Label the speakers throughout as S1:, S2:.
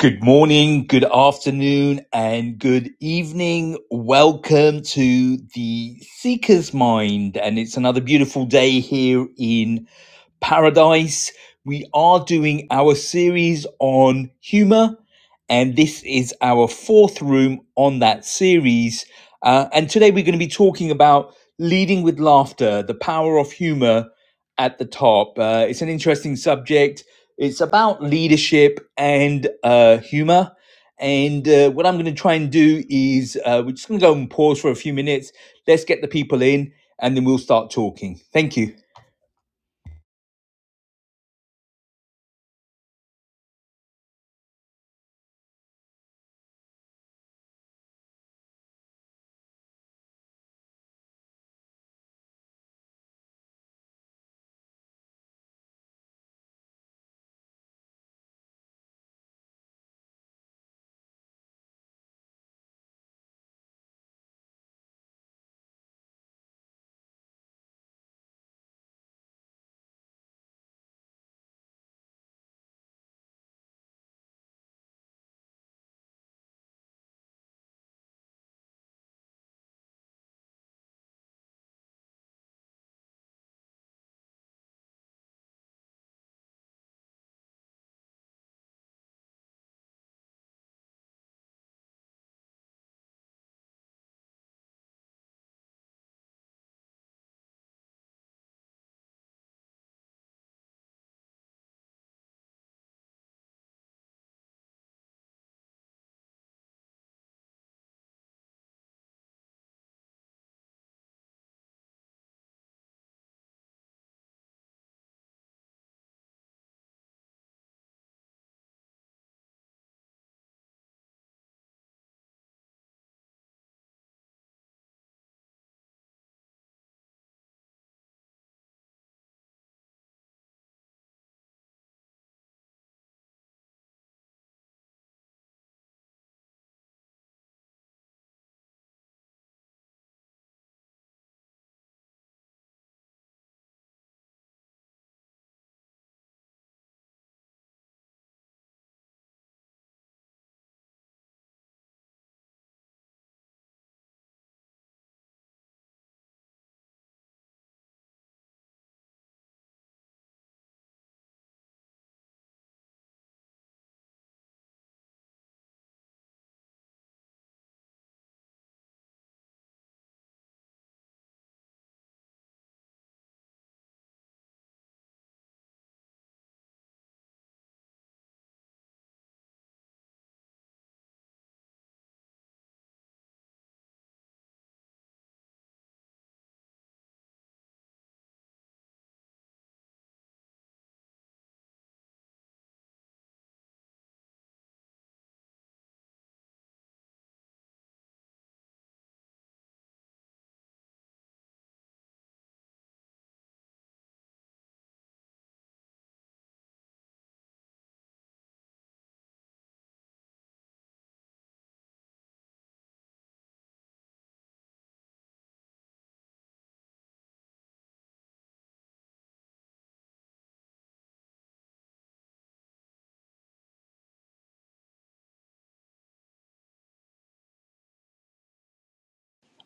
S1: Good morning, good afternoon, and good evening. Welcome to the Seeker's Mind. And it's another beautiful day here in Paradise. We are doing our series on humor, and this is our fourth room on that series. Uh, and today we're going to be talking about leading with laughter, the power of humor at the top. Uh, it's an interesting subject. It's about leadership and uh, humor. And uh, what I'm going to try and do is uh, we're just going to go and pause for a few minutes. Let's get the people in, and then we'll start talking. Thank you.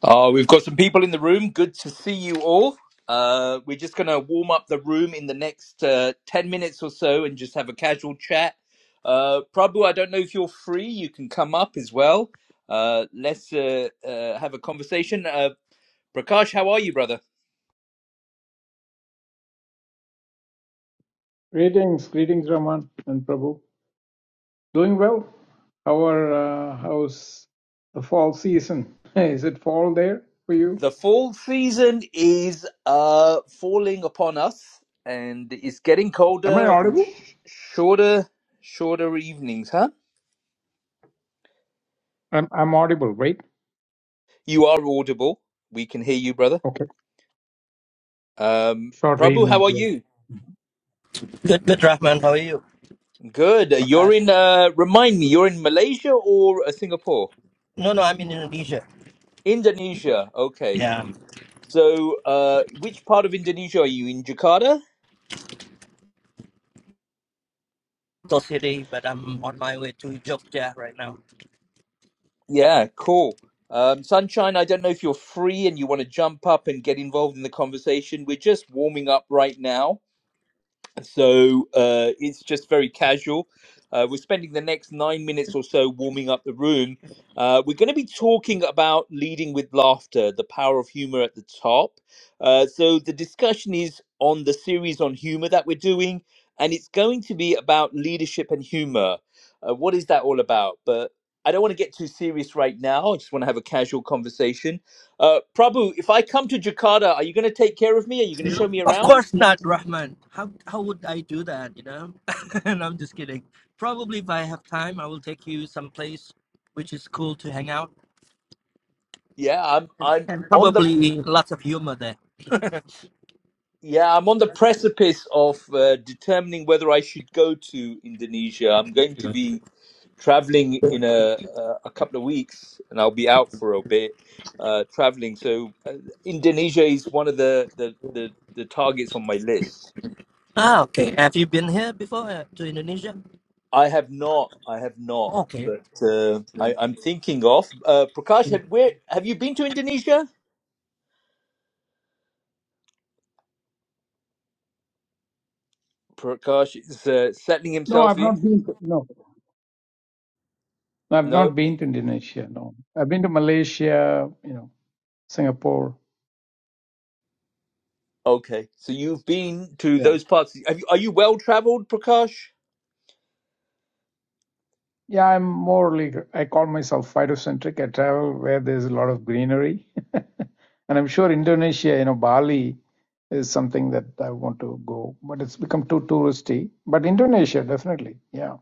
S1: Oh, we've got some people in the room. Good to see you all. Uh, we're just going to warm up the room in the next uh, 10 minutes or so and just have a casual chat. Uh, Prabhu, I don't know if you're free. You can come up as well. Uh, let's uh, uh, have a conversation. Uh, Prakash, how are you, brother?
S2: Greetings, greetings, Raman and Prabhu. Doing well? How are uh, how's the fall season? Is it fall there for you?
S1: The fall season is uh, falling upon us and it's getting
S2: Am I
S1: colder and
S2: audible?
S1: sh- shorter, shorter evenings, huh?
S2: I'm I'm audible, right?
S1: You are audible. We can hear you, brother.
S2: Okay.
S1: Um,
S2: Short
S1: Prabhu,
S2: evening.
S1: how are
S2: Yeah.
S1: you?
S3: Good, good, Rahman. How are you,
S1: Good. You're
S3: Prakash?
S1: in, uh, remind me, you're in Malaysia or uh, Singapore?
S3: No, no, I'm in Indonesia.
S1: Indonesia. Okay.
S3: Yeah, I'm
S1: So, uh, which part of Indonesia are you in? Jakarta?
S3: Toh City, but I'm on my way to Jogja right now.
S1: Yeah, cool. Um, Sunshine, I don't know if you're free and you want to jump up and get involved in the conversation. We're just warming up right now. so uh, it's just very casual. Uh, we're spending the next nine minutes or so warming up the room. Uh, we're going to be talking about leading with laughter, the power of humor at the top. Uh, so the discussion is on the series on humor that we're doing, and it's going to be about leadership and humor. Uh, what is that all about? But I don't want to get too serious right now. I just want to have a casual conversation. Uh, Prabhu, if I come to Jakarta, are you going to take care of me? Are you going to show
S3: No,
S1: me
S3: Of
S1: around?
S3: course not, Rahman. How how would I do that? You know, and I'm just kidding. Probably if I have time, I will take you someplace which is cool to hang out,
S1: Yeah, I'm
S3: and,
S1: I'm
S3: and
S1: on the
S3: probably lots of humor there.
S1: yeah, I'm on the precipice of uh, determining whether I should go to Indonesia. I'm going to be traveling in a uh, a couple of weeks and I'll be out for a bit uh traveling. So uh, Indonesia is one of the the the the targets on my list.
S3: Ah, okay. Have you been here before uh, to Indonesia?
S1: I have not I have not
S3: Okay.
S1: but uh, I, I'm thinking of uh, Prakash. Have, where have you been to Indonesia? Prakash is uh, settling
S2: No,
S1: himself
S2: I've
S1: in.
S2: not been. To, no, I've
S1: No.
S2: not been to Indonesia. No, I've been to Malaysia. You know, Singapore.
S1: Okay, so you've been
S2: yeah.
S1: to those parts. Have you, are you well traveled, Prakash?
S2: Yeah, I'm more like I call myself phytocentric. I travel where there's a lot of greenery. And I'm sure Indonesia, you know, Bali is something that I want to go, but it's become too touristy. But Indonesia, definitely, yeah,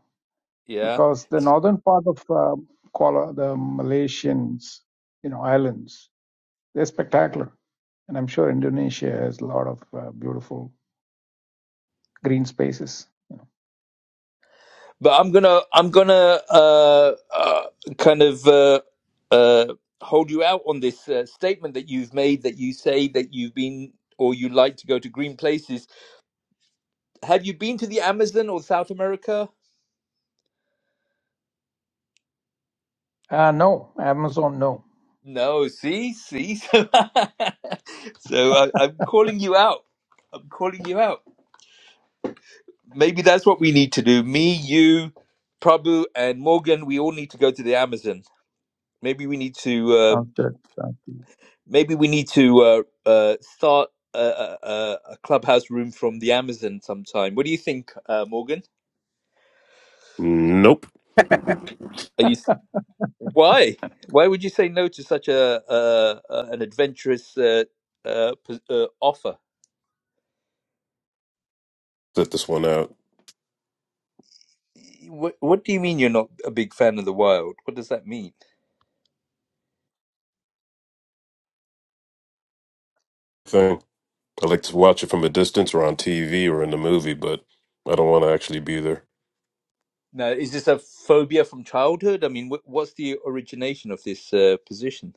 S1: Yeah,
S2: because the northern part of uh, Kuala, the Malaysians, you know, islands, they're spectacular. And I'm sure Indonesia has a lot of uh, beautiful green spaces. You
S1: but I'm gonna I'm gonna uh, uh, kind of uh, uh, hold you out on this uh, statement that you've made that you say that you've been or you like to go to green places. Have you been to the Amazon or South America?
S2: know. Uh, no, Amazon, no.
S1: No, see, see. so I, I'm calling you out. I'm calling you out. maybe that's what we need to do. Me, you, Prabhu, and Morgan, we all need to go to the Amazon. Maybe we need to. Uh,
S2: Sounds good.
S1: maybe we need to uh, uh, start a, a, a a clubhouse room from the Amazon sometime. What do you think, uh, Morgan?
S4: Nope.
S1: Are you? Why? Why would you say no to such a, uh uh an adventurous uh, uh, pos- uh, offer?
S4: Set this one out.
S1: What, what do you mean you're not a big fan of the wild? What does that mean?
S4: Thing. I like to watch it from a distance or on TV or in the movie, but I don't want to actually be there.
S1: Now, is this a phobia from childhood? I mean, wh- what's the origination of this uh, position?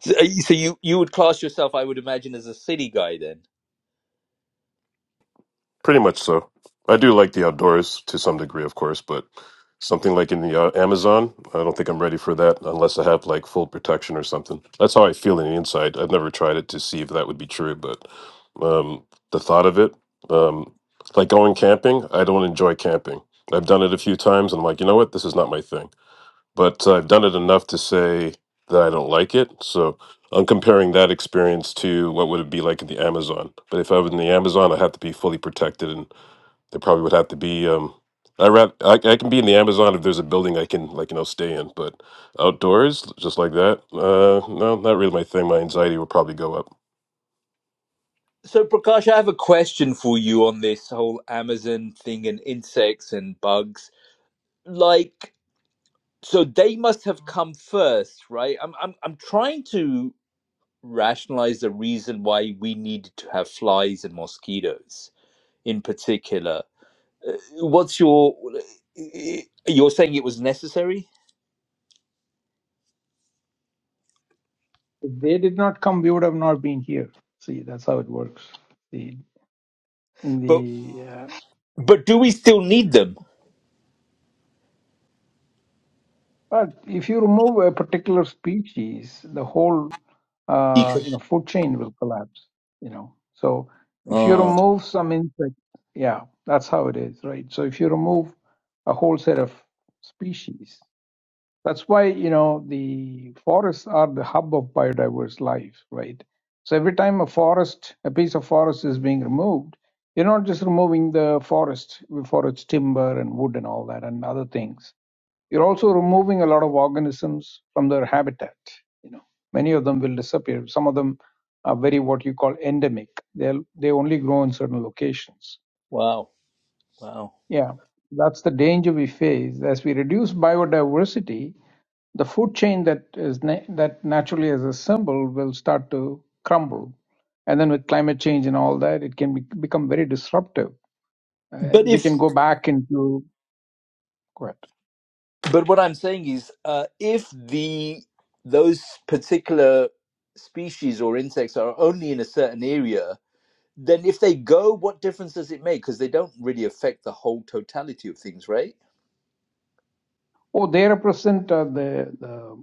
S1: So, uh, so you you would class yourself, I would imagine, as a city guy then.
S4: Pretty much so. I do like the outdoors to some degree, of course, but something like in the uh, Amazon, I don't think I'm ready for that unless I have like full protection or something. That's how I feel in the inside. I've never tried it to see if that would be true, but um, the thought of it, um, like going camping, I don't enjoy camping. I've done it a few times and I'm like, you know what? This is not my thing. but I've done it enough to say that I don't like it. So I'm comparing that experience to what would it be like in the Amazon. But if I was in the Amazon, I'd have to be fully protected, and there probably would have to be. Um, I, ra- I I can be in the Amazon if there's a building I can like you know stay in, but outdoors just like that. Uh, no, not really my thing. My anxiety would probably go up.
S1: So, Prakash, I have a question for you on this whole Amazon thing and insects and bugs. Like, so they must have come first, right? I'm, I'm, I'm trying to rationalize the reason why we needed to have flies and mosquitoes in particular. Uh, What's your uh, you're saying it was necessary,
S2: If they did not come, we would have not been here. See, that's how it works. The in
S1: but
S2: the uh,
S1: but do we still need them?
S2: but if you remove a particular species, the whole uh,
S1: Eco.
S2: you know food chain will collapse. You know, so if you
S1: Oh,
S2: remove some insect, yeah, that's how it is, right? So if you remove a whole set of species, That's why, you know, the forests are the hub of biodiverse life, right? So every time a forest, a piece of forest is being removed, you're not just removing the forest for its timber and wood and all that and other things. You're also removing a lot of organisms from their habitat. You know, many of them will disappear. Some of them are very what you call endemic. They'll they only grow in certain locations.
S1: wow, wow.
S2: Yeah. That's the danger we face. As we reduce biodiversity, the food chain that is na- that naturally is assembled will start to crumble, and then with climate change and all that, it can be, become very disruptive, and
S1: But
S2: we
S1: if
S2: can go back into what.
S1: but what I'm saying is, uh, if the those particular species or insects are only in a certain area, then if they go, what difference does it make? Because they don't really affect the whole totality of things, right?
S2: Oh, they represent uh, the, the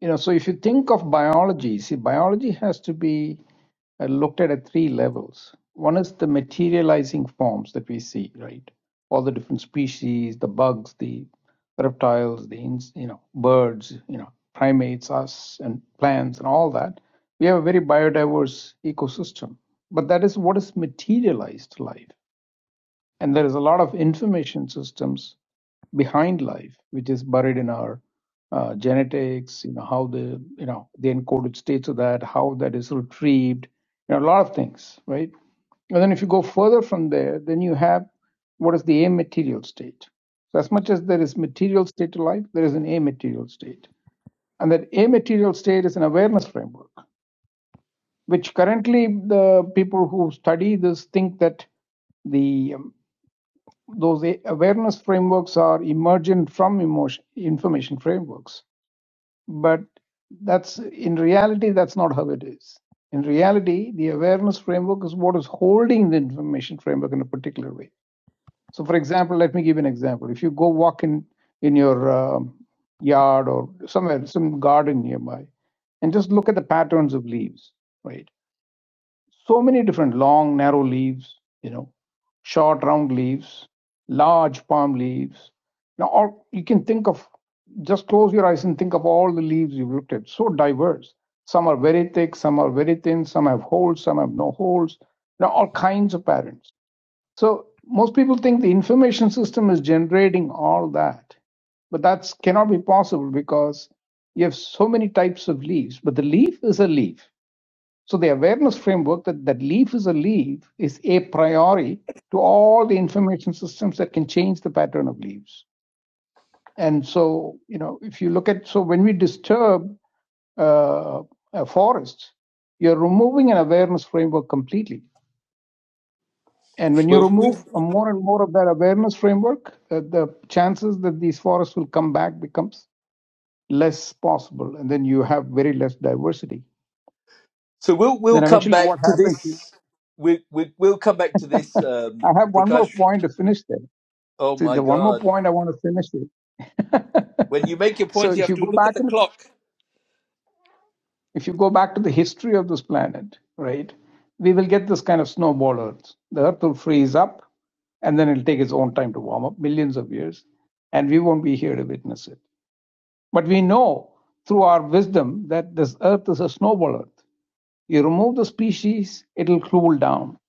S2: You know, so if you think of biology, see, biology has to be uh, looked at at three levels. One is the materializing forms that we see, right? All the different species, the bugs, the reptiles, the ins- you know birds, you know primates, us, and plants, and all that. We have a very biodiverse ecosystem, but that is what is materialized life. And there is a lot of information systems behind life, which is buried in our uh, genetics, you know, how the, you know, the encoded states of that, how that is retrieved, you know, a lot of things, right? And then if you go further from there, then you have what is the amaterial state. So as much as there is material state to life, there is an amaterial state. And that amaterial state is an awareness framework, which currently the people who study this think that the um, those awareness frameworks are emergent from emotion information frameworks but that's in reality that's not how it is in reality the awareness framework is what is holding the information framework in a particular way so for example let me give you an example if you go walk in in your um, yard or somewhere some garden nearby and just look at the patterns of leaves right so many different long, narrow leaves, you know, short, round leaves, large palm leaves. Now, or you can think of just close your eyes and think of all the leaves you've looked at. So diverse. Some are very thick, some are very thin, some have holes, some have no holes. Now, all kinds of patterns. So most people think the information system is generating all that, but that cannot be possible because you have so many types of leaves. But the leaf is a leaf so the awareness framework that, that leaf is a leaf is a priori to all the information systems that can change the pattern of leaves. And so, you know, if you look at, so when we disturb uh, a forest, you're removing an awareness framework completely. And when you
S1: Well, we,
S2: remove more and more of that awareness framework, uh, the chances that these forests will come back becomes less possible. And then you have very less diversity.
S1: so we'll
S2: Then
S1: we'll come
S2: eventually what
S1: back to
S2: happens, is-
S1: this. We, we, we'll come back to this,
S2: I
S1: um,
S2: have one more
S1: Prakash.
S2: point to finish there
S1: Oh
S2: See,
S1: my
S2: the one more
S1: God.
S2: point I want to finish with.
S1: When you make your
S2: so
S1: points, you
S2: if
S1: have
S2: you
S1: to
S2: go
S1: look
S2: back
S1: at the clock.
S2: if you go back to the history of this planet, right, we will get this kind of snowball Earth. The Earth will freeze up, and then it'll take its own time to warm up, millions of years, and we won't be here to witness it. But we know through our wisdom that this Earth is a snowball Earth. You remove the species, it'll cool down,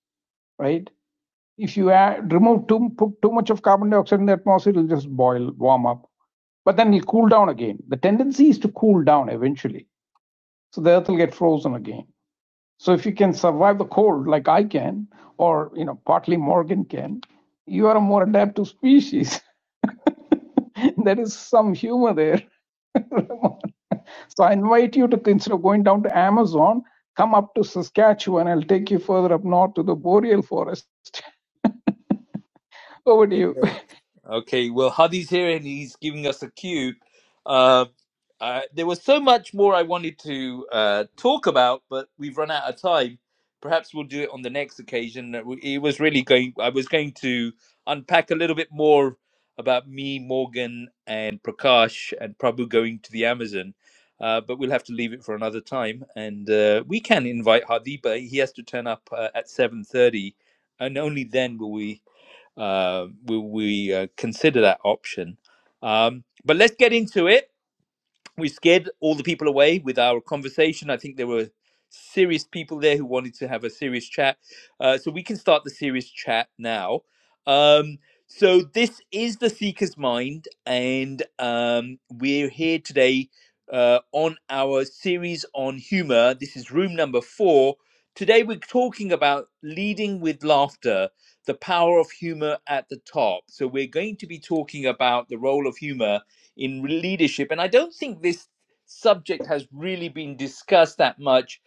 S2: right? If you add, remove too put too much of carbon dioxide in the atmosphere, it'll just boil, warm up, but then it'll cool down again. The tendency is to cool down eventually, so the Earth will get frozen again. So if you can survive the cold like I can, or you know partly Morgan can, you are a more adaptive species. there is some humor there. so I invite you to instead of going down to Amazon, come up to Saskatchewan. I'll take you further up north to the boreal forest. Over to you.
S1: Okay, Okay. well, Hadi's here and he's giving us a cue. Uh, Uh, there was so much more I wanted to uh, talk about, but we've run out of time. Perhaps we'll do it on the next occasion. Uh, we- It was really going. I was going to unpack a little bit more about me, Morgan, and Prakash, and Prabhu going to the Amazon. Uh, but we'll have to leave it for another time, and uh, we can invite Hadi, but he has to turn up uh, at seven thirty, and only then will we uh, will we uh, consider that option. Um, but let's get into it we scared all the people away with our conversation. I think there were serious people there who wanted to have a serious chat. Uh, so we can start the serious chat now. Um, so this is the Seeker's Mind, and um, we're here today uh, on our series on humor. This is room number four. Today we're talking about leading with laughter, the power of humor at the top. So we're going to be talking about the role of humor in leadership. And I don't think this subject has really been discussed that much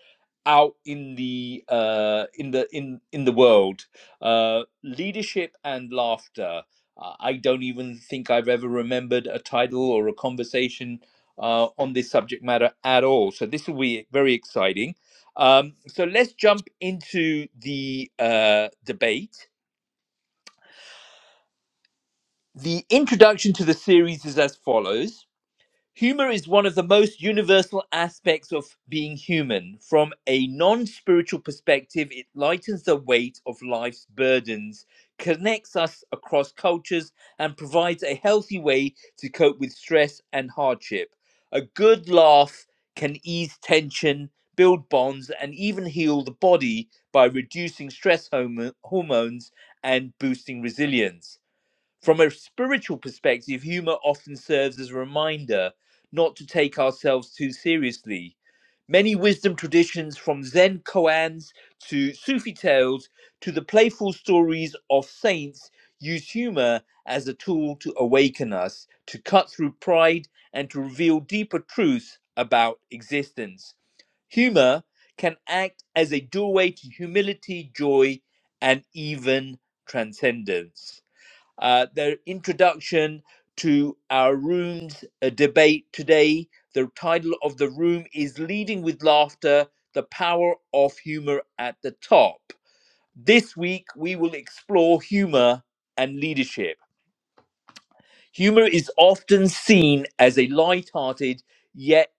S1: out in the uh, in the in in the world. Uh, leadership and laughter. Uh, I don't even think I've ever remembered a title or a conversation uh, on this subject matter at all. So this will be very exciting. Um, so let's jump into the uh, debate. The introduction to the series is as follows Humor is one of the most universal aspects of being human. From a non spiritual perspective, it lightens the weight of life's burdens, connects us across cultures, and provides a healthy way to cope with stress and hardship. A good laugh can ease tension, build bonds, and even heal the body by reducing stress homo- hormones and boosting resilience. From a spiritual perspective, humor often serves as a reminder not to take ourselves too seriously. Many wisdom traditions, from Zen koans to Sufi tales to the playful stories of saints, use humor as a tool to awaken us, to cut through pride, and to reveal deeper truths about existence. Humor can act as a doorway to humility, joy, and even transcendence uh, their introduction to our room's uh, debate today. The title of the room is Leading with Laughter The Power of Humor at the Top. This week, we will explore humor and leadership. Humor is often seen as a light-hearted, yet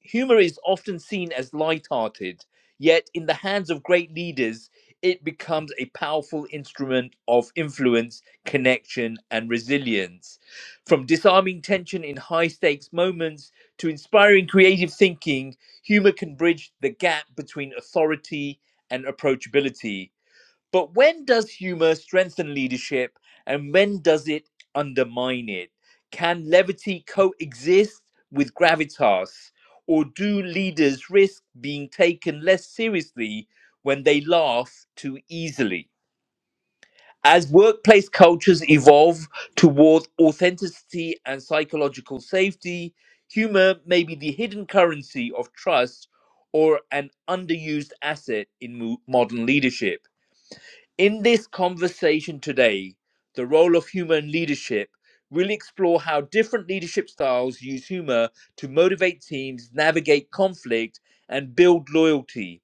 S1: humor is often seen as light-hearted, yet in the hands of great leaders, it becomes a powerful instrument of influence, connection, and resilience. From disarming tension in high-stakes moments to inspiring creative thinking, humor can bridge the gap between authority and approachability but when does humor strengthen leadership and when does it undermine it? Can levity coexist with gravitas? Or do leaders risk being taken less seriously when they laugh too easily? As workplace cultures evolve toward authenticity and psychological safety, humor may be the hidden currency of trust or an underused asset in mo- modern leadership. In this conversation today, the role of humor in leadership, we'll explore how different leadership styles use humor to motivate teams, navigate conflict, and build loyalty.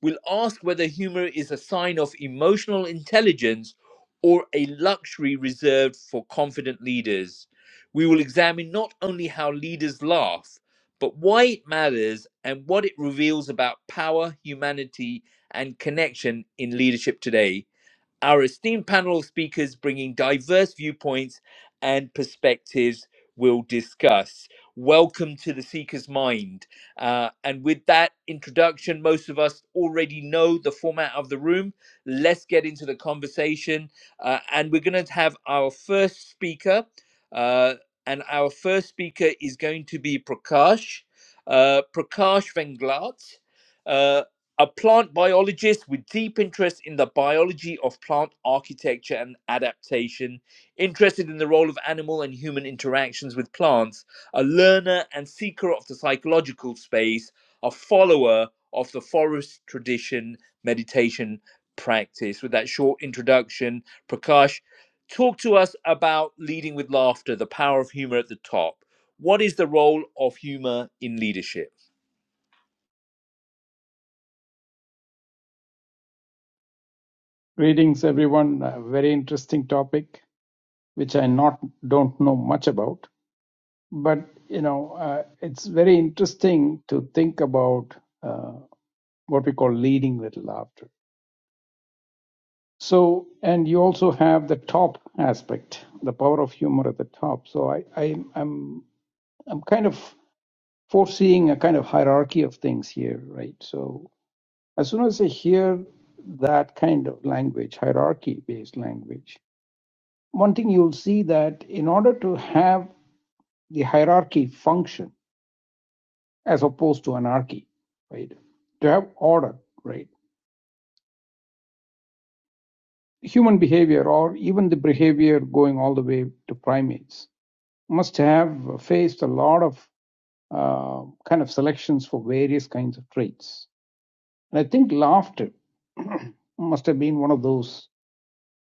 S1: We'll ask whether humor is a sign of emotional intelligence or a luxury reserved for confident leaders. We will examine not only how leaders laugh, but why it matters and what it reveals about power, humanity, and connection in leadership today our esteemed panel of speakers bringing diverse viewpoints and perspectives will discuss. Welcome to the Seeker's Mind. Uh, and with that introduction, most of us already know the format of the room. Let's get into the conversation. Uh, and we're going to have our first speaker. uh, and our first speaker is going to be Prakash, uh, Prakash Venglat. Uh, a plant biologist with deep interest in the biology of plant architecture and adaptation, interested in the role of animal and human interactions with plants, a learner and seeker of the psychological space, a follower of the forest tradition meditation practice. With that short introduction, Prakash, talk to us about leading with laughter, the power of humor at the top. What is the role of humor in leadership?
S2: Greetings, everyone. A very interesting topic, which I not don't know much about, but you know, uh, it's very interesting to think about uh, what we call leading with laughter. So, and you also have the top aspect, the power of humor at the top. So, I, I I'm I'm kind of foreseeing a kind of hierarchy of things here, right? So, as soon as I hear that kind of language, hierarchy-based language one thing you'll see that in order to have the hierarchy function as opposed to anarchy, right? To have order, right? Human behavior or even the behavior going all the way to primates must have faced a lot of uh, kind of selections for various kinds of traits. And I think laughter must have been one of those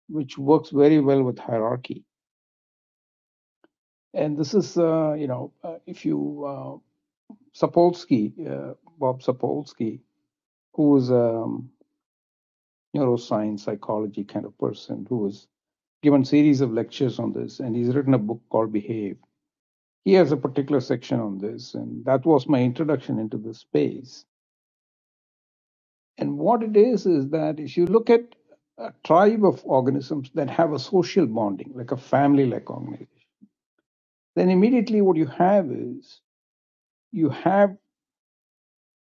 S2: which works very well with hierarchy. And this is, uh, you know, uh, if you, uh, Sapolsky, uh, Bob Sapolsky, Who is a neuroscience psychology kind of person who has given series of lectures on this and he's written a book called behave he has a particular section on this and that was my introduction into the space and what it is is that if you look at a tribe of organisms that have a social bonding like a family like organization then immediately what you have is you have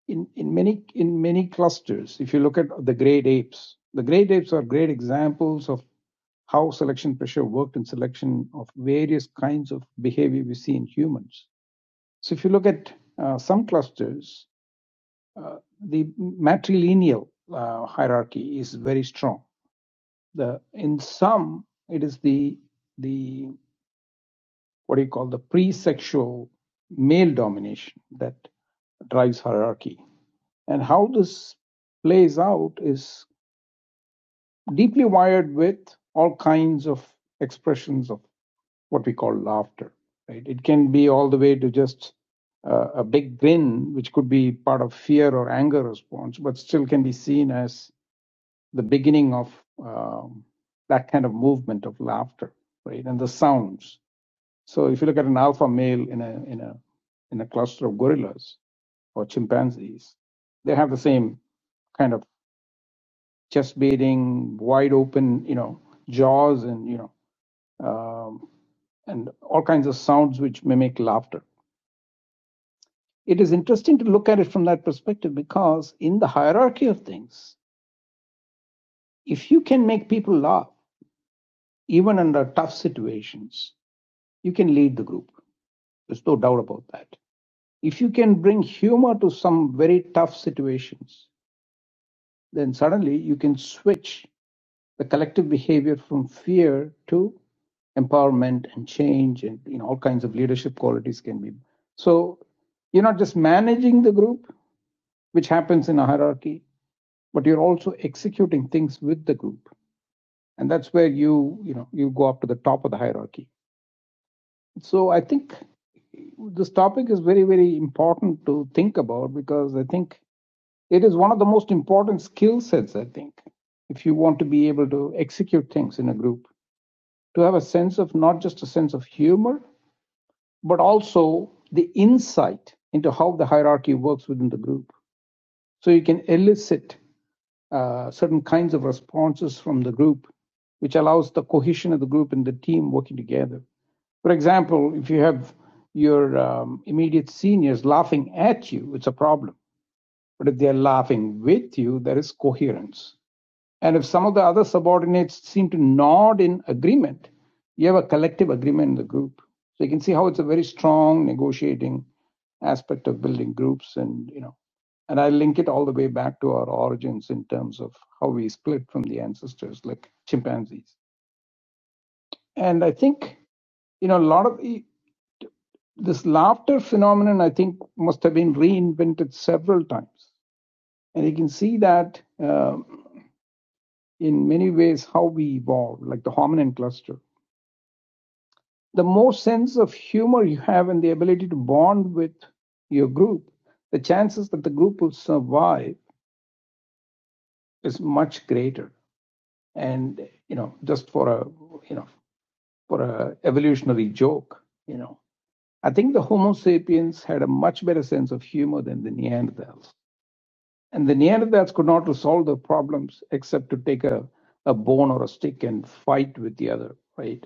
S2: in, in many in many clusters if you look at the great apes the great apes are great examples of how selection pressure worked in selection of various kinds of behavior we see in humans. So, if you look at uh, some clusters, uh, the matrilineal uh, hierarchy is very strong. The in some, it is the the what do you call the pre-sexual male domination that drives hierarchy, and how this plays out is deeply wired with all kinds of expressions of what we call laughter. Right? It can be all the way to just uh, a big grin, which could be part of fear or anger response, but still can be seen as the beginning of um, that kind of movement of laughter, right? And the sounds. So if you look at an alpha male in a in a in a cluster of gorillas or chimpanzees, they have the same kind of chest beating, wide open, you know, jaws, and you know, um, and all kinds of sounds which mimic laughter it is interesting to look at it from that perspective because in the hierarchy of things if you can make people laugh even under tough situations you can lead the group there's no doubt about that if you can bring humor to some very tough situations then suddenly you can switch the collective behavior from fear to empowerment and change and you know all kinds of leadership qualities can be so you're not just managing the group which happens in a hierarchy but you're also executing things with the group. And that's where you, you know, you go up to the top of the hierarchy. So I think this topic is very, very important to think about because I think it is one of the most important skill sets, I think, if you want to be able to execute things in a group, to have a sense of not just a sense of humor, but also the insight into how the hierarchy works within the group. So you can elicit uh, certain kinds of responses from the group, which allows the cohesion of the group and the team working together. For example, if you have your um, immediate seniors laughing at you, it's a problem. But if they're laughing with you, there is coherence. And if some of the other subordinates seem to nod in agreement, you have a collective agreement in the group. So you can see how it's a very strong negotiating aspect of building groups and you know and I link it all the way back to our origins in terms of how we split from the ancestors like chimpanzees. And I think, you know, a lot of this laughter phenomenon, I think, must have been reinvented several times. And you can see that um, in many ways how we evolved, like the hominin cluster. the more sense of humor you have and the ability to bond with your group, the chances that the group will survive is much greater. And you know, just for a you know for a evolutionary joke, you know, I think the Homo sapiens had a much better sense of humor than the Neanderthals, and the Neanderthals could not resolve their problems except to take a a bone or a stick and fight with the other, right?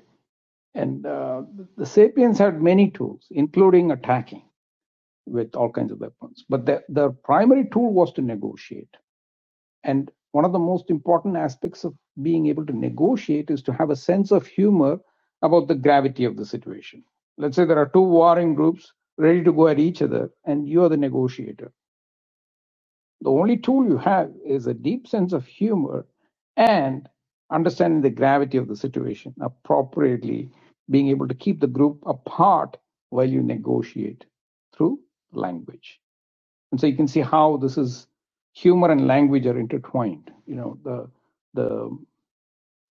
S2: And uh, the the sapiens had many tools, including attacking with all kinds of weapons. But the, the primary tool was to negotiate. And one of the most important aspects of being able to negotiate is to have a sense of humor about the gravity of the situation. Let's say there are two warring groups ready to go at each other, and you are the negotiator. The only tool you have is a deep sense of humor and understanding the gravity of the situation appropriately, being able to keep the group apart while you negotiate through language. And so you can see how this is humor and language are intertwined. You know, the the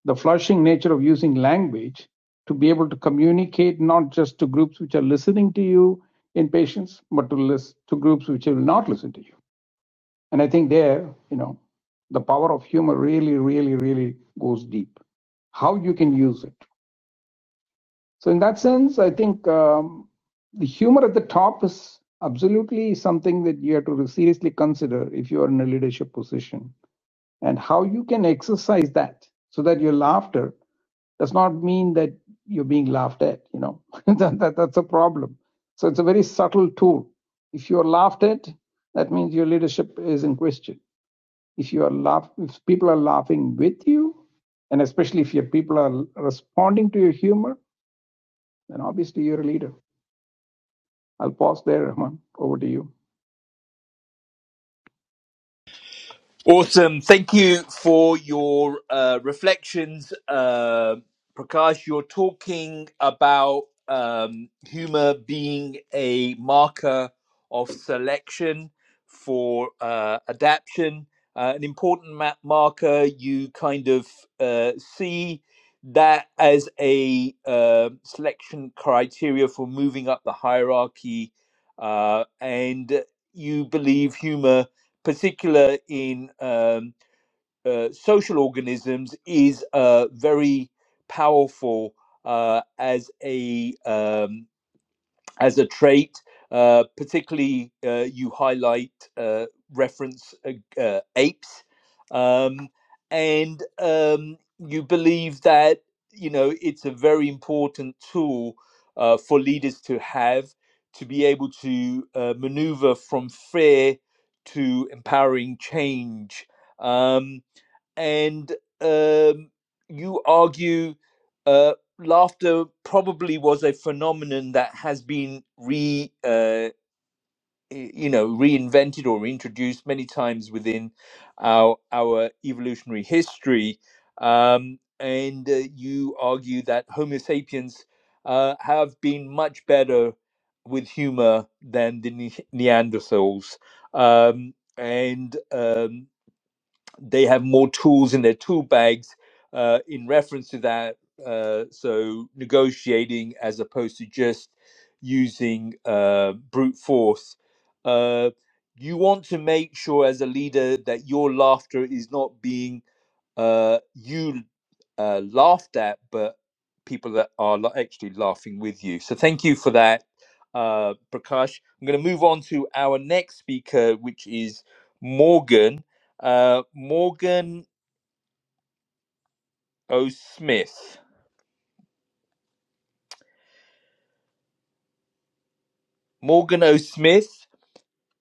S2: the flourishing nature of using language to be able to communicate not just to groups which are listening to you in patients, but to list, to groups which will not listen to you. And I think there, you know, the power of humor really, really, really goes deep. How you can use it. So in that sense, I think um, the humor at the top is absolutely something that you have to seriously consider if you are in a leadership position and how you can exercise that so that your laughter does not mean that you're being laughed at you know that, that, that's a problem so it's a very subtle tool if you're laughed at that means your leadership is in question if you are laugh if people are laughing with you and especially if your people are responding to your humor then obviously you're a leader. I'll pause there, Rahman. Over to you.
S1: Awesome. Thank you for your uh, reflections, uh, Prakash. You're talking about um, humor being a marker of selection for uh, adaption, uh, an important ma- marker. You kind of uh, see that as a uh, selection criteria for moving up the hierarchy, uh, and you believe humor particular in um, uh, social organisms, is uh, very powerful uh, as a um, as a trait. Uh, particularly, uh, you highlight uh, reference uh, uh, apes, um, and um, you believe that you know it's a very important tool uh, for leaders to have to be able to uh, maneuver from fear to empowering change. Um, and um, you argue uh, laughter probably was a phenomenon that has been re uh, you know reinvented or reintroduced many times within our our evolutionary history um, and uh, you argue that homo sapiens uh, have been much better with humor than the ne- neanderthals um, and um, they have more tools in their tool bags uh, in reference to that. Uh, so negotiating as opposed to just using uh, brute force. Uh, you want to make sure as a leader that your laughter is not being uh, you uh, laughed at, but people that are actually laughing with you. So thank you for that, uh, Prakash. I'm going to move on to our next speaker, which is Morgan. Uh, Morgan O. Smith. Morgan O. Smith.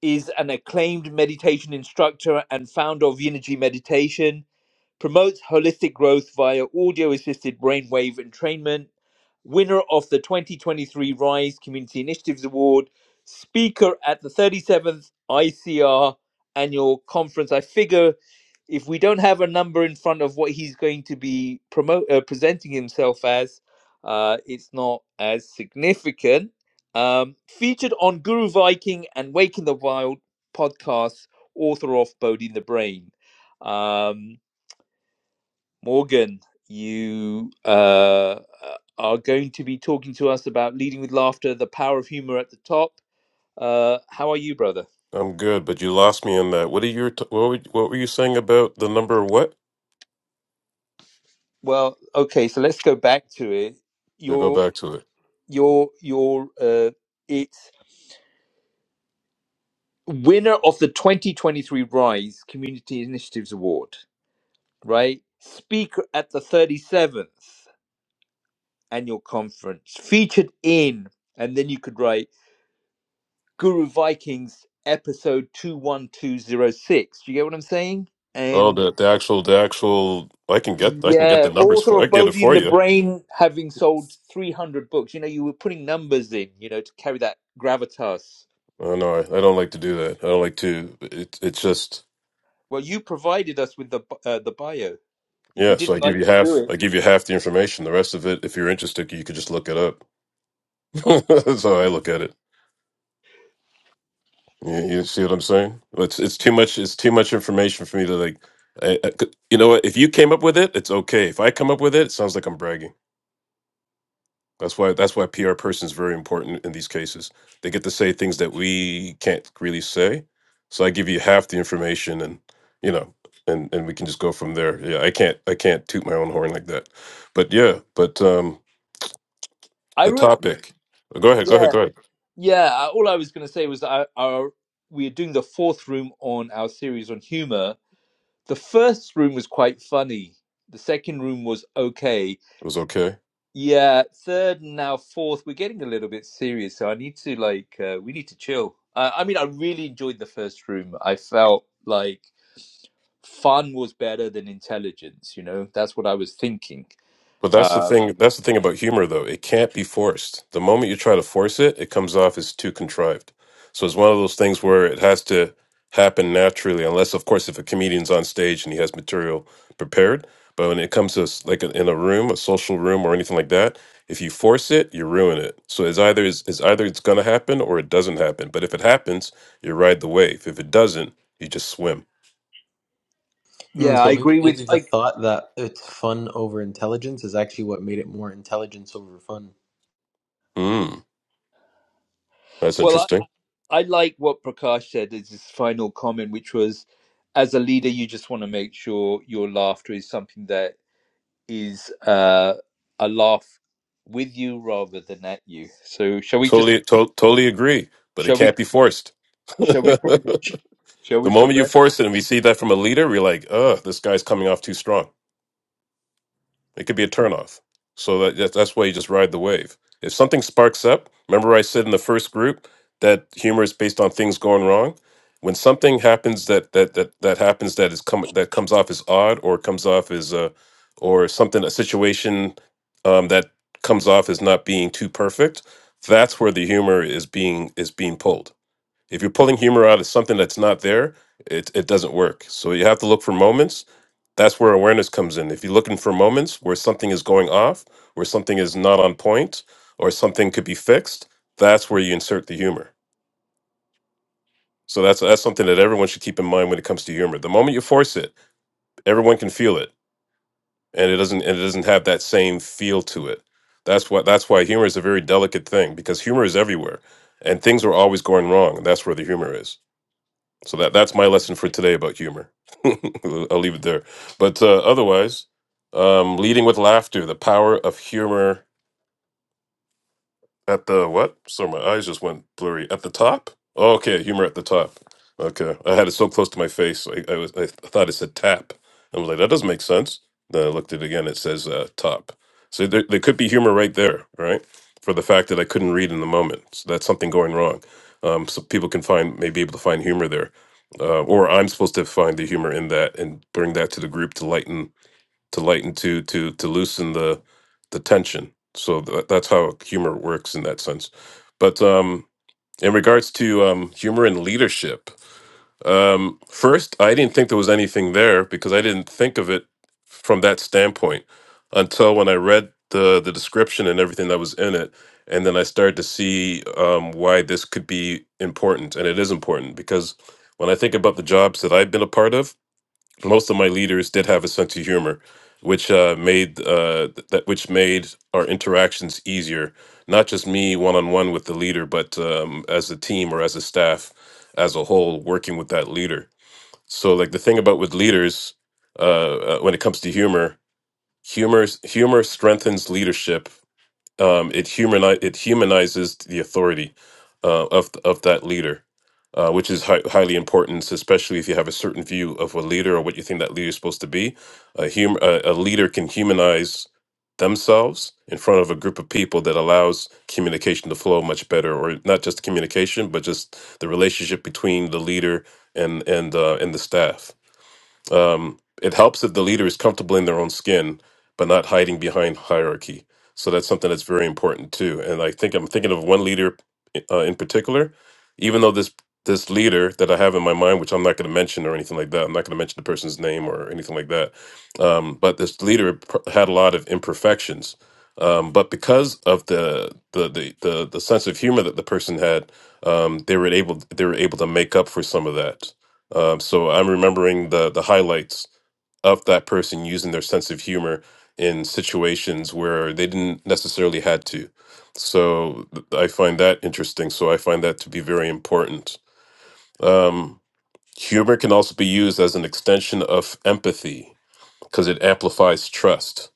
S1: is an acclaimed meditation instructor and founder of Unity Meditation, promotes holistic growth via audio assisted brainwave entrainment, winner of the 2023 Rise Community Initiatives Award, speaker at the 37th ICR annual conference. I figure if we don't have a number in front of what he's going to be promote, uh, presenting himself as, uh, it's not as significant um, featured on Guru Viking and Wake in the Wild podcasts, author of Boding the Brain. Um, Morgan, you uh, uh, are going to be talking to us about leading with laughter, the power of humor at the top. Uh, how are you, brother?
S4: I'm good, but you lost me on that. What are you? T- what, were, what were you saying about the number? What?
S1: Well, okay, so let's go back to it.
S4: Yeah, go
S1: Your
S4: back to it.
S1: your your uh, it's winner of the 2023 Rise Community Initiatives Award, right? Speaker at the 37th. annual conference featured in and then you could write guru vikings episode 21206 do you get what i'm saying
S4: Oh,
S1: and
S4: the the actual the actual I can get I can get
S1: yeah
S4: the numbers
S1: author
S4: for I
S1: of
S4: can get it
S1: bodhi in
S4: for
S1: the
S4: you.
S1: brain having sold 300 books you know you were putting numbers in you know to carry that gravitas
S4: Oh, no, I, I don't like to do that. I don't like to. It it's just
S1: well you provided us with the bu- uh, the bio if you
S4: yeah. So I
S1: didn't
S4: give
S1: like to
S4: you half.
S1: do it
S4: I give you half the information. The rest of it, if you're interested, you could just look it up. That's how I look at it. You, you see what I'm saying? It's it's too much. It's too much information for me to like. I, I could- you know what? If you came up with it, it's okay. If I come up with it, it sounds like I'm bragging. That's why that's why PR person is very important in these cases. They get to say things that we can't really say. So I give you half the information and you know and and we can just go from there. Yeah, I can't I can't toot my own horn like that. But yeah, but um
S1: i
S4: the
S1: wrote
S4: topic. Go ahead, go ahead,
S1: yeah
S4: go ahead.
S1: yeah I- all i was going to say was that I, our, we are doing the fourth room on our series on humor The first room was quite funny. The second room was okay.
S4: It was okay.
S1: Yeah, third and now fourth, we're getting a little bit serious. So I need to like, uh, we need to chill. Uh, I mean, I really enjoyed the first room. I felt like fun was better than intelligence. You know, that's what I was thinking.
S4: But that's the
S1: Uh,
S4: thing. That's the thing about humor, though. It can't be forced. The moment you try to force it, it comes off as too contrived. So it's one of those things where it has to happen naturally, unless, of course, if a comedian's on stage and he has material prepared. But when it comes to s- like in a room, a social room, or anything like that, if you force it, you ruin it. So it's either it's, it's either it's going to happen or it doesn't happen. But if it happens, you ride the wave. If it doesn't, you just swim.
S5: Mm,
S1: yeah,
S5: so
S1: I
S5: maybe,
S1: agree with.
S5: maybe the
S1: I
S5: thought that it's fun over intelligence is actually what made it more intelligence over fun.
S4: Mm, that's
S1: well,
S4: interesting.
S1: I, I like what Prakash said as his final comment, which was, as a leader, you just want to make sure your laughter is something that is uh, a laugh with you rather than at you. So shall we just
S4: Totally, to- totally agree. But it
S1: shall we
S4: can't be forced.
S1: shall we pro-
S4: the
S1: shall we
S4: moment you
S1: progress?
S4: force it, and we see that from a leader, we're like, "Ugh, this guy's coming off too strong." It could be a turnoff. So that that- that's why you just ride the wave. If something sparks up, remember I said in the first group that humor is based on things going wrong. When something happens that that that that happens that is come that comes off as odd or comes off as uh or something a situation um, that comes off as not being too perfect, that's where the humor is being is being pulled if you're pulling humor out of something that's not there, it, it doesn't work. So you have to look for moments. That's where awareness comes in. If you're looking for moments where something is going off, where something is not on point, or something could be fixed, that's where you insert the humor. So that's that's something that everyone should keep in mind when it comes to humor. The moment you force it, everyone can feel it, and it doesn't and it doesn't have that same feel to it. That's what that's why humor is a very delicate thing because humor is everywhere, and things are always going wrong. And that's where the humor is. So that that's my lesson for today about humor. I'll leave it there. But uh, otherwise, um, leading with laughter, the power of humor at the what? Sorry, my eyes just went blurry. At the top? Oh, okay, humor at the top. Okay, I had it so close to my face, I, I was I thought it said tap. I was like, that doesn't make sense. Then I looked at it again. It says uh, top. So there, there could be humor right there, right? For the fact that I couldn't read in the moment, so that's something going wrong. Um, so people can find may be able to find humor there, uh, or I'm supposed to find the humor in that and bring that to the group to lighten to lighten to to to loosen the the tension so tha that's how humor works in that sense but um in regards to um humor and leadership um first i didn't think there was anything there because i didn't think of it from that standpoint until when i read the the description and everything that was in it and then i started to see um why this could be important and it is important because when i think about the jobs that i've been a part of most of my leaders did have a sense of humor, which uh, made uh, th- that which made our interactions easier. Not just me one on one with the leader, but um, as a team or as a staff as a whole, working with that leader. So, like the thing about with leaders, uh, uh, when it comes to humor, humor humor strengthens leadership um, it humanize it humanizes the authority uh, of th- of that leader, uh, which is hi- highly important, especially if you have a certain view of a leader or what you think that leader is supposed to be. A hum- a, a leader can humanize themselves in front of a group of people that allows communication to flow much better, or not just communication, but just the relationship between the leader and and uh, and the staff. Um, it helps if the leader is comfortable in their own skin, but not hiding behind hierarchy. So that's something that's very important too. And I think I'm thinking of one leader uh, in particular. Even though this this leader that I have in my mind, which I'm not going to mention or anything like that, I'm not going to mention the person's name or anything like that. Um, but this leader pr- had a lot of imperfections. Um, but because of the the, the the the sense of humor that the person had, um, they were able they were able to make up for some of that um, so I'm remembering the the highlights of that person using their sense of humor in situations where they didn't necessarily had to. So th- I find that interesting. So I find that to be very important. Um, humor can also be used as an extension of empathy because it amplifies trust.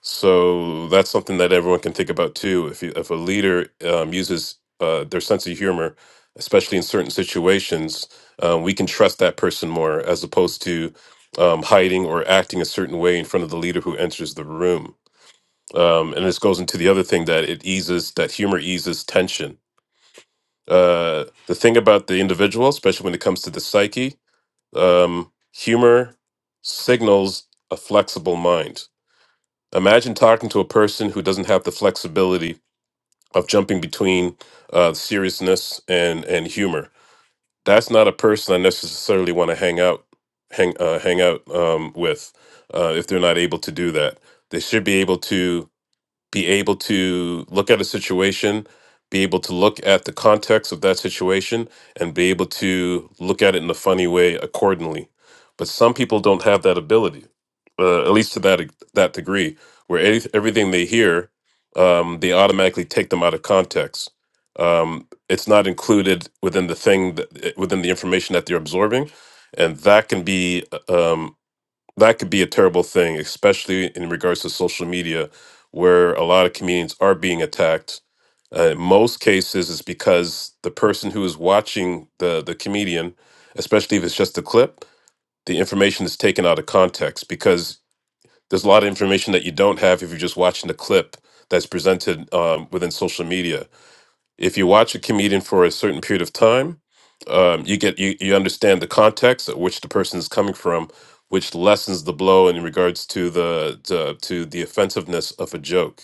S4: So that's something that everyone can think about too. If you, if a leader um, uses uh, their sense of humor, especially in certain situations, um, we can trust that person more as opposed to um, hiding or acting a certain way in front of the leader who enters the room. Um, and this goes into the other thing that it eases that humor eases tension. Uh, the thing about the individual, especially when it comes to the psyche, um, humor signals a flexible mind Imagine talking to a person who doesn't have the flexibility of jumping between uh, seriousness and and humor. That's not a person I necessarily want to hang out hang uh, hang out um, with uh, if they're not able to do that. They should be able to be able to look at a situation, be able to look at the context of that situation, and be able to look at it in a funny way accordingly. But some people don't have that ability, uh, at least to that e- that degree, where any, everything they hear, um, they automatically take them out of context. Um, it's not included within the thing that, within the information that they're absorbing, and that can be uh, um, that could be a terrible thing, especially in regards to social media, where a lot of comedians are being attacked. Uh, in most cases, it's because the person who is watching the the comedian, especially if it's just a clip, the information is taken out of context because there's a lot of information that you don't have if you're just watching the clip that's presented um, within social media if you watch a comedian for a certain period of time, um, you get you, you understand the context at which the person is coming from, which lessens the blow in regards to the to, to the offensiveness of a joke.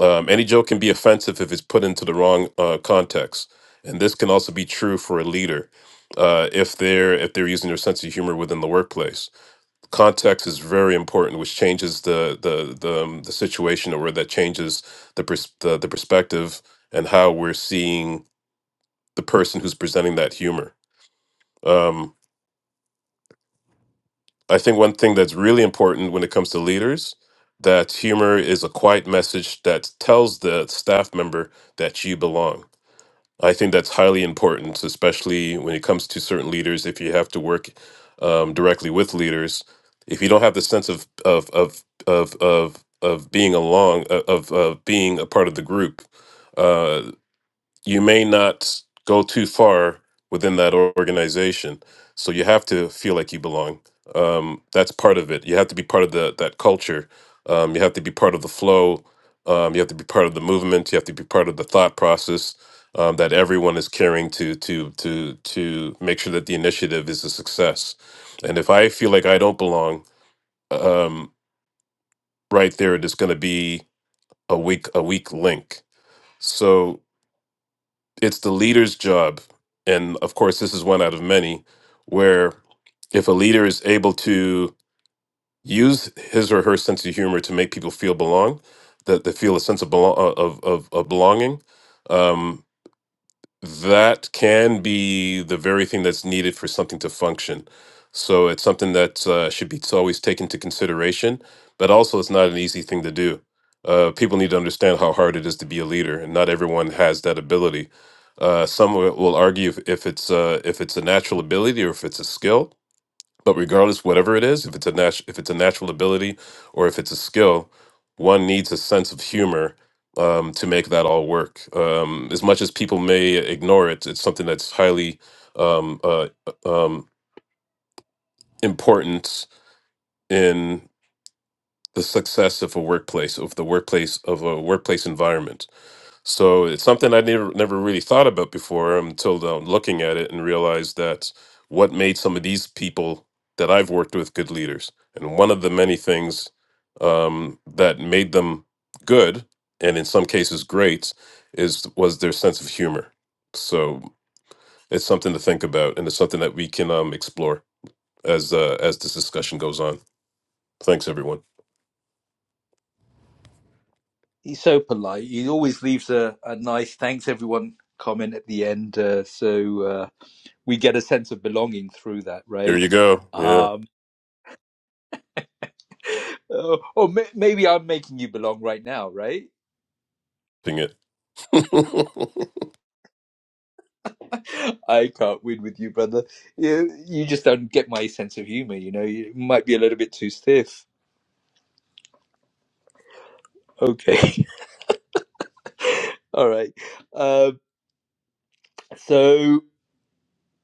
S4: Um, any joke can be offensive if it's put into the wrong uh, context, and this can also be true for a leader uh, if they're if they're using their sense of humor within the workplace. Context is very important, which changes the the the, um, the situation, or that changes the, pers- the the perspective and how we're seeing the person who's presenting that humor. Um, I think one thing that's really important when it comes to leaders that humor is a quiet message that tells the staff member that you belong. I think that's highly important, especially when it comes to certain leaders. If you have to work um, directly with leaders, if you don't have the sense of of of of of, of being along of of being a part of the group, uh, you may not go too far within that organization. So you have to feel like you belong. Um, that's part of it. You have to be part of the that culture. Um, you have to be part of the flow. Um, you have to be part of the movement. You have to be part of the thought process um, that everyone is carrying to to to to make sure that the initiative is a success. And if I feel like I don't belong, um, right there, it is going to be a weak a weak link. So it's the leader's job and of course this is one out of many where if a leader is able to use his or her sense of humor to make people feel belong that they feel a sense of belong of of, of belonging um, that can be the very thing that's needed for something to function. So it's something that uh, should be t- always taken into consideration, but also it's not an easy thing to do. Uh, people need to understand how hard it is to be a leader, and not everyone has that ability. Uh, some will will argue if, if it's uh, if it's a natural ability or if it's a skill, but regardless, whatever it is, if it's a nat- if it's a natural ability or if it's a skill, one needs a sense of humor um, to make that all work. Um, as much as people may ignore it, it's something that's highly um, uh, um, important in the success of a workplace, of the workplace of a workplace environment So it's something I never never really thought about before until um, looking at it and realized that what made some of these people that I've worked with good leaders, and one of the many things um, that made them good, and in some cases great, is was their sense of humor. So it's something to think about, and it's something that we can um, explore as uh, as this discussion goes on. Thanks, everyone.
S1: He's so polite. He always leaves a, a nice thanks everyone comment at the end, uh, so uh, we get a sense of belonging through that,
S4: There
S1: right?
S4: you go. Yeah,
S1: Um, oh, or may- maybe I'm making you belong right now, right?
S4: ping it.
S1: I can't win with you, brother. You, you just don't get my sense of humor. You know, you might be a little bit too stiff. Okay. All right. Uh, so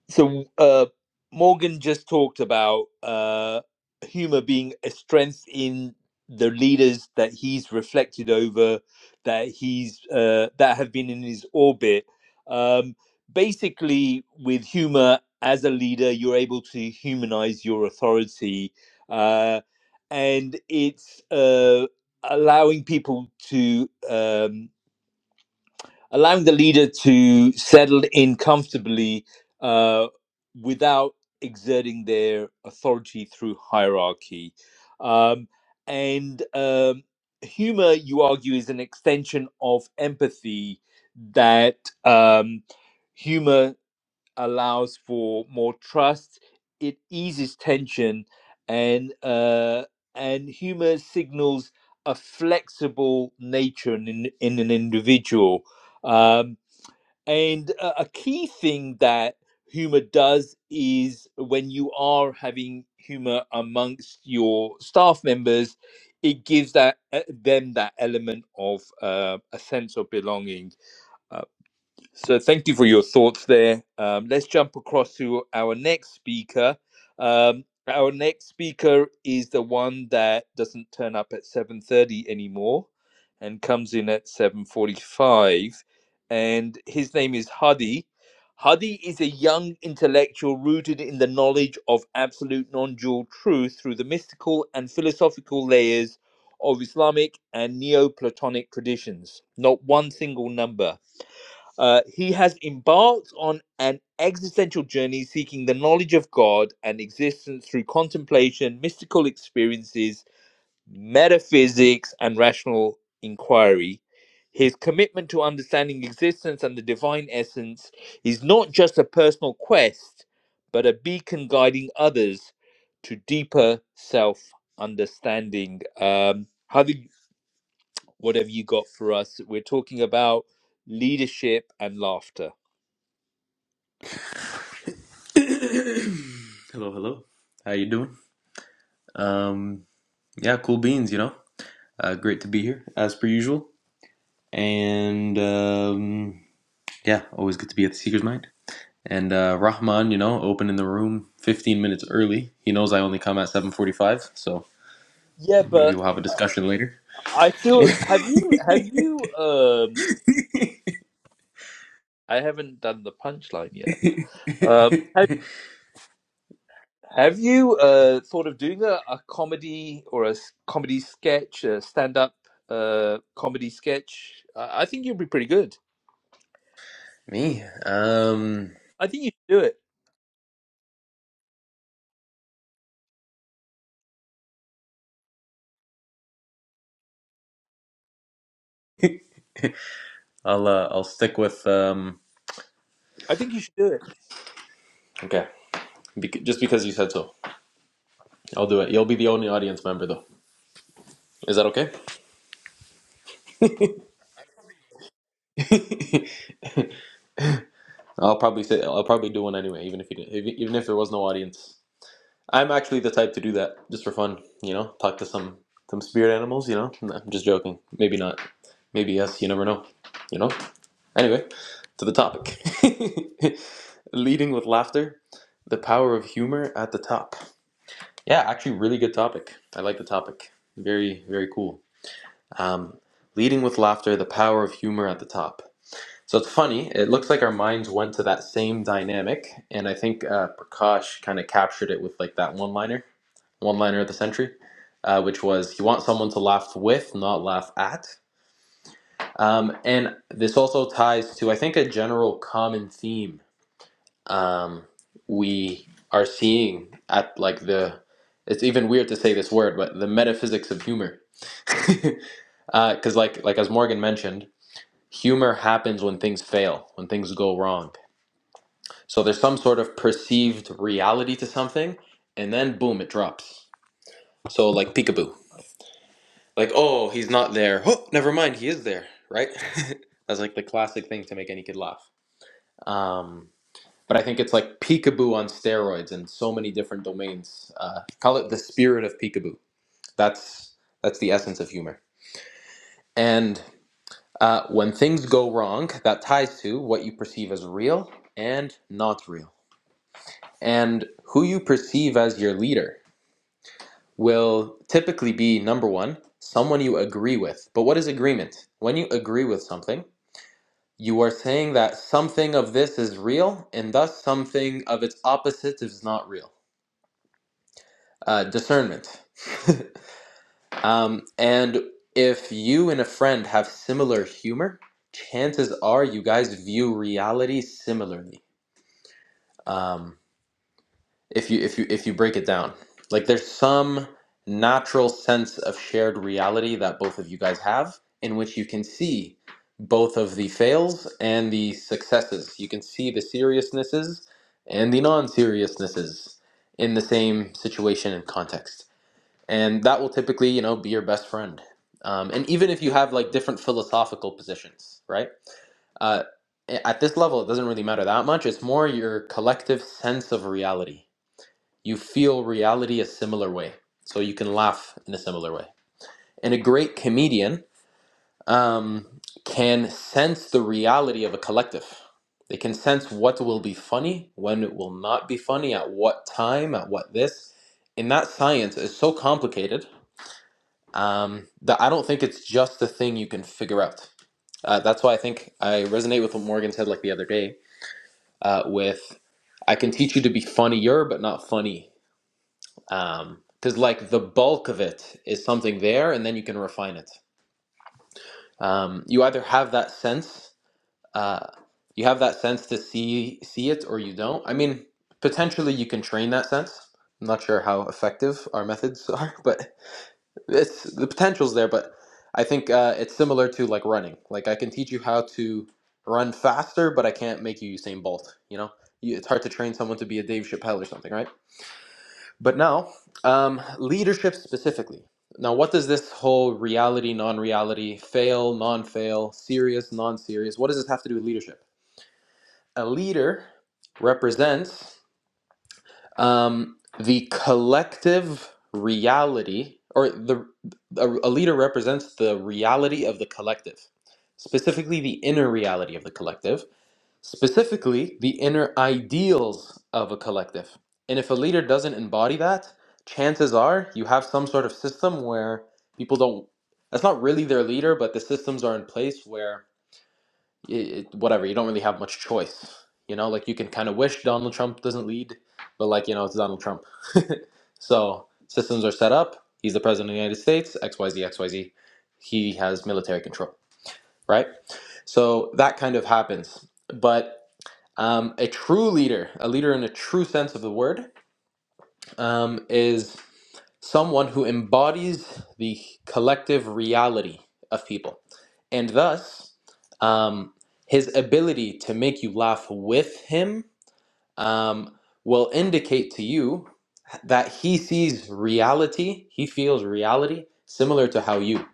S1: so uh, Morgan just talked about uh, humor being a strength in the leaders that he's reflected over, that he's uh, that have been in his orbit. Um, basically, with humor as a leader, you're able to humanize your authority, uh, and it's uh, allowing people to. Um, allowing the leader to settle in comfortably uh, without exerting their authority through hierarchy. Um, and um, humor, you argue, is an extension of empathy that um, humor allows for more trust. It eases tension, and uh, and humor signals a flexible nature in in an individual. Um, and a, a key thing that humor does is when you are having humor amongst your staff members, it gives that uh, them that element of uh, a sense of belonging. Uh, so, thank you for your thoughts there. Um, let's jump across to our next speaker. Um, our next speaker is the one that doesn't turn up at seven thirty anymore, and comes in at seven forty-five. And his name is Hadi. Hadi is a young intellectual rooted in the knowledge of absolute non-dual truth through the mystical and philosophical layers of Islamic and Neoplatonic traditions. Not one single number. Uh, he has embarked on an existential journey seeking the knowledge of God and existence through contemplation, mystical experiences, metaphysics, and rational inquiry. His commitment to understanding existence and the divine essence is not just a personal quest, but a beacon guiding others to deeper self understanding. Um, Hadi, what have you got for us? We're talking about leadership and laughter.
S5: hello, hello. How you doing? Um, yeah, cool beans. You know, uh, great to be here as per usual. And um, yeah, always good to be at the Seeker's Mind. And uh, Rahman, you know, opening the room 15 minutes early. He knows I only come at 7:45, so
S1: Yeah,
S5: maybe
S1: but
S5: we'll have a discussion later.
S1: I still have you have you um I haven't done the punchline yet. Um have, have you uh thought of doing a, a comedy or a s- comedy sketch, a stand-up uh comedy sketch? I, I think you'd be pretty good.
S5: Me, um.
S1: I think you should do it.
S5: I'll uh, I'll stick with um.
S1: I think you should do it.
S5: Okay, Bec- just because you said so, I'll do it. You'll be the only audience member though. Is that okay? I'll probably say I'll probably do one anyway, even if you didn't, even even if there was no audience. I'm actually the type to do that just for fun, you know. Talk to some some spirit animals, you know. No, I'm just joking. Maybe not. Maybe yes. You never know. You know. Anyway, to the topic. Leading with laughter, the power of humor at the top. Yeah, actually, really good topic. I like the topic. Very very cool. Um, leading with laughter, the power of humor at the top. So it's funny. It looks like our minds went to that same dynamic, and I think uh, Prakash kind of captured it with like that one-liner, one-liner of the century, uh, which was you want someone to laugh with, not laugh at. Um, and this also ties to I think a general common theme um, we are seeing at like the. It's even weird to say this word, but the metaphysics of humor. because like like as Morgan mentioned, Humor happens when things fail, when things go wrong. So there's some sort of perceived reality to something, and then boom, it drops. So like peekaboo. Like, oh, he's not there. Oh, never mind, he is there, right? That's like the classic thing to make any kid laugh. Um, but I think it's like peekaboo on steroids in so many different domains. Uh, call it the spirit of peekaboo. That's that's the essence of humor. And uh, when things go wrong, that ties to what you perceive as real and not real. And who you perceive as your leader will typically be number one, someone you agree with. But what is agreement? When you agree with something, you are saying that something of this is real and thus something of its opposite is not real. Uh, discernment. um, and if you and a friend have similar humor, chances are you guys view reality similarly. Um, if you if you if you break it down like there's some natural sense of shared reality that both of you guys have in which you can see both of the fails and the successes you can see the seriousnesses and the non-seriousnesses in the same situation and context and that will typically you know be your best friend um, and even if you have like different philosophical positions right uh, at this level it doesn't really matter that much it's more your collective sense of reality you feel reality a similar way. So you can laugh in a similar way. And a great comedian um, can sense the reality of a collective. They can sense what will be funny, when it will not be funny, at what time, at what this. And that science is so complicated um, that I don't think it's just a thing you can figure out. Uh, that's why I think I resonate with what Morgan said like the other day uh, with I can teach you to be funnier, but not funny um because like the bulk of it is something there and then you can refine it um you either have that sense uh you have that sense to see see it or you don't i mean potentially you can train that sense i'm not sure how effective our methods are but it's the potential's there but i think uh it's similar to like running like i can teach you how to run faster but i can't make you usain bolt you know You- it's hard to train someone to be a dave chappelle or something right but now, um, leadership specifically. Now, what does this whole reality, non reality, fail, non fail, serious, non serious, what does this have to do with leadership? A leader represents um, the collective reality, or the a, a leader represents the reality of the collective, specifically the inner reality of the collective specifically the inner ideals of a collective. And if a leader doesn't embody that, chances are you have some sort of system where people don't, that's not really their leader, but the systems are in place where, it, it, whatever, you don't really have much choice. You know, like you can kind of wish Donald Trump doesn't lead, but like, you know, it's Donald Trump. so systems are set up. He's the president of the United States, X Y Z X Y Z. He has military control, right? So that kind of happens. But um, a true leader, a leader in a true sense of the word, um, is someone who embodies the collective reality of people. And thus, um, his ability to make you laugh with him um, will indicate to you that he sees reality, he feels reality similar to how you.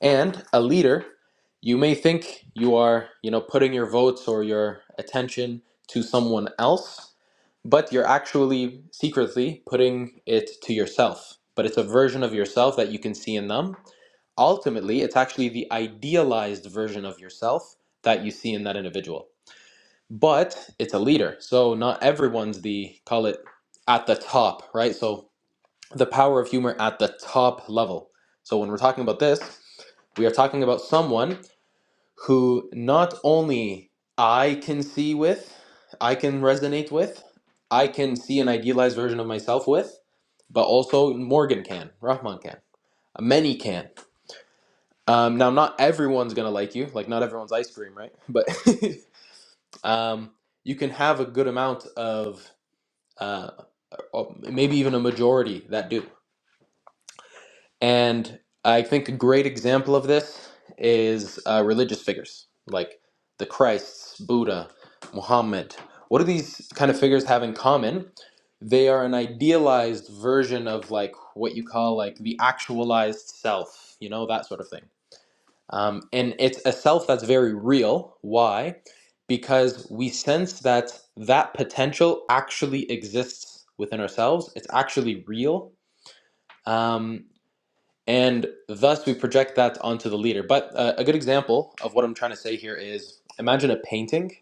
S5: And a leader, you may think you are, you know, putting your votes or your attention to someone else, but you're actually secretly putting it to yourself. But it's a version of yourself that you can see in them. Ultimately, it's actually the idealized version of yourself that you see in that individual. But it's a leader. So not everyone's the, call it, at the top, right? So the power of humor at the top level. So when we're talking about this, we are talking about someone who not only I can see with, I can resonate with, I can see an idealized version of myself with, but also Morgan can, Rahman can, many can. Um, now, not everyone's gonna like you, like not everyone's ice cream, right? But um, you can have a good amount of, uh, or maybe even a majority that do. And I think a great example of this is uh, religious figures like the Christs, Buddha, Muhammad. What do these kind of figures have in common? They are an idealized version of like what you call like the actualized self, you know, that sort of thing. Um, and it's a self that's very real. Why? Because we sense that that potential actually exists within ourselves. It's actually real. Um, and thus we project that onto the leader. But uh, a good example of what I'm trying to say here is imagine a painting,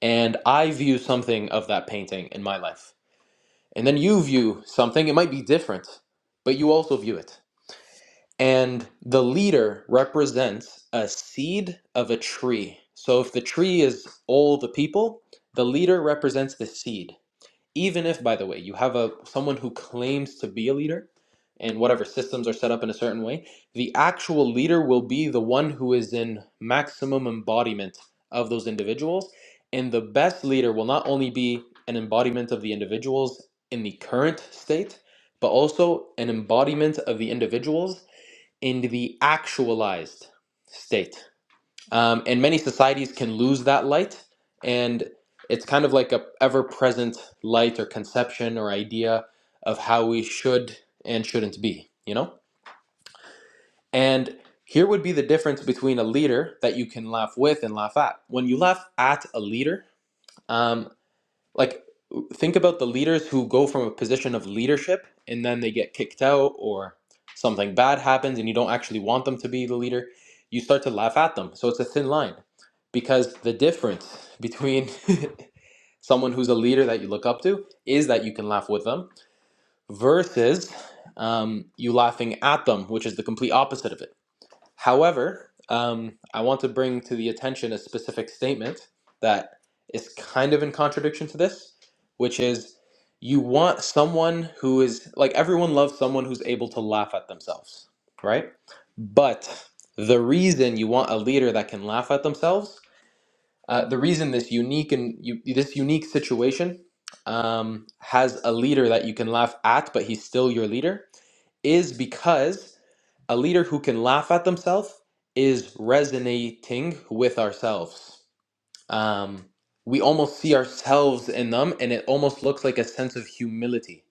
S5: and I view something of that painting in my life, and then you view something, it might be different, but you also view it. And the leader represents a seed of a tree. So if the tree is all the people, the leader represents the seed even if by the way you have a someone who claims to be a leader and whatever systems are set up in a certain way the actual leader will be the one who is in maximum embodiment of those individuals and the best leader will not only be an embodiment of the individuals in the current state but also an embodiment of the individuals in the actualized state um, and many societies can lose that light and it's kind of like a ever-present light or conception or idea of how we should and shouldn't be you know and here would be the difference between a leader that you can laugh with and laugh at when you laugh at a leader um, like think about the leaders who go from a position of leadership and then they get kicked out or something bad happens and you don't actually want them to be the leader you start to laugh at them so it's a thin line because the difference between someone who's a leader that you look up to is that you can laugh with them versus um, you laughing at them which is the complete opposite of it However, um, I want to bring to the attention a specific statement that is kind of in contradiction to this, which is you want someone who is like everyone loves someone who's able to laugh at themselves, right? But the reason you want a leader that can laugh at themselves, uh, the reason this unique and you, this unique situation um, has a leader that you can laugh at, but he's still your leader, is because a leader who can laugh at themselves is resonating with ourselves. Um, we almost see ourselves in them, and it almost looks like a sense of humility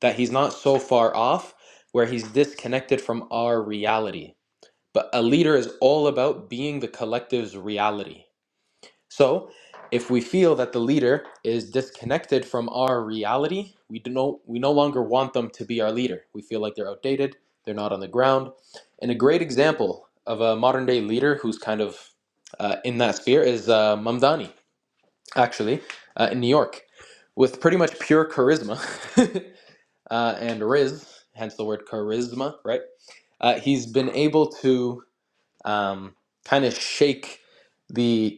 S5: that he's not so far off where he's disconnected from our reality. But a leader is all about being the collective's reality. So, if we feel that the leader is disconnected from our reality, we do no, we no longer want them to be our leader. We feel like they're outdated, they're not on the ground. And a great example of a modern day leader who's kind of uh, in that sphere is uh, Mamdani, actually, uh, in New York, with pretty much pure charisma uh, and riz, hence the word charisma, right? Uh, he's been able to um, kind of shake the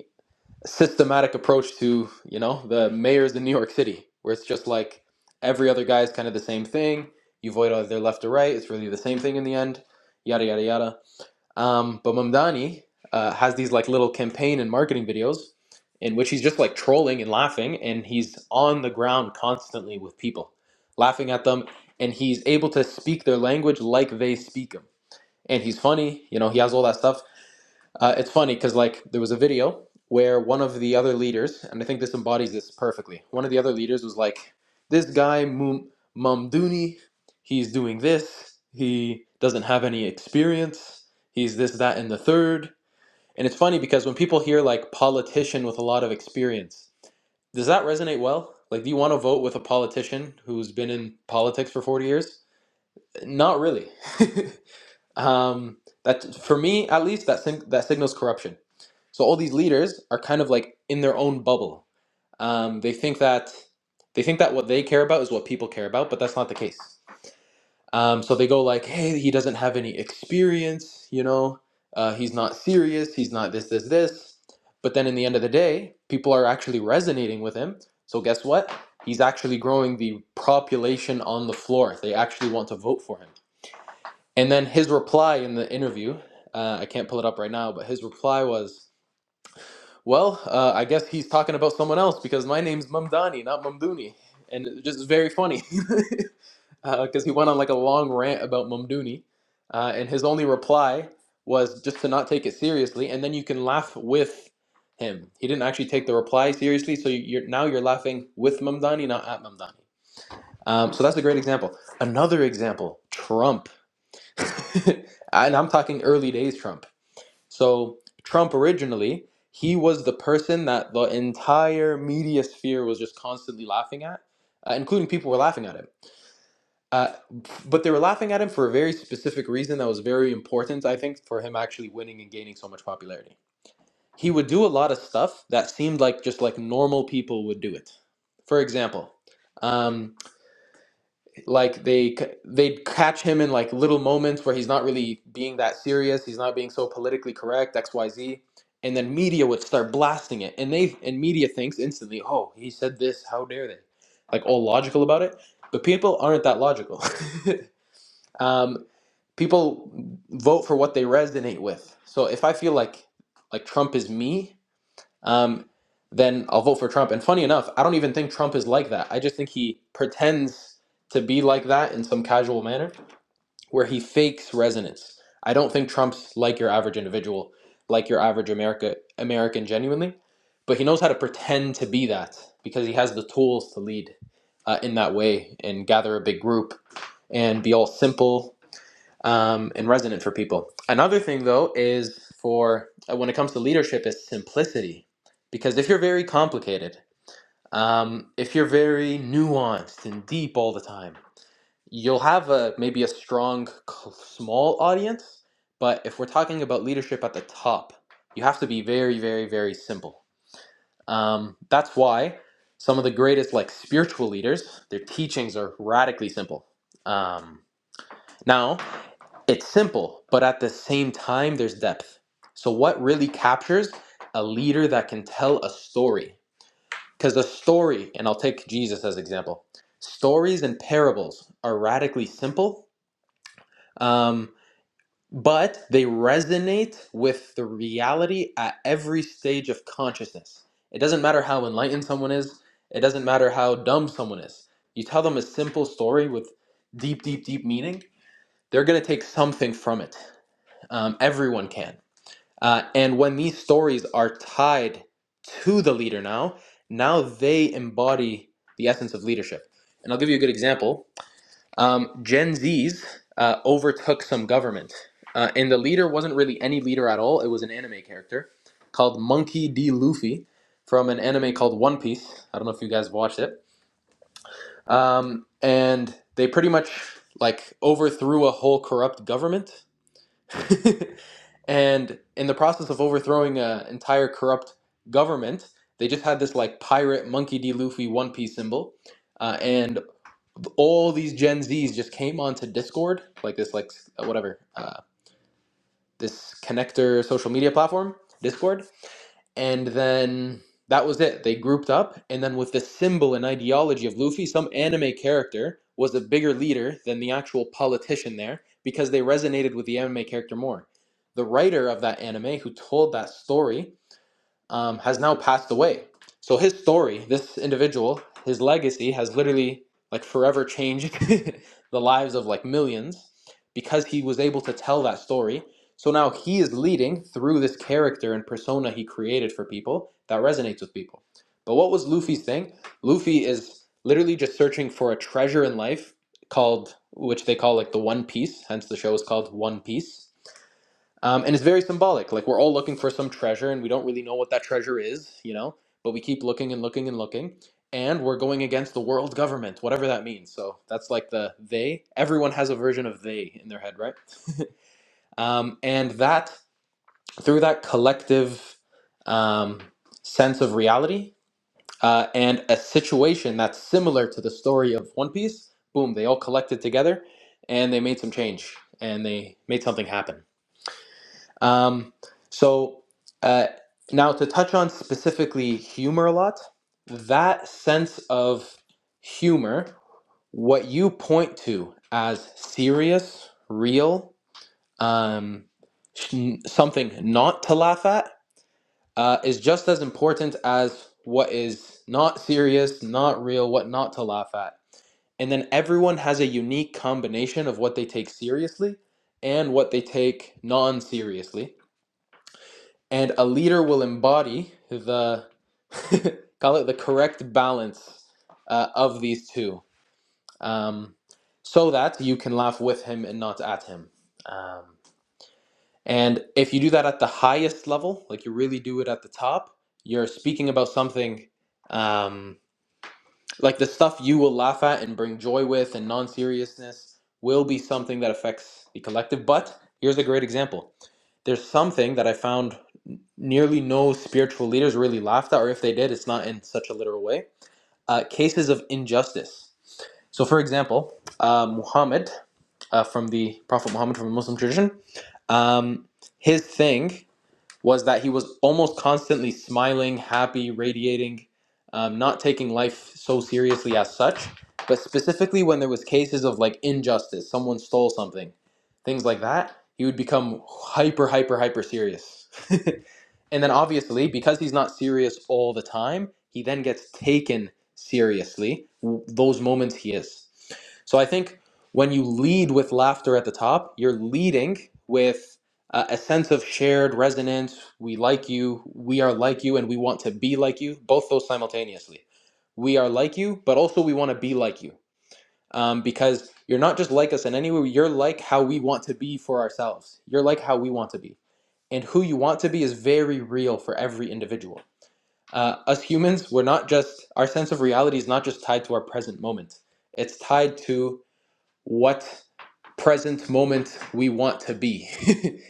S5: systematic approach to you know the mayors in New York City, where it's just like every other guy is kind of the same thing. You vote either left or right; it's really the same thing in the end. Yada yada yada. Um, but Mamdani uh, has these like little campaign and marketing videos in which he's just like trolling and laughing, and he's on the ground constantly with people, laughing at them, and he's able to speak their language like they speak them. And he's funny, you know. He has all that stuff uh, it's funny because like there was a video where one of the other leaders, and I think this embodies this perfectly. One of the other leaders was like, "This guy Mum Mumduni, he's doing this. He doesn't have any experience. He's this, that, and the third." And it's funny because when people hear like politician with a lot of experience, does that resonate well? Like, do you want to vote with a politician who's been in politics for forty years? Not really. Um, that for me, at least, that sig- that signals corruption. So all these leaders are kind of like in their own bubble. Um, they think that they think that what they care about is what people care about, but that's not the case. Um, so they go like, "Hey, he doesn't have any experience. You know, uh, he's not serious. He's not this, this, this." But then in the end of the day, people are actually resonating with him. So guess what? He's actually growing the population on the floor. They actually want to vote for him. And then his reply in the interview, uh, I can't pull it up right now, but his reply was, "Well, uh, I guess he's talking about someone else because my name's Mamdani, not Mamduni," and it just very funny because he went on like a long rant about Mamduni, uh, and his only reply was just to not take it seriously, and then you can laugh with him. He didn't actually take the reply seriously, so you're now you're laughing with Mamdani, not at Mamdani. Um, so that's a great example. Another example, Trump. and I'm talking early days Trump. So Trump originally, he was the person that the entire media sphere was just constantly laughing at, uh, including people were laughing at him. Uh, but they were laughing at him for a very specific reason that was very important, I think, for him actually winning and gaining so much popularity. He would do a lot of stuff that seemed like just like normal people would do it. For example, um, like they they'd catch him in like little moments where he's not really being that serious he's not being so politically correct xyz and then media would start blasting it and they and media thinks instantly oh he said this how dare they like all logical about it but people aren't that logical um, people vote for what they resonate with so if i feel like like trump is me um, then I'll vote for Trump. And funny enough, I don't even think Trump is like that. I just think he pretends to be like that in some casual manner where he fakes resonance. I don't think Trump's like your average individual, like your average America American genuinely, but he knows how to pretend to be that because he has the tools to lead uh, in that way and gather a big group and be all simple um, and resonant for people. Another thing, though, is for uh, when it comes to leadership, is simplicity. Because if you're very complicated, um, if you're very nuanced and deep all the time, you'll have a maybe a strong, c- small audience. But if we're talking about leadership at the top, you have to be very, very, very simple. Um, that's why some of the greatest, like spiritual leaders, their teachings are radically simple. Um, now, it's simple, but at the same time, there's depth. So, what really captures a leader that can tell a story? Because a story, and I'll take Jesus as example, stories and parables are radically simple, um, but they resonate with the reality at every stage of consciousness. It doesn't matter how enlightened someone is, it doesn't matter how dumb someone is. You tell them a simple story with deep, deep, deep meaning, they're going to take something from it um, everyone can. Uh, and when these stories are tied to the leader now, now they embody the essence of leadership. And I'll give you a good example. Um, Gen Zs uh, overtook some government, uh, and the leader wasn't really any leader at all. It was an anime character called Monkey D. Luffy from an anime called One Piece. I don't know if you guys watched it. Um, and they pretty much like overthrew a whole corrupt government. and in the process of overthrowing an entire corrupt government, they just had this like pirate monkey D. Luffy One Piece symbol, uh, and all these Gen Zs just came onto Discord, like this like whatever uh, this connector social media platform, Discord, and then that was it. They grouped up, and then with the symbol and ideology of Luffy, some anime character was a bigger leader than the actual politician there because they resonated with the anime character more. The writer of that anime who told that story um, has now passed away. So his story, this individual, his legacy has literally like forever changed the lives of like millions because he was able to tell that story. So now he is leading through this character and persona he created for people that resonates with people. But what was Luffy's thing? Luffy is literally just searching for a treasure in life called, which they call like the One Piece, hence the show is called One Piece um, and it's very symbolic. Like we're all looking for some treasure, and we don't really know what that treasure is, you know. But we keep looking and looking and looking, and we're going against the world government, whatever that means. So that's like the they. Everyone has a version of they in their head, right? Um, and that through that collective um, sense of reality uh, and a situation that's similar to the story of One Piece, boom, they all collected together, and they made some change, and they made something happen. Um, so uh, now to touch on specifically humor a lot, that sense of humor, what you point to as serious, real, um, sh- something not to laugh at, uh, is just as important as what is not serious, not real, what not to laugh at. And then everyone has a unique combination of what they take seriously and what they take non seriously and a leader will embody the call it the correct balance uh, of these two um, so that you can laugh with him and not at him um, and if you do that at the highest level like you really do it at the top you're speaking about something um, like the stuff you will laugh at and bring joy with and non-seriousness will be something that affects the collective but here's a great example there's something that i found nearly no spiritual leaders really laughed at, or if they did, it's not in such a literal way. Uh, cases of injustice. So, for example, uh, Muhammad, uh, from the Prophet Muhammad from the Muslim tradition, um, his thing was that he was almost constantly smiling, happy, radiating, um, not taking life so seriously as such. But specifically, when there was cases of like injustice, someone stole something, things like that, he would become hyper, hyper, hyper serious. And then obviously, because he's not serious all the time, he then gets taken seriously w- those moments he is. So I think when you lead with laughter at the top, you're leading with uh, a sense of shared resonance. We like you, we are like you, and we want to be like you, both those simultaneously. We are like you, but also we want to be like you. Um, because you're not just like us in any way, you're like how we want to be for ourselves. You're like how we want to be and who you want to be is very real for every individual. Uh, us humans, we're not just, our sense of reality is not just tied to our present moment, it's tied to what present moment we want to be.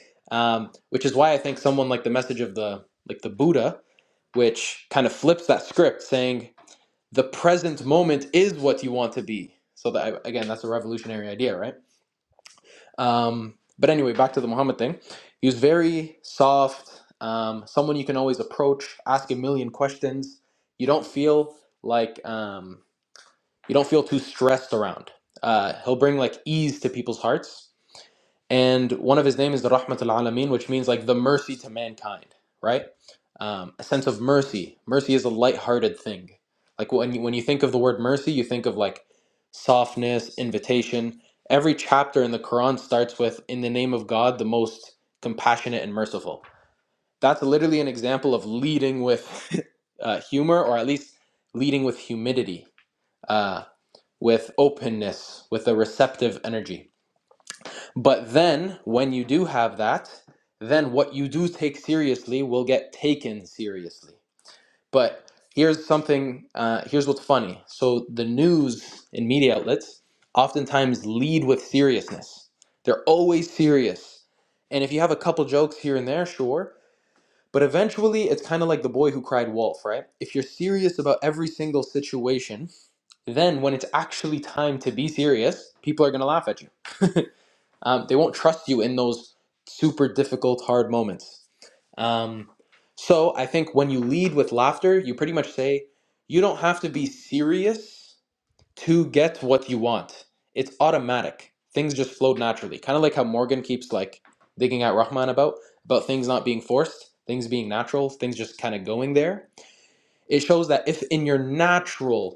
S5: um, which is why I think someone like the message of the like the Buddha, which kind of flips that script, saying the present moment is what you want to be. So that again, that's a revolutionary idea, right? Um, but anyway, back to the Muhammad thing. He was very soft, um, someone you can always approach, ask a million questions. You don't feel like um, you don't feel too stressed around. Uh, he'll bring like ease to people's hearts and one of his name is the Rahmat al Alamin, which means like the mercy to mankind, right? Um, a sense of mercy. Mercy is a light-hearted thing. Like when you, when you think of the word mercy, you think of like softness, invitation. Every chapter in the Quran starts with "In the name of God, the most compassionate and merciful." That's literally an example of leading with uh, humor, or at least leading with humidity, uh, with openness, with a receptive energy. But then, when you do have that, then what you do take seriously will get taken seriously. But here's something, uh, here's what's funny. So, the news and media outlets oftentimes lead with seriousness, they're always serious. And if you have a couple jokes here and there, sure. But eventually, it's kind of like the boy who cried wolf, right? If you're serious about every single situation, then when it's actually time to be serious, people are going to laugh at you um, they won't trust you in those super difficult, hard moments. Um, so I think when you lead with laughter, you pretty much say, you don't have to be serious to get what you want. It's automatic. Things just flow naturally. Kind of like how Morgan keeps like digging at Rahman about about things not being forced, things being natural, things just kind of going there. It shows that if in your natural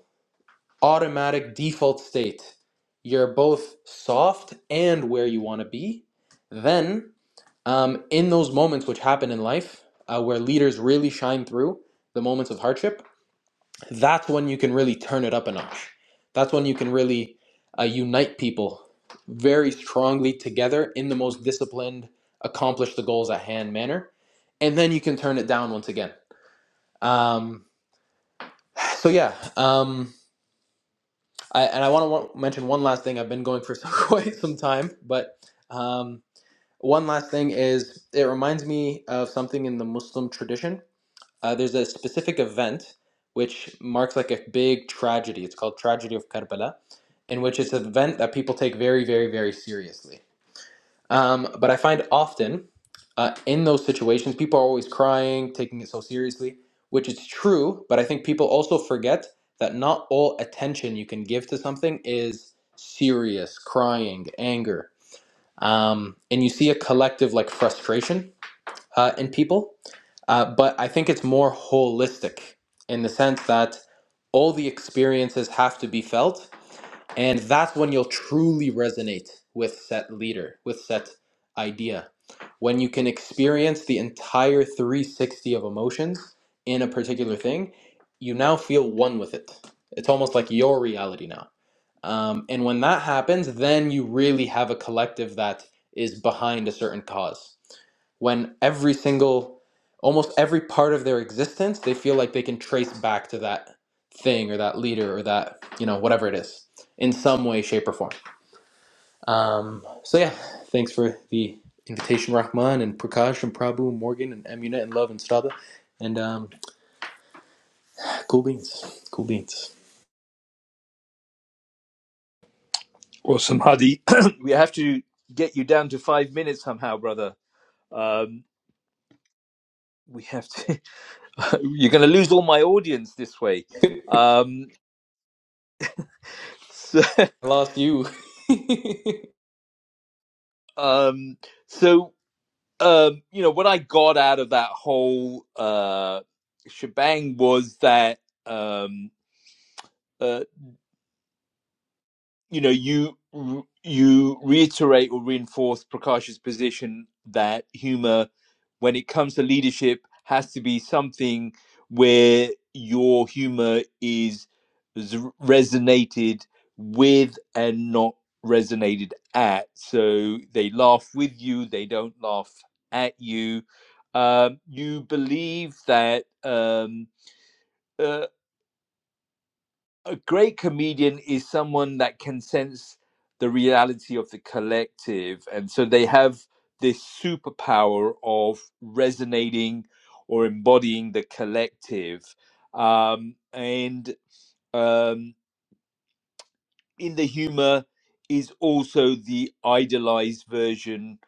S5: automatic default state. You're both soft and where you want to be. Then, um, in those moments which happen in life uh, where leaders really shine through, the moments of hardship, that's when you can really turn it up a notch. That's when you can really uh, unite people very strongly together in the most disciplined, accomplish the goals at hand manner. And then you can turn it down once again. Um, so, yeah. Um, I, and I want to mention one last thing. I've been going for some, quite some time, but um, one last thing is it reminds me of something in the Muslim tradition. Uh, there's a specific event which marks like a big tragedy. It's called Tragedy of Karbala, in which it's an event that people take very, very, very seriously. Um, but I find often uh, in those situations, people are always crying, taking it so seriously, which is true. But I think people also forget that not all attention you can give to something is serious, crying, anger. Um, and you see a collective like frustration uh, in people. Uh, but I think it's more holistic in the sense that all the experiences have to be felt and that's when you'll truly resonate with set leader with set idea when you can experience the entire 360 of emotions in a particular thing you now feel one with it it's almost like your reality now um, and when that happens then you really have a collective that is behind a certain cause when every single almost every part of their existence they feel like they can trace back to that thing or that leader or that you know whatever it is in some way shape or form um, so yeah thanks for the invitation rahman and prakash and prabhu and morgan and amunet and love and strada and um, cool beans cool beans
S1: Well, somebody we have to get you down to 5 minutes somehow, brother. Um we have to you're going to lose all my audience this way. Um, so,
S5: i lost you
S1: um, so um, you know, what I got out of that whole uh, shebang was that um, uh, you know you you reiterate or reinforce Prakash's position that humor when it comes to leadership has to be something where your humor is resonated with and not resonated at so they laugh with you they don't laugh at you um, you believe that um, uh, a great comedian is someone that can sense the reality of the collective and so they have this superpower of resonating or embodying the collective um, and um, in the humor is also the idealized version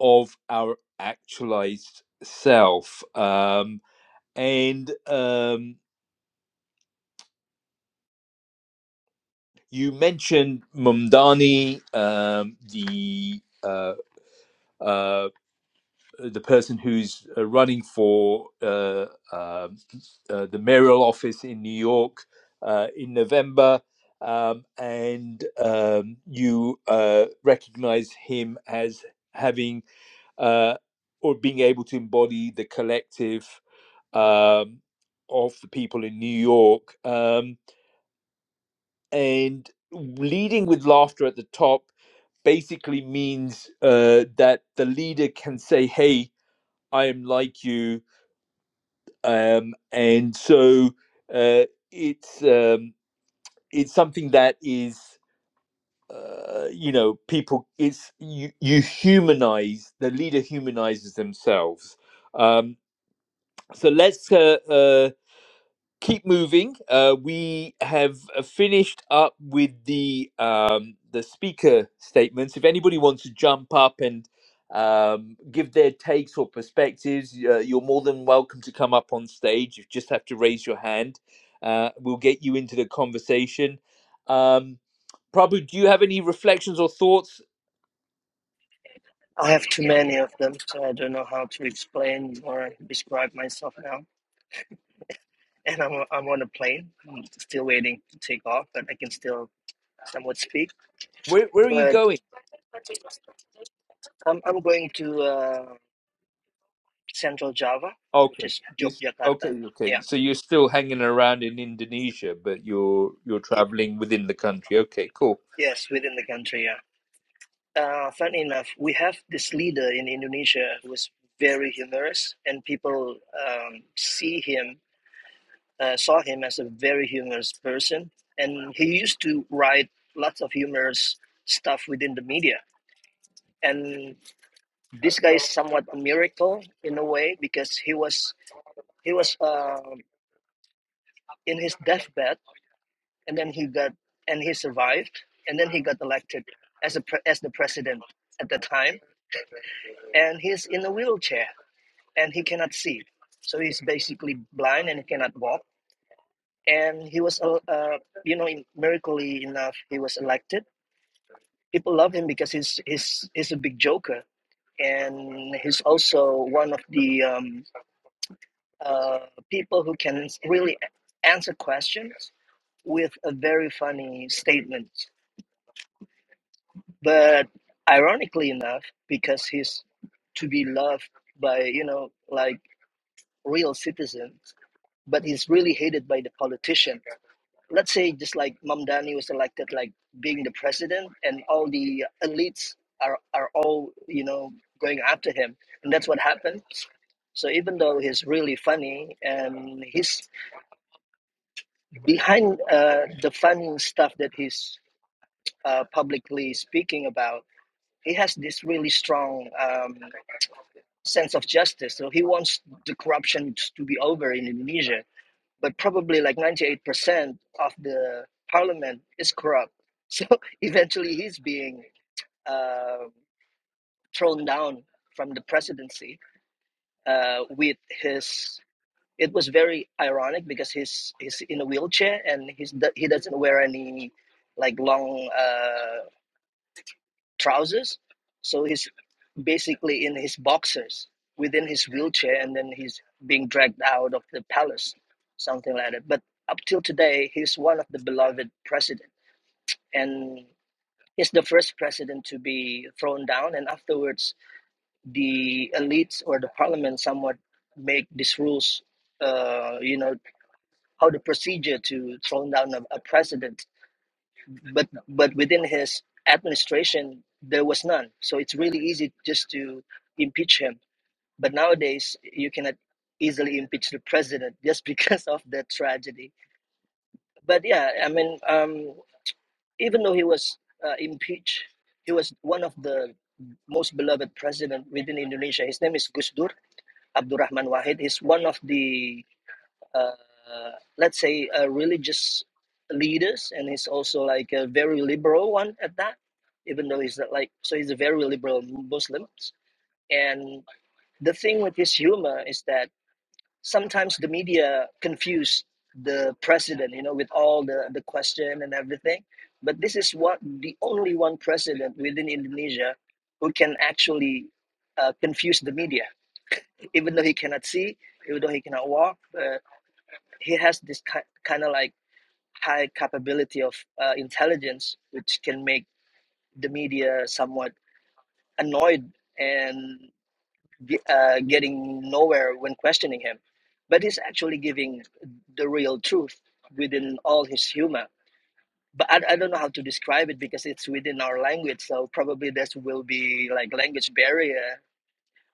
S1: of our actualized self um, and um, you mentioned Mumdani, um, the uh, uh, the person who's uh, running for uh, uh, uh, the mayoral office in New York uh, in November, um, and um, you uh, recognize him as having uh, or being able to embody the collective um, of the people in New York. Um, and leading with laughter at the top basically means uh, that the leader can say, hey, I am like you, um, and so uh, it's um, it's something that is uh, you know people it's you you humanize the leader humanizes themselves. Um, so let's uh, uh, keep moving. Uh, we have uh, finished up with the um, the speaker statements. If anybody wants to jump up and um, give their takes or perspectives, uh, you're more than welcome to come up on stage. You just have to raise your hand. Uh, we'll get you into the conversation. Um, Prabhu, do you have any reflections or thoughts?
S3: I have too many of them, so I don't know how to explain or describe myself now. and I'm I'm on a plane. I'm still waiting to take off, but I can still somewhat speak.
S1: Where, where are you
S3: But
S1: going?
S3: I'm I'm going to uh, Central Java, which
S1: Okay.
S3: is
S1: You
S3: Yogyakarta.
S1: okay, okay.
S3: Yeah,
S1: So you're still hanging around in Indonesia, but you're you're
S3: it,
S1: traveling within the country. Okay, cool.
S3: yes, within the country. Yeah. Uh, funny enough, we have this leader in Indonesia who is very humorous, and people um, see him, uh, saw him as a very humorous person, and he used to write lots of humorous stuff within the media. And this guy is somewhat a miracle in a way because he was he was um in his deathbed and then he got and he survived and then he got elected as a pre- as the president at the time and he's in a wheelchair and he cannot see so he's basically blind and he cannot walk and he was uh, uh, you know in, miraculously enough he was elected people love him because he's he's he's a big joker and he's also one of the um, uh, people who can really answer questions with a very funny statement. But ironically enough, because he's to be loved by, you know, like real citizens, but he's really hated by the politician. Let's say just like Mamdani was elected like being the president and all the elites are, are all, you know, going after him. And that's what happened. So even though he's really funny and he's behind uh, the fun stuff that he's uh, publicly speaking about, he has this really strong um, sense of justice. So he wants the corruption to be over in Indonesia, but probably like 98% of the parliament is corrupt. So eventually he's being uh, thrown down from the presidency uh, with his It was very ironic because he's he's in a wheelchair and he's he doesn't wear any like long uh, trousers, so he's basically in his boxers within his wheelchair, and then he's being dragged out of the palace, something like that. But up till today, he's one of the beloved president, and he's the first president to be thrown down, and afterwards the elites or the parliament somewhat make these rules uh, you know how the procedure to throwing down a, a president, but but within his administration there was none. So it's really easy just to impeach him. But nowadays you cannot easily impeach the president just because of that tragedy. But yeah, I mean, um, even though he was uh, impeached, he was one of the most beloved president within Indonesia. His name is Gus Dur Abdurrahman Wahid. He's one of the uh, let's say uh, religious leaders and he's also like a very liberal one at that even though he's not like so he's a very liberal muslim and the thing with his humor is that sometimes the media confuse the president you know with all the the question and everything but this is what the only one president within indonesia who can actually uh, confuse the media even though he cannot see even though he cannot walk uh, he has this ki- kind of like high capability of uh, intelligence, which can make the media somewhat annoyed and ge- uh, getting nowhere when questioning him. But he's actually giving the real truth within all his humor. But I, I don't know how to describe it because it's within our language. So probably there will be like language barrier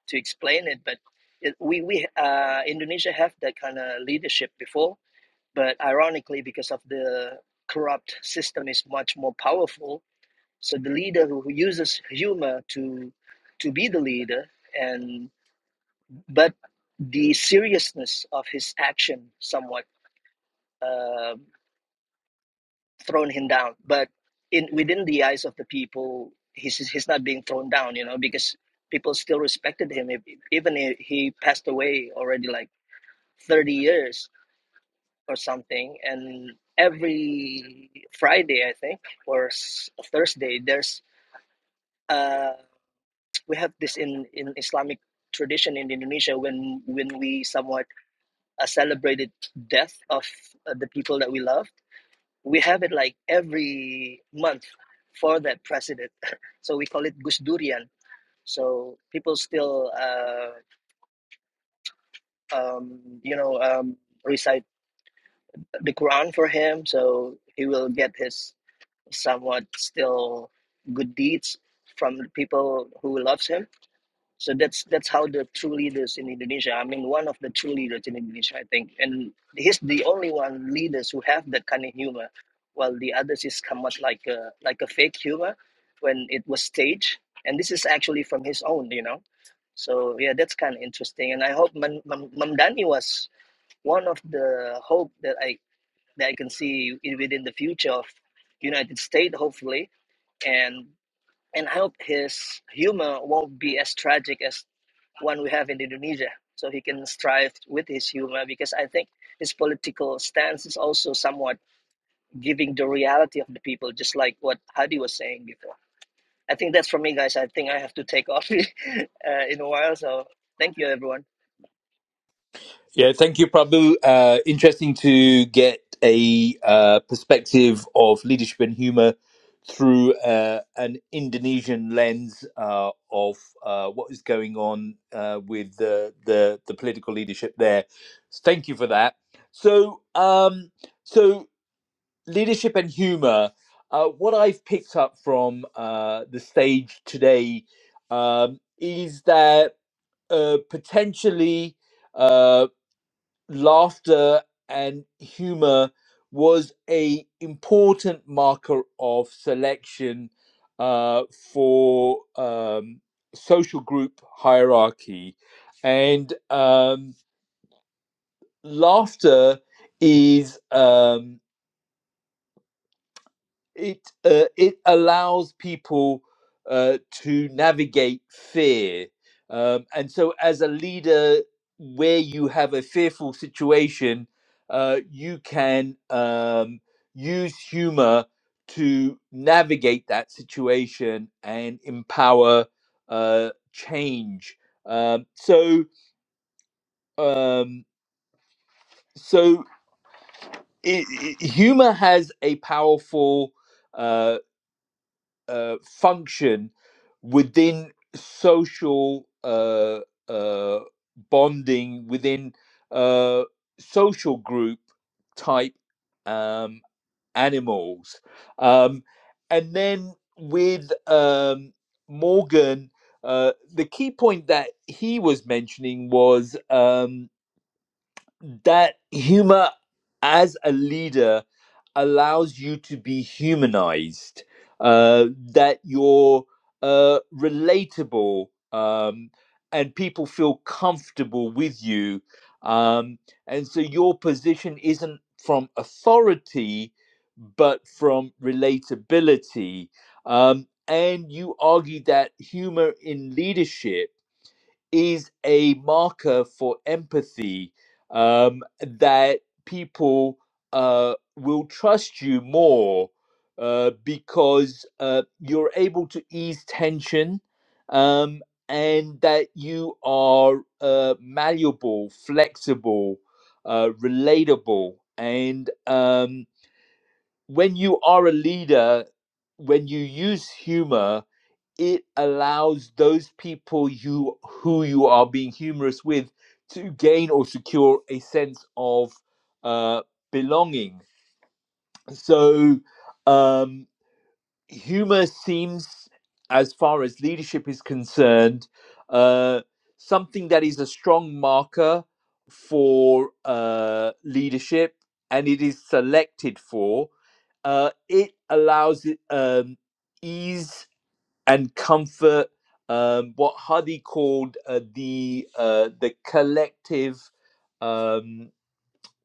S3: to explain it. But it, we, we uh, Indonesia have that kind of leadership before But ironically, because of the corrupt system is much more powerful, so the leader who, who uses humor to to be the leader, and but the seriousness of his action somewhat uh, thrown him down. But in within the eyes of the people, he's he's not being thrown down, you know, because people still respected him, even if he passed away already like thirty years or something and every friday i think or s- thursday there's uh we have this in in islamic tradition in indonesia when when we somewhat uh, celebrated death of uh, the people that we loved we have it like every month for that president so we call it gusdurian so people still uh um you know um recite the quran for him so he will get his somewhat still good deeds from the people who loves him. So that's that's how the true leaders in Indonesia. I mean, one of the true leaders in Indonesia, I think, and he's the only one leaders who have that kind of humor, while the others is somewhat like a like a fake humor when it was staged. And this is actually from his own, you know. So yeah, that's kind of interesting. And I hope Mam Mam- Mamdani was one of the hope that I that I can see in- within the future of United States, hopefully and and I hope his humor won't be as tragic as one we have in Indonesia. So he can strive with his humor because I think his political stance is also somewhat giving the reality of the people, just like what Hadi was saying before. I think that's for me, guys. I think I have to take off uh, in a while. So thank you, everyone.
S1: Yeah, thank you, Prabhu. Uh, interesting to get a uh, perspective of leadership and humor through uh, an Indonesian lens uh, of uh, what is going on uh, with the, the the political leadership there. So thank you for that. So, um, so leadership and humor. Uh, what I've picked up from uh, the stage today um, is that uh, potentially uh, laughter and humor was a important marker of selection uh, for um, social group hierarchy, and um, laughter is. Um, it uh, it allows people uh, to navigate fear um, and so as a leader where you have a fearful situation uh, you can um, use humor to navigate that situation and empower uh, change um, so um, so it, it- humor has a powerful uh, uh, function within social uh, uh, bonding, within uh, social group type um, animals. Um, and then with um, Morgan, uh, the key point that he was mentioning was. um, that humor as a leader allows you to be humanized, uh, that you're uh, relatable, um, and people feel comfortable with you. Um, and so your position isn't from authority, but from relatability. Um, and you argue that humor in leadership is a marker for empathy um, that people uh, will trust you more uh, because uh, you're able to ease tension um, and that you are uh, malleable, flexible, uh, relatable. And um, when you are a leader, when you use humor, it allows those people you who you are being humorous with to gain or secure a sense of uh, belonging. So um, humor seems, as far as leadership is concerned, uh, something that is a strong marker for uh, leadership, and it is selected for. Uh, it allows it, um, ease and comfort um, what Hadi called uh, the uh, the collective. Um,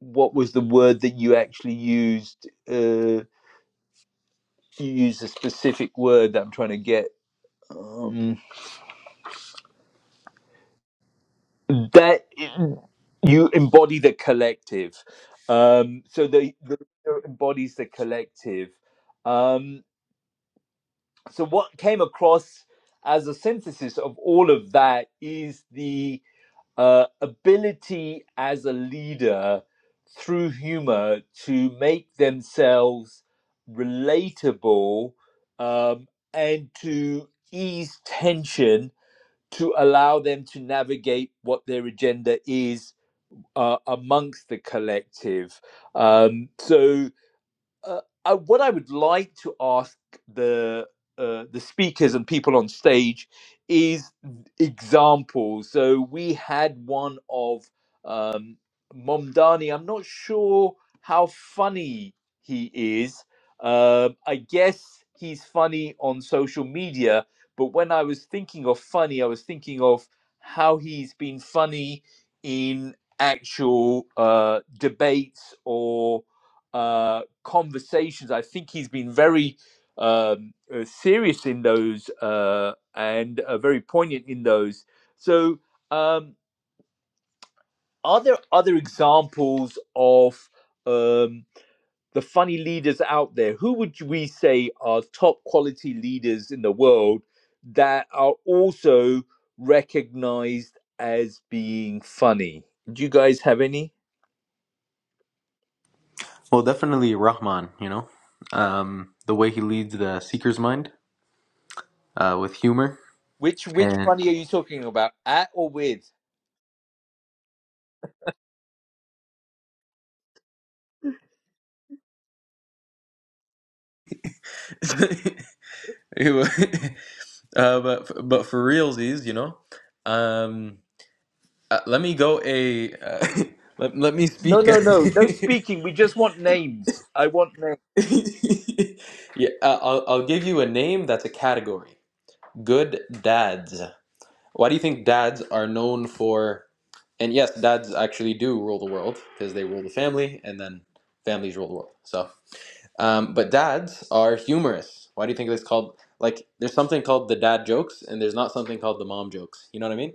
S1: what was the word that you actually used? Uh, you used a specific word that I'm trying to get. Um, that you embody the collective. Um, so the, the embodies the collective. Um, so what came across as a synthesis of all of that is the. uh, ability as a leader through humor to make themselves relatable um, and to ease tension to allow them to navigate what their agenda is uh, amongst the collective. Um, so, uh, I, what I would like to ask the uh, the speakers and people on stage is examples. So we had one of um, Momdani. I'm not sure how funny he is. Um I guess he's funny on social media, but when I was thinking of funny, I was thinking of how he's been funny in actual uh, debates or uh, conversations. I think he's been very um, uh, serious in those uh, and uh, very poignant in those. So, um, are there other examples of um, the funny leaders out there? Who would we say are top quality leaders in the world that are also recognized as being funny? Do you guys have any?
S5: well definitely rahman you know um, the way he leads the seeker's mind uh, with humor
S1: Which which
S5: and
S1: funny are you talking about? At or with?
S5: Ew. Uh, but f- but for realsies, you know, um, uh, let me go a uh, let, let me
S1: No,
S5: speak.
S1: no, no, no speaking. We just want names. I want names.
S5: yeah, uh, I'll I'll give you a name that's a category. Good dads. Why do you think dads are known for? And yes, dads actually do rule the world because they rule the family, and then families rule the world. So, um, but dads are humorous. Why do you think it's called? Like, there's something called the dad jokes, and there's not something called the mom jokes. You know what I mean?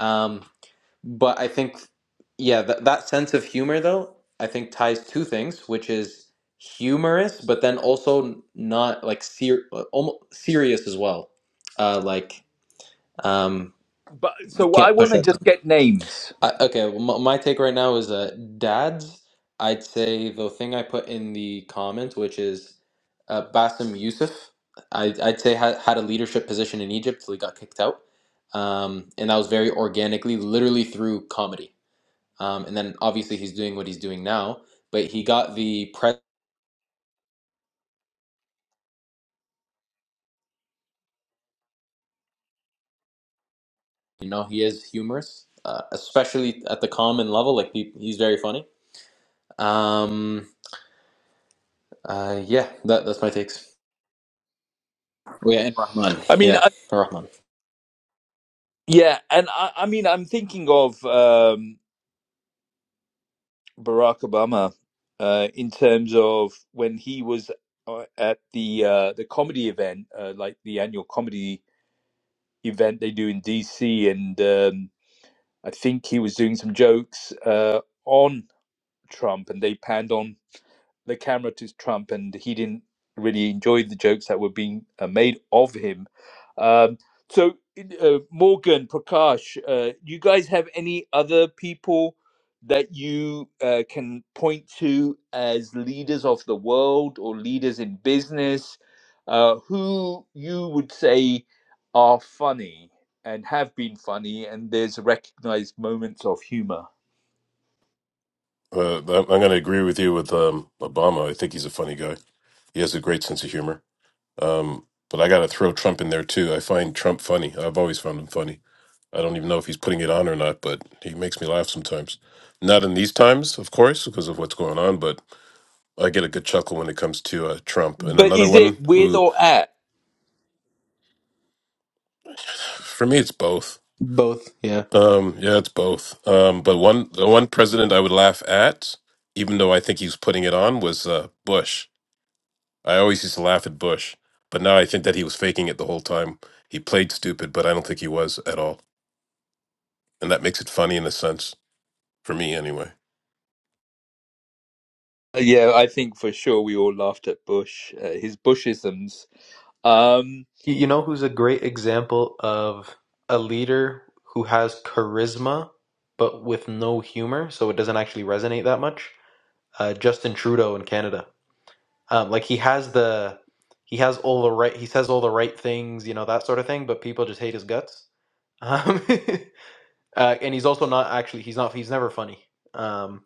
S5: Um, But I think, yeah, that that sense of humor though, I think ties two things, which is humorous, but then also not like ser- almost serious as well. Uh, like um,
S1: But
S5: you
S1: so I
S5: can't
S1: want
S5: push
S1: to
S5: at
S1: just
S5: them.
S1: get names.
S5: I, okay, well, my, my take right now is uh, dads. I'd say the thing I put in the comments, which is uh, Bassem Youssef. I, I'd say had, had a leadership position in Egypt till he got kicked out, um, and that was very organically, literally through comedy um, and then obviously he's doing what he's doing now, but he got the press. You know, he is humorous, uh, especially at the common level. Like he, he's very funny. Um, uh, yeah, that, that's my takes. Oh, yeah, and Rahman.
S1: I mean,
S5: Yeah,
S1: I,
S5: Rahman.
S1: yeah, and I, I mean, I'm thinking of um, Barack Obama uh, in terms of when he was uh, at the uh, the comedy event, uh, like the annual comedy event they do in DC, and um, I think he was doing some jokes uh, on Trump, and they panned on the camera to Trump, and he didn't really enjoy the jokes that were being uh, made of him. Um, so, uh, Morgan, Prakash, uh, you guys have any other people that you uh, can point to as leaders of the world or leaders in business uh, who you would say are funny and have been funny, and there's recognized moments of humor?
S4: Uh, I'm going to agree with you with um, Obama. I think he's a funny guy. He has a great sense of humor. Um, but I got to throw Trump in there too. I find Trump funny. I've always found him funny. I don't even know if he's putting it on or not, but he makes me laugh sometimes. Not in these times, of course, because of what's going on, but I get a good chuckle when it comes to uh, Trump. And
S1: But
S4: another
S1: is
S4: one
S1: it with
S4: who,
S1: or at?
S4: for me, it's both.
S5: Both. Yeah.
S4: Um, yeah, it's both. Um, but one, the one president I would laugh at, even though I think he's putting it on, was uh, Bush. I always used to laugh at Bush, but now I think that he was faking it the whole time. He played stupid, but I don't think he was at all, and that makes it funny in a sense for me, anyway.
S1: Yeah, I think for sure we all laughed at Bush, uh, his Bushisms. Um,
S5: Y- You know who's a great example of a leader who has charisma but with no humor, so it doesn't actually resonate that much? Uh, Justin Trudeau in Canada. Um, like he has the he has all the right he says all the right things, you know that sort of thing. But people just hate his guts. Um, uh, and he's also not actually he's not he's never funny. Um,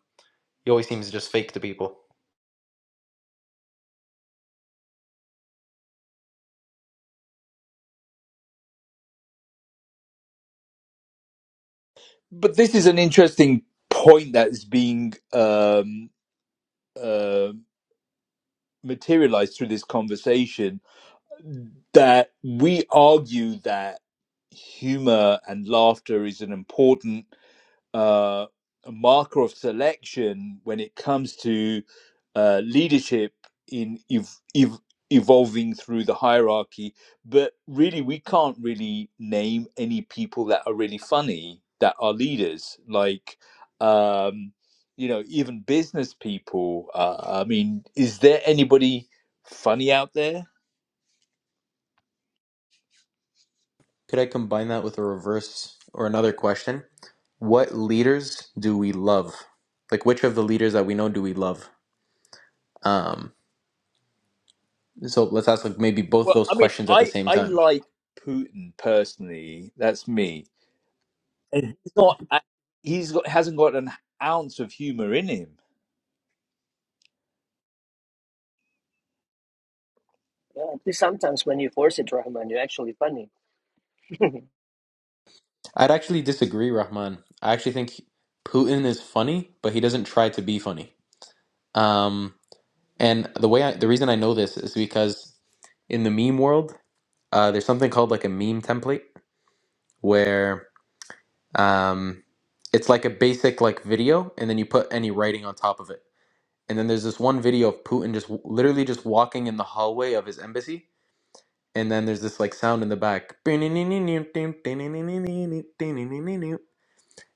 S5: he always seems just fake to people.
S1: but this is an interesting point that's being um, uh, materialized through this conversation that we argue that humor and laughter is an important uh, a marker of selection when it comes to uh, leadership in ev- ev- evolving through the hierarchy. But really, we can't really name any people that are really funny that are leaders. Like, um, you know, even business people. Uh, I mean, is there anybody funny out there?
S5: Could I combine that with a reverse or another question? What leaders do we love? Like which of the leaders that we know do we love? Um, so let's ask like maybe both
S1: Well,
S5: those
S1: I mean,
S5: questions at the
S1: I
S5: same
S1: I
S5: time.
S1: like Putin personally. That's me, and he's not. He's got hasn't got an ounce of humor in him.
S3: Yeah, sometimes when you force it, Rahman, you're actually funny.
S5: I'd actually disagree, Rahman. I actually think Putin is funny, but he doesn't try to be funny. Um, and the way I, the reason I know this is because in the meme world, uh, there's something called like a meme template where um, it's like a basic like video, and then you put any writing on top of it. And then there's this one video of Putin just w- literally just walking in the hallway of his embassy, and then there's this like sound in the back, and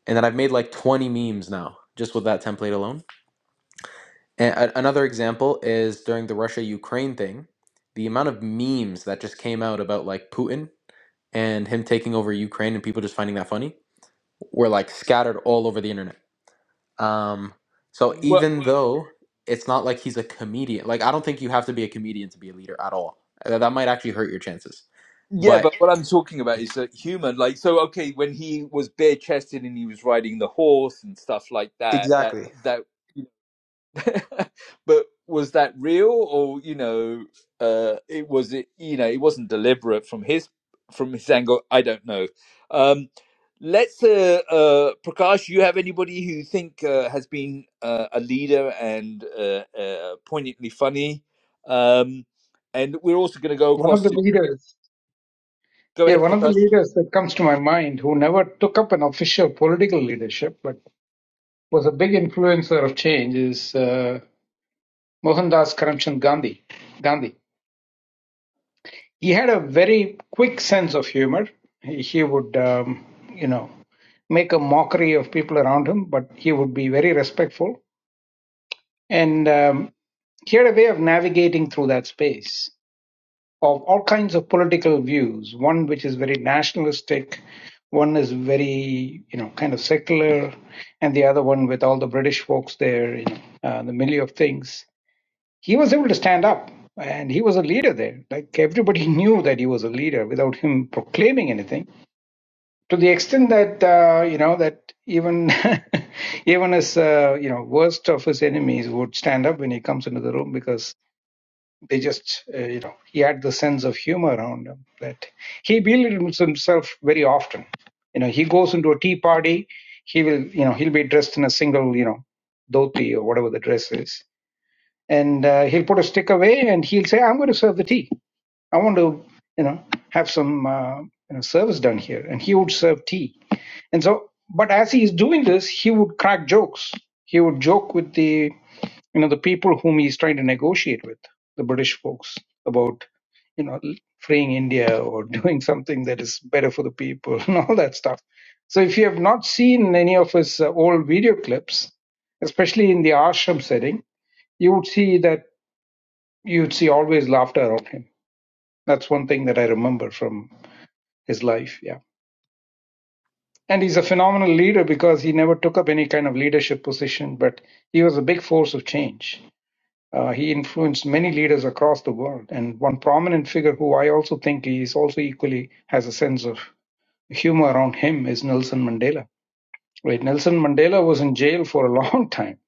S5: then I've made like 20 memes now just with that template alone And a- another example is during the Russia Ukraine thing, the amount of memes that just came out about like Putin and him taking over Ukraine and people just finding that funny were like scattered all over the internet. Um, so
S1: Well,
S5: even though it's not like he's a comedian, like I don't think you have to be a comedian to be a leader at all. Uh, That might actually hurt your chances.
S1: yeah,
S5: But
S1: but what I'm talking about is that humor. Like, so okay, when he was bare chested and he was riding the horse and stuff like that, that
S5: exactly.
S1: that. but was that real or you know uh it was it you know it wasn't deliberate from his from his angle i don't know um let's uh, uh prakash you have anybody who you think uh, has been uh, a leader and uh, uh poignantly funny um and we're also going to go
S2: One of
S1: across
S2: the
S1: to
S2: leaders,
S1: go
S2: yeah,
S1: ahead
S2: one of the
S1: prakash
S2: leaders that comes to my mind who never took up an official political leadership but was a big influencer of change is uh, Mohandas Karamchand Gandhi. Gandhi. He had a very quick sense of humor. He, he would, um, you know, make a mockery of people around him, but he would be very respectful. And um, he had a way of navigating through that space. of all kinds of political views. One which is very nationalistic, one is very you know kind of secular, and the other one with all the British folks there, you know, uh, the milieu of things. He was able to stand up, and he was a leader there. Like everybody knew that he was a leader without him proclaiming anything. To the extent that uh, you know that even even his uh, you know worst of his enemies would stand up when he comes into the room because they just uh, you know he had the sense of humor around him that he belittles himself very often you know he goes into a tea party he will you know he'll be dressed in a single you know dhoti or whatever the dress is and uh, he'll put a stick away and he'll say i'm going to serve the tea I want to, you know, have some uh, you know, service done here. And he would serve tea. And so, but as he is doing this, he would crack jokes. He would joke with the, you know, the people whom he's trying to negotiate with, the British folks, about, you know, freeing India or doing something that is better for the people and all that stuff. So if you have not seen any of his uh, old video clips, especially in the ashram setting, you would see that you'd see always laughter around him that's one thing that I remember from his life. Yeah. And he's a phenomenal leader because he never took up any kind of leadership position, but he was a big force of change. Uh, he influenced many leaders across the world. And one prominent figure who I also think is also equally has a sense of humor around him is Nelson Mandela. Right. Nelson Mandela was in jail for a long time,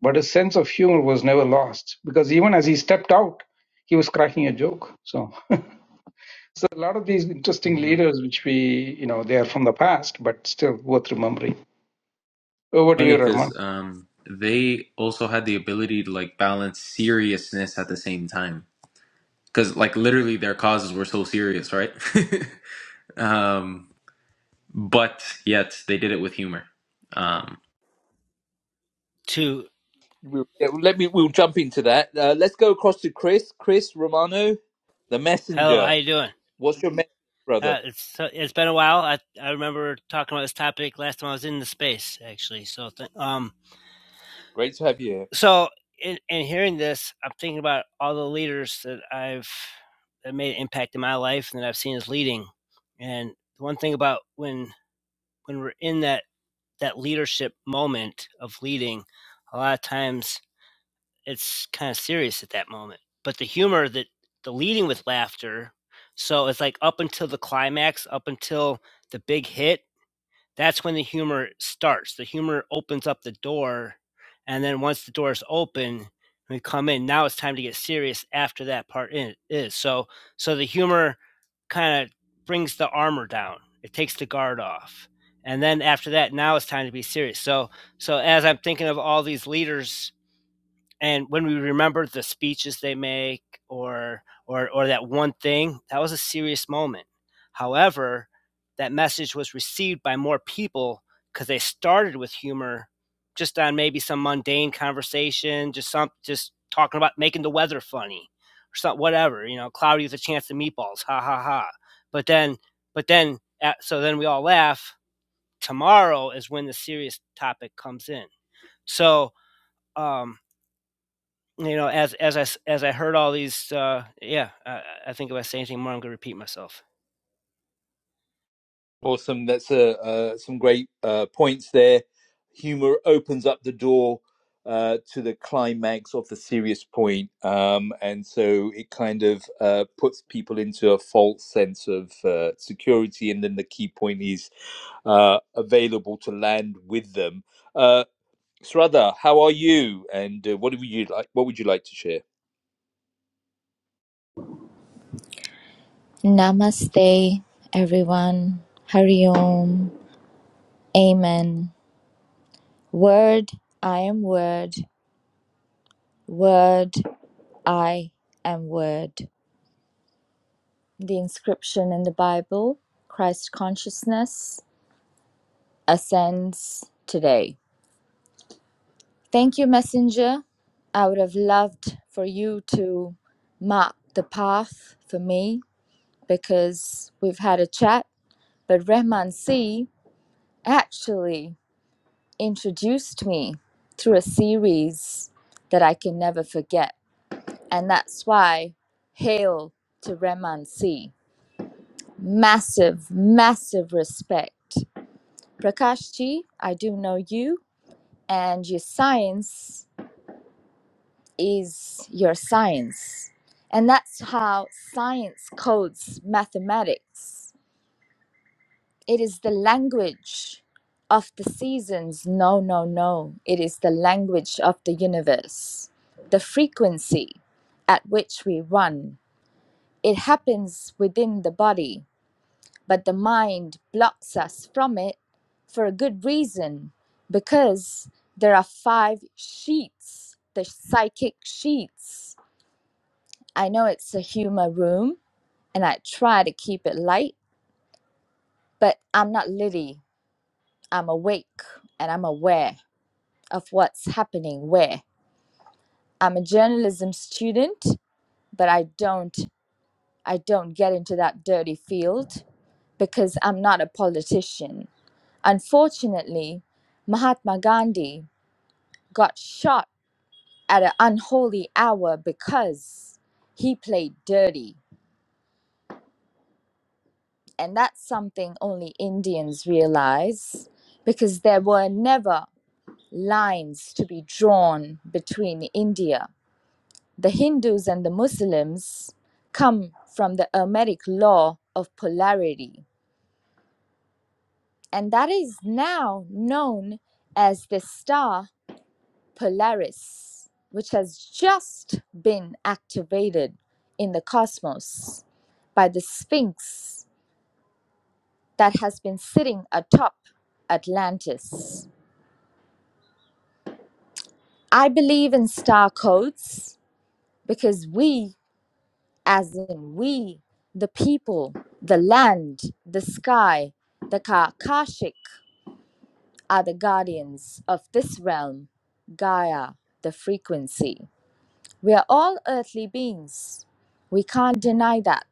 S2: but his sense of humor was never lost because even as he stepped out, he was cracking a joke. So A lot of these interesting
S5: hmm
S2: leaders, which we, you know, they are from the past, but still worth remembering. Over to you,
S5: Funny because
S2: Rahman.
S5: um, they also had the ability to like balance seriousness at the same time. because like literally their causes were so serious, right? um, but yet they did it with humor. Um,
S6: to
S1: we'll, yeah, let me we'll jump into that uh, let's go across to chris chris romano the
S6: hello how
S1: messenger
S6: you doing
S1: what's your message brother
S6: uh, it's so, it's been a while i i remember talking about this topic last time i was in the space actually so th- um
S1: great to have you
S6: so in, in hearing this i'm thinking about all the leaders that i've that made an impact in my life and that i've seen as leading and one thing about when when we're in that that leadership moment of leading a lot of times it's kind of serious at that moment. But the humor that the leading with laughter, so it's like up until the climax, up until the big hit, that's when the humor starts. The humor opens up the door, and then once the door is open, we come in. Now it's time to get serious after that part in is. So so the humor kind of brings the armor down. It takes the guard off. And then after that, now it's time to be serious. So so as I'm thinking of all these leaders and when we remember the speeches they make or or or that one thing that was a serious moment however that message was received by more people because they started with humor just on maybe some mundane conversation just some just talking about making the weather funny or something whatever you know cloudy with a chance of meatballs ha ha ha but then but then so then we all laugh tomorrow is when the serious topic comes in so um you know, as as I s- as I heard all these, uh, yeah, I, I think if I say anything more, I'm gonna repeat myself.
S1: Awesome. That's uh, uh, some great uh, points there. Humor opens up the door uh, to the climax of the serious point, um, and so it kind of uh, puts people into a false sense of uh, security. And then the key point is uh, available to land with them. Uh, Sraddha, how are you? And uh, what would you like? What would you like to share?
S7: Namaste, everyone. Hari Om. Amen. Word, I am Word. Word, I am Word. The inscription in the Bible Christ consciousness ascends today. Thank you, Messenger. I would have loved for you to mark the path for me because we've had a chat, but Rehman C actually. introduced me through a series that I can never forget. And that's why hail to Remansi, Massive, massive respect. Prakashji, I do know you, and your science is your science. And that's how science codes mathematics. It is the language of the seasons. No, no, no. It is the language of the universe. The frequency at which we run. It happens within the body, but the mind blocks us from it for a good reason because there are five sheets, the psychic sheets. I know it's a humor room and I try to keep it light, but I'm not Liddy. I'm awake and I'm aware. of what's happening where i'm a journalism student but i don't i don't get into that dirty field because i'm not a politician unfortunately mahatma gandhi got shot at an unholy hour because he played dirty and that's something only indians realize because there were never lines to be drawn between india The Hindus and the Muslims come from the Hermetic law of polarity, and that is now known as the star Polaris, which has just been activated in the cosmos by the Sphinx that has been sitting atop Atlantis. I believe in star codes because we as in we, the people, the land, the sky, the Kakashik are the guardians of this realm, Gaia, the frequency. We are all earthly beings. We can't deny that.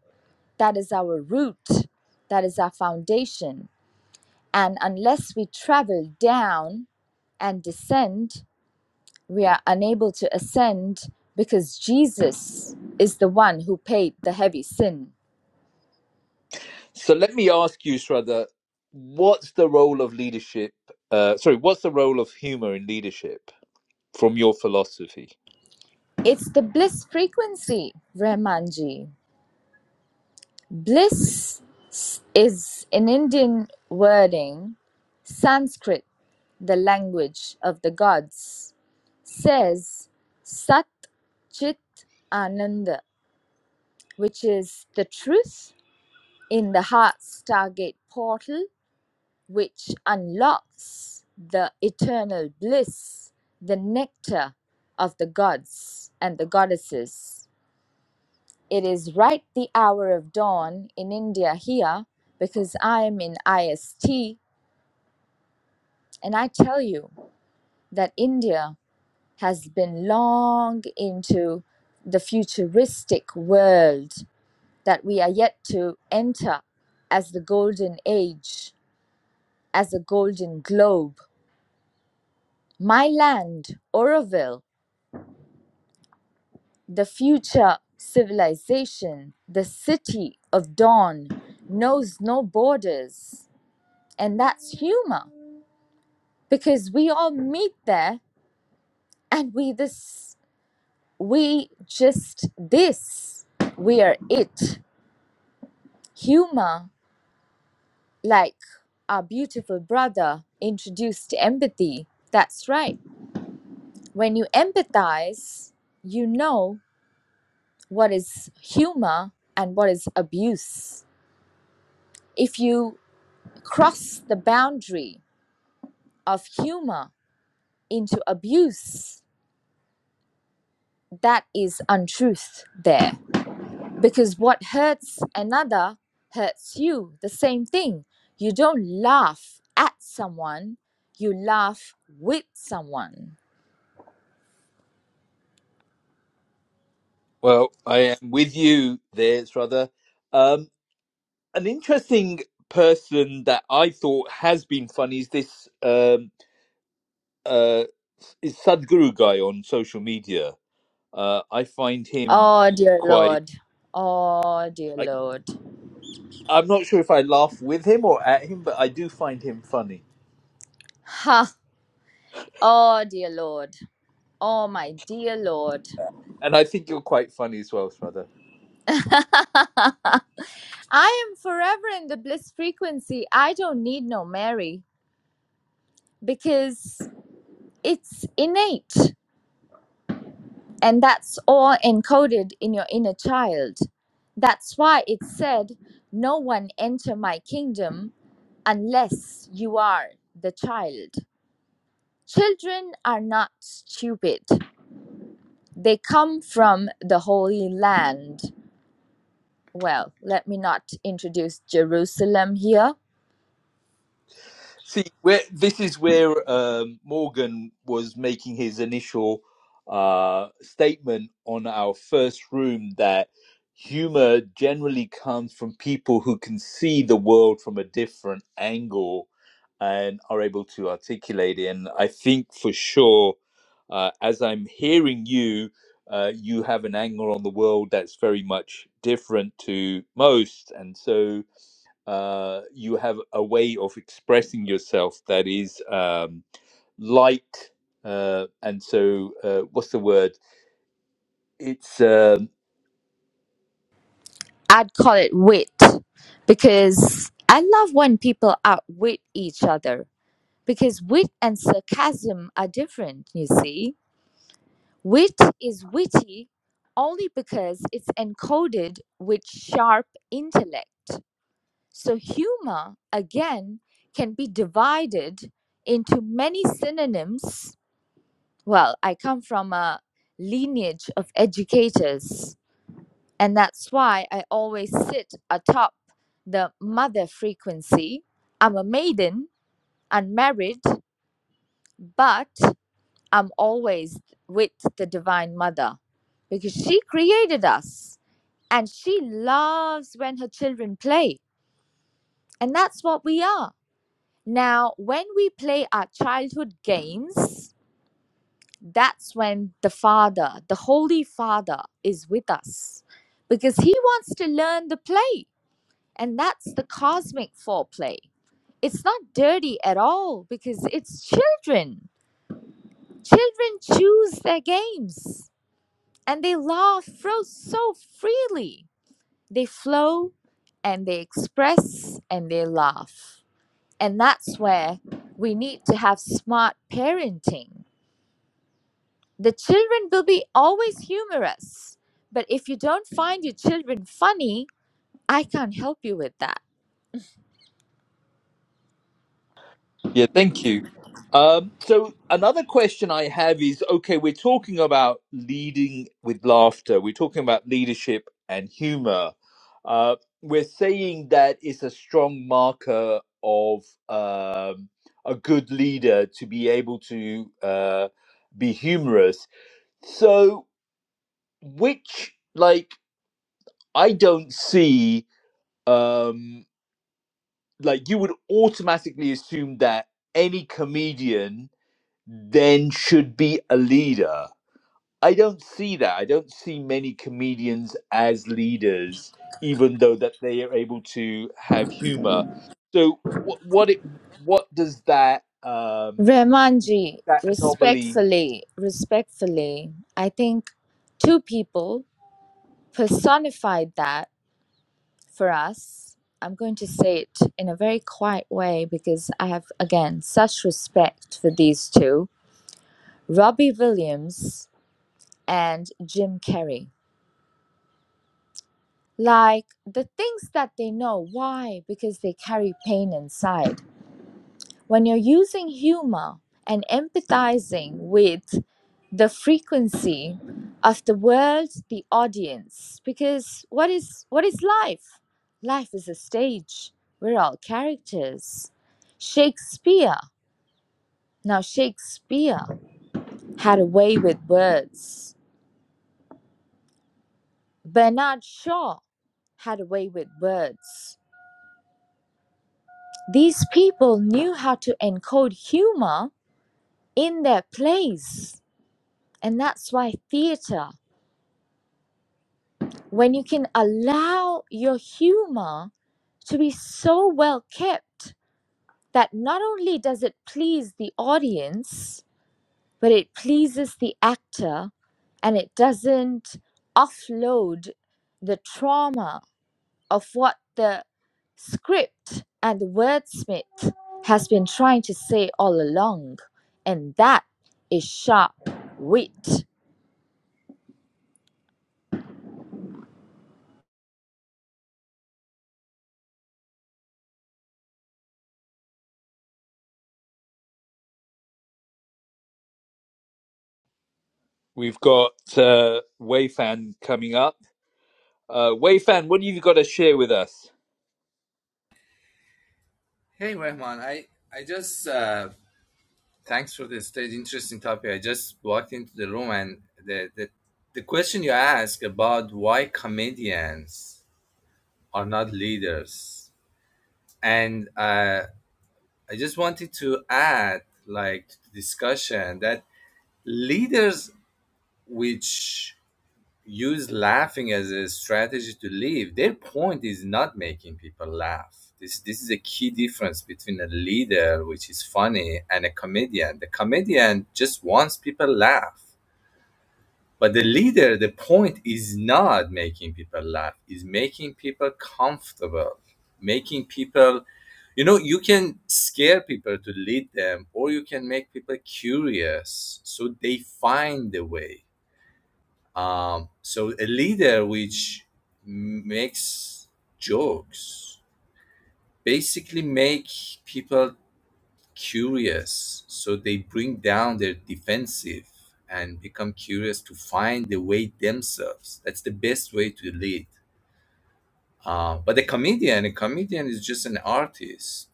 S7: That is our root, that is our foundation. And unless we travel down and descend, we are unable to ascend because Jesus is the one who paid the heavy sin
S1: So let me ask you, Sraddha, what's the role of leadership? Uh, sorry, what's the role of humor in leadership? from your philosophy?
S7: It's the bliss frequency, Rahmanji. Bliss is an Indian wording, Sanskrit, the language of the gods, says Sat Chit Ananda, which is the truth in the heart stargate portal, which unlocks the eternal bliss, the nectar of the gods and the goddesses. It is right the hour of dawn in India here because I am in IST. And I tell you that India has been long into the futuristic world that we are yet to enter as the golden age, as a golden globe. My land, Oroville, the future civilization, the city of dawn knows no borders. And that's humor. because we all meet there and we this we just this we are it humor like our beautiful brother introduced empathy that's right when you empathize you know what is humor and what is abuse if you cross the boundary of humor into abuse that is untruth there because what hurts another hurts you the same thing you don't laugh at someone you laugh with someone
S1: Well, I am with you there, brother. Um, an interesting person that I thought has been funny is this um, uh, is Sadhguru guy on social media. Uh, I find him
S7: oh dear
S1: quite.
S7: lord oh dear
S1: I,
S7: lord
S1: I'm not sure if I laugh with him or at him, but I do find him funny,
S7: ha oh dear lord oh my dear lord
S1: and I think you're quite funny as well, brother.
S7: i am forever in the bliss frequency i don't need no mary because it's innate And that's all encoded in your inner child. That's why it said, No one enter my kingdom unless you are the child. Children are not stupid. They come from the Holy Land. Well, let me not introduce Jerusalem here.
S1: See, where this is where um, Morgan was making his initial uh, statement on our first room that humor generally comes from people who can see the world from a different angle and are able to articulate it. And I think for sure, uh, as I'm hearing you, uh, you have an angle on the world that's very much different to most, and so uh, you have a way of expressing yourself that is um, light. Uh, and so, uh, what's the word? It's, um
S7: I'd call it wit because I love when people outwit each other because wit and sarcasm are different, you see Wit is witty only because it's encoded with sharp intellect. So, humor, again, can be divided into many synonyms. Well, I come from a lineage of educators, and that's why I always sit atop the mother frequency. I'm a maiden, unmarried, but I'm always with the Divine Mother because she created us and she loves when her children play. And that's what we are. Now, when we play our childhood games, that's when the Father, the Holy Father, is with us because he wants to learn the play. And that's the cosmic foreplay. It's not dirty at all because it's children. Children choose their games and they laugh flow so freely. They flow and they express and they laugh. And that's where we need to have smart parenting. The children will be always humorous, but if you don't find your children funny, I can't help you with that.
S1: yeah, thank you. Um, so, another question I have is okay, we're talking about leading with laughter, we're talking about leadership and humor. Uh, we're saying that it's a strong marker of um, a good leader to be able to uh, be humorous So, which like I don't see um like you would automatically assume that any comedian then should be a leader. I don't see that. I don't see many comedians as leaders even though that they are able to have humor. So what what it, what does that um
S7: Rahmanji,
S1: that anomaly
S7: respectfully, respectfully, I think two people personified that for us. I'm going to say it in a very quiet way because I have, again, such respect for these two Robbie Williams and Jim Carrey. Like the things that they know. Why? Because they carry pain inside When you're using humor and empathizing with the frequency of the world, the audience, because what is what is life? Life is a stage. We're all characters. Shakespeare. Now Shakespeare had a way with words. Bernard Shaw had a way with words. These people knew how to encode humor in their plays. And that's why theater when you can allow your humor to be so well kept that not only does it please the audience, but it pleases the actor and it doesn't offload the trauma of what the script and the wordsmith has been trying to say all along. And that is sharp wit.
S1: We've got uh, Wayfan coming up. Uh, Wayfan, what have you got to share with us?
S8: Hey Rahman, I I just uh, thanks for this very interesting topic. I just walked into the room and the the, the question you asked about why comedians are not leaders, and uh, I just wanted to add like to the discussion that leaders which use laughing as a strategy to leave. Their point is not making people laugh. This this is a key difference between a leader, which is funny, and a comedian. The comedian just wants people laugh. But the leader, the point is not making people laugh, is making people comfortable, making people you know, you can scare people to lead them, or you can make people curious so they find the way um, so a leader which makes jokes basically make people curious. So they bring down their defensive and become curious to find the way themselves. That's the best way to lead. Uh, but a comedian, a comedian is just an artist.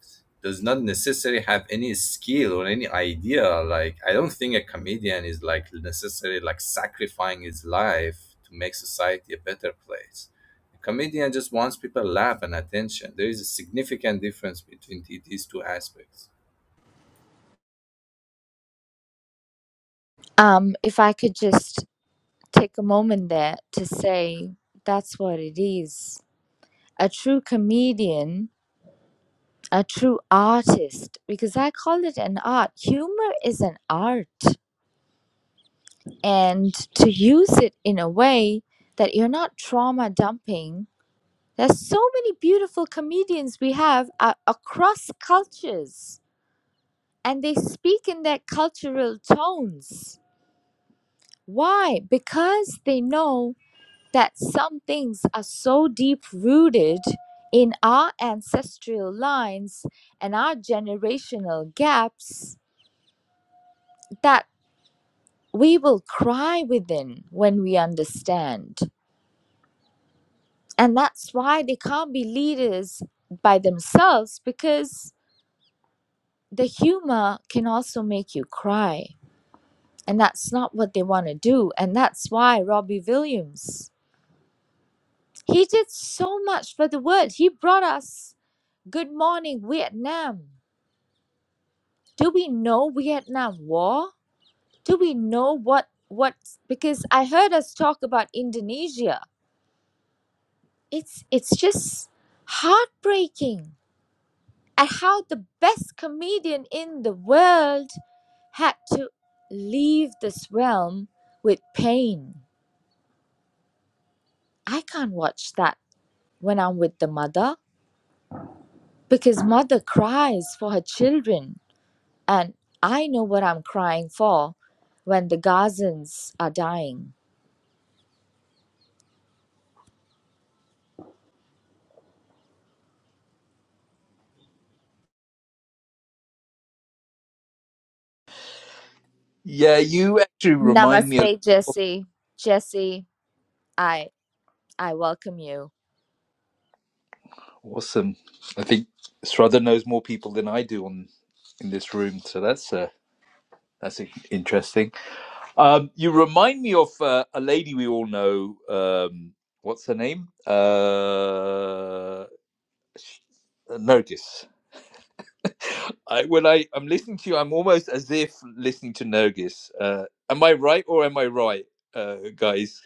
S8: Does not necessarily have any skill or any idea. Like I don't think a comedian is like necessarily like sacrificing his life to make society a better place. A comedian just wants people laugh and attention. There is a significant difference between the- these two aspects.
S7: Um, if I could just take a moment there to say that's what it is. A true comedian, a true artist, because I call it an art. Humor is an art. And to use it in a way that you're not trauma dumping, there's so many beautiful comedians we have uh, across cultures, and they speak in their cultural tones. Why? Because they know that some things are so deep rooted in our ancestral lines and our generational gaps that we will cry within when we understand. And that's why they can't be leaders by themselves because the humor can also make you cry. And that's not what they want to do. And that's why Robbie Williams, he did so much for the world. He brought us Good Morning Vietnam do we know Vietnam War? Do we know what what? Because I heard us talk about Indonesia. It's it's just heartbreaking at how the best comedian in the world had to leave this realm with pain. I can't watch that when I'm with the mother because mother cries for her children and I know what I'm crying for when the Gazans are dying.
S1: Yeah, you actually remind me. A-
S7: Namaste, Jesse. Jesse, I I welcome you.
S1: awesome. I think Srather knows more people than I do on in this room, so that's uh, that's in- interesting. Um, you remind me of uh, a lady we all know. Um, what's her name? Uh, Nergis. I, when I I'm listening to you, I'm almost as if listening to Nergis. Uh, am I right or am I right, uh, guys?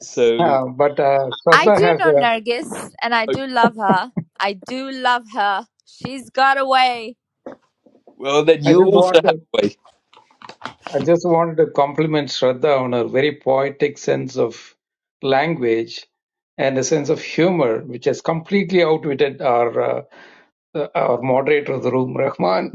S1: So,
S2: Uh, but uh,
S7: I
S2: Shraddha
S7: do
S2: has
S7: know
S2: a,
S7: Nargis, and I
S1: uh,
S7: do love her. I do love her. She's got away.
S1: well, then
S2: I
S1: you
S2: just
S1: also
S2: want
S1: have
S2: to,
S1: a way.
S2: I just wanted to compliment Shraddha on her very poetic sense of language and a sense of humor, which has completely outwitted our uh, uh, our moderator of the room, Rahman.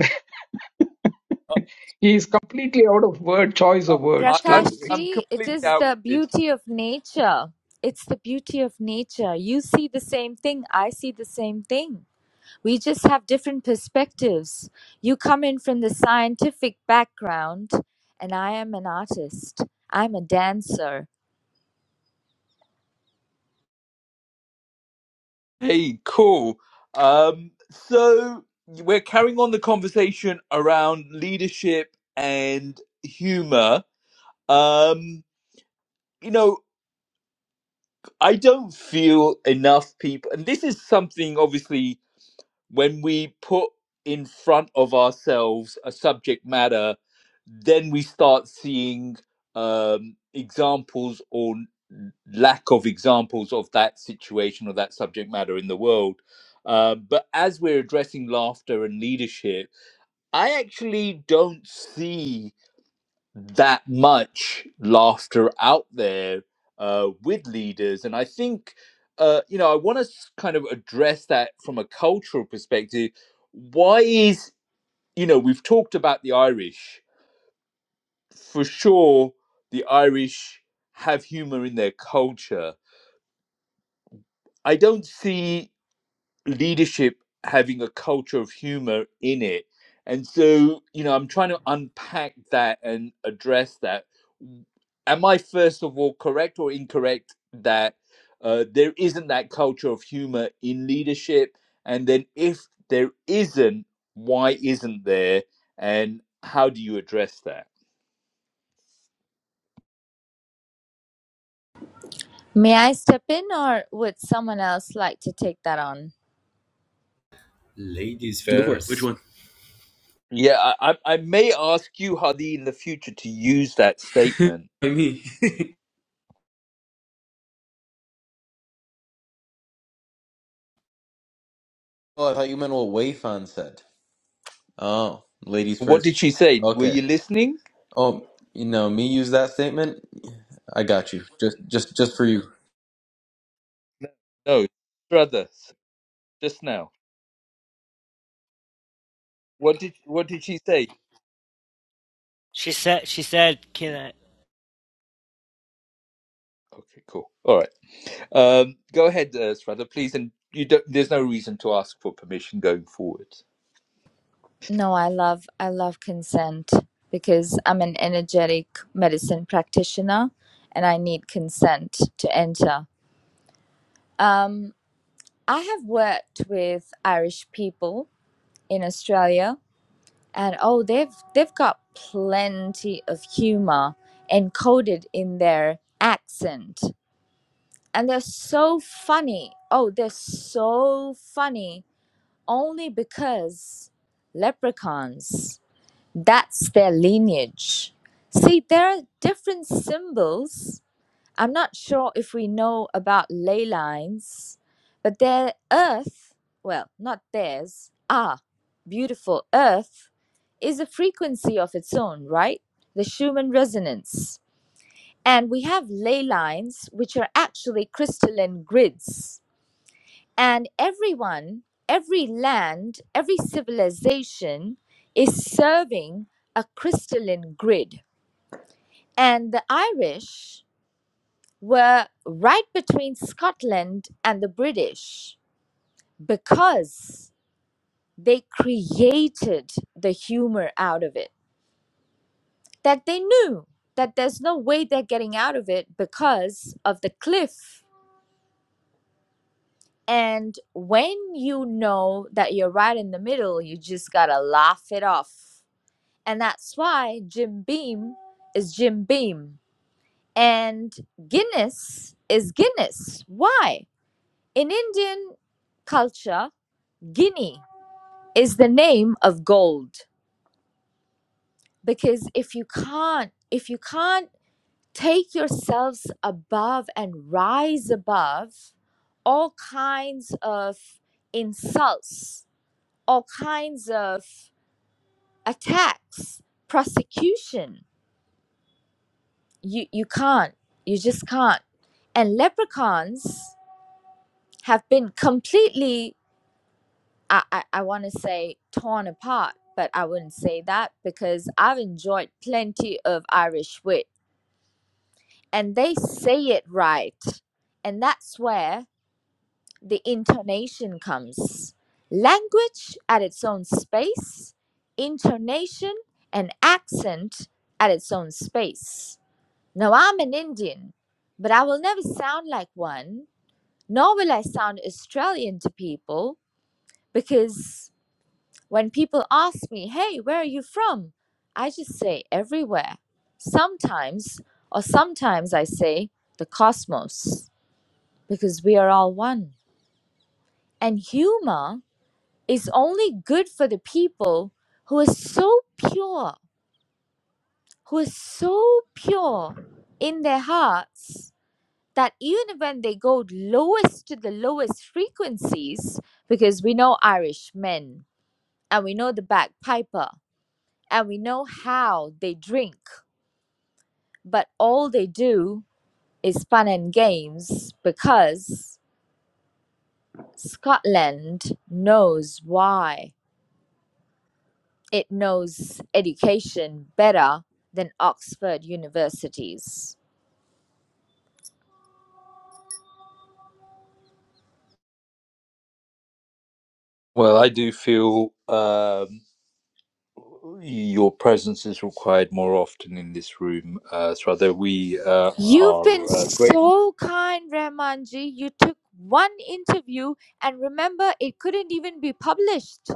S2: he is completely out of word choice
S1: I,
S2: of
S1: I,
S2: words
S1: I'm
S2: too.
S1: I'm
S7: Prakashji, it
S1: completely
S7: is the
S1: outwitted.
S7: beauty of nature. It's the beauty of nature. You see the same thing. I see the same thing. We just have different perspectives. You come in from the scientific background, and I am an artist. I'm a dancer.
S1: Hey, cool. Um, so we're carrying on the conversation around leadership and humor. Um, you know, I don't feel enough people, and this is something obviously. when we put in front of ourselves a subject matter, then we start seeing um, examples or lack of examples of that situation or that subject matter in the world. Uh, but as we're addressing laughter and leadership, I actually don't see that much laughter out there uh, with leaders. And I think, uh, you know, I want to kind of address that from a cultural perspective. Why is, you know, we've talked about the Irish. For sure, the Irish have humor in their culture. I don't see leadership having a culture of humor in it. And so, you know, I'm trying to unpack that and address that. Am I, first of all, correct or incorrect that uh, there isn't that culture of humor in leadership? And then, if there isn't, why isn't there? And how do you address that?
S7: May I step in or would someone else like to take that on?
S8: Ladies
S5: go for it. Which
S8: first.
S5: one?
S1: Yeah, I, I I may ask you, Hadi, in the future to use that statement.
S5: Me. Oh, I thought you meant what Wayfan said. Oh, ladies
S1: What did
S5: first.
S1: she say? Were
S5: Okay.
S1: you listening?
S5: Oh, you know, me use that statement. I got you. Just, just, just for you.
S1: No, brother. just now. What did what did she say?
S6: She said, she said, can I?
S1: Okay, cool. All right. Um, go ahead, uh, Strada, please. And you don't. There's no reason to ask for permission going forward.
S7: No, I love I love consent because I'm an energetic medicine practitioner and I need consent to enter. Um, I have worked with Irish people in Australia and oh they've they've got plenty of humor encoded in their accent and they're so funny. Oh, they're so funny only because leprechauns, that's their lineage. See, there are different symbols. I'm not sure if we know about ley lines, but their earth, well, not theirs, our beautiful earth, is a frequency of its own, right? The Schumann resonance. And we have ley lines, which are actually crystalline grids and everyone, every land, every civilization is serving a crystalline grid. And the Irish were right between Scotland and the British because they created the humor out of it, that they knew that there's no way they're getting out of it because of the cliff. And when you know that you're right in the middle, you just gotta laugh it off And that's why Jim Beam is Jim Beam. And Guinness is Guinness. Why? In Indian culture, Guinea is the name of gold. Because if you can't, if you can't take yourselves above and rise above all kinds of insults, all kinds of attacks, prosecution, you you can't you just can't and leprechauns have been completely i i, I want to say torn apart but i wouldn't say that because i've enjoyed plenty of irish wit and they say it right and that's where the intonation comes language at its own space intonation and accent at its own space now i'm an indian but i will never sound like one Nor will I sound Australian to people because when people ask me, hey, where are you from? I just say everywhere. Sometimes, or sometimes I say the cosmos because we are all one. And humor is only good for the people who are so pure, who are so pure in their hearts that even when they go lowest to the lowest frequencies, because we know Irish men and we know the bagpiper, and we know how they drink, but all they do is fun and games because Scotland knows why. It knows education better than Oxford universities.
S1: Well, I do feel um, your presence is required more often in this room, uh, Strada. We uh,
S7: You've been
S1: are uh, grateful.
S7: so kind, Rahmanji. You took one interview, and remember, it couldn't even be published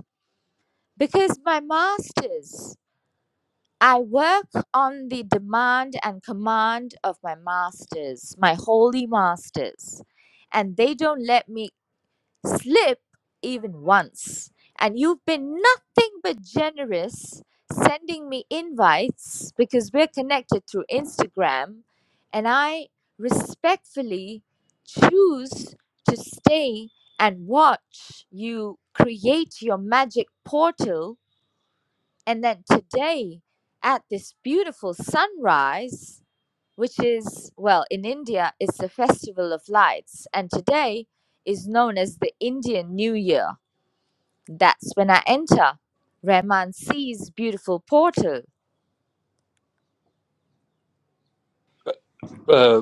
S7: because my master's I work on the demand and command of my masters, my holy masters, and they don't let me slip even once. And you've been nothing but generous sending me invites because we're connected through Instagram, and I respectfully choose to stay and watch you create your magic portal and then today, at this beautiful sunrise, which is, well, in India, it's the Festival of Lights. And today is known as the Indian New Year. That's when I enter Rahman sees beautiful portal.
S1: Uh,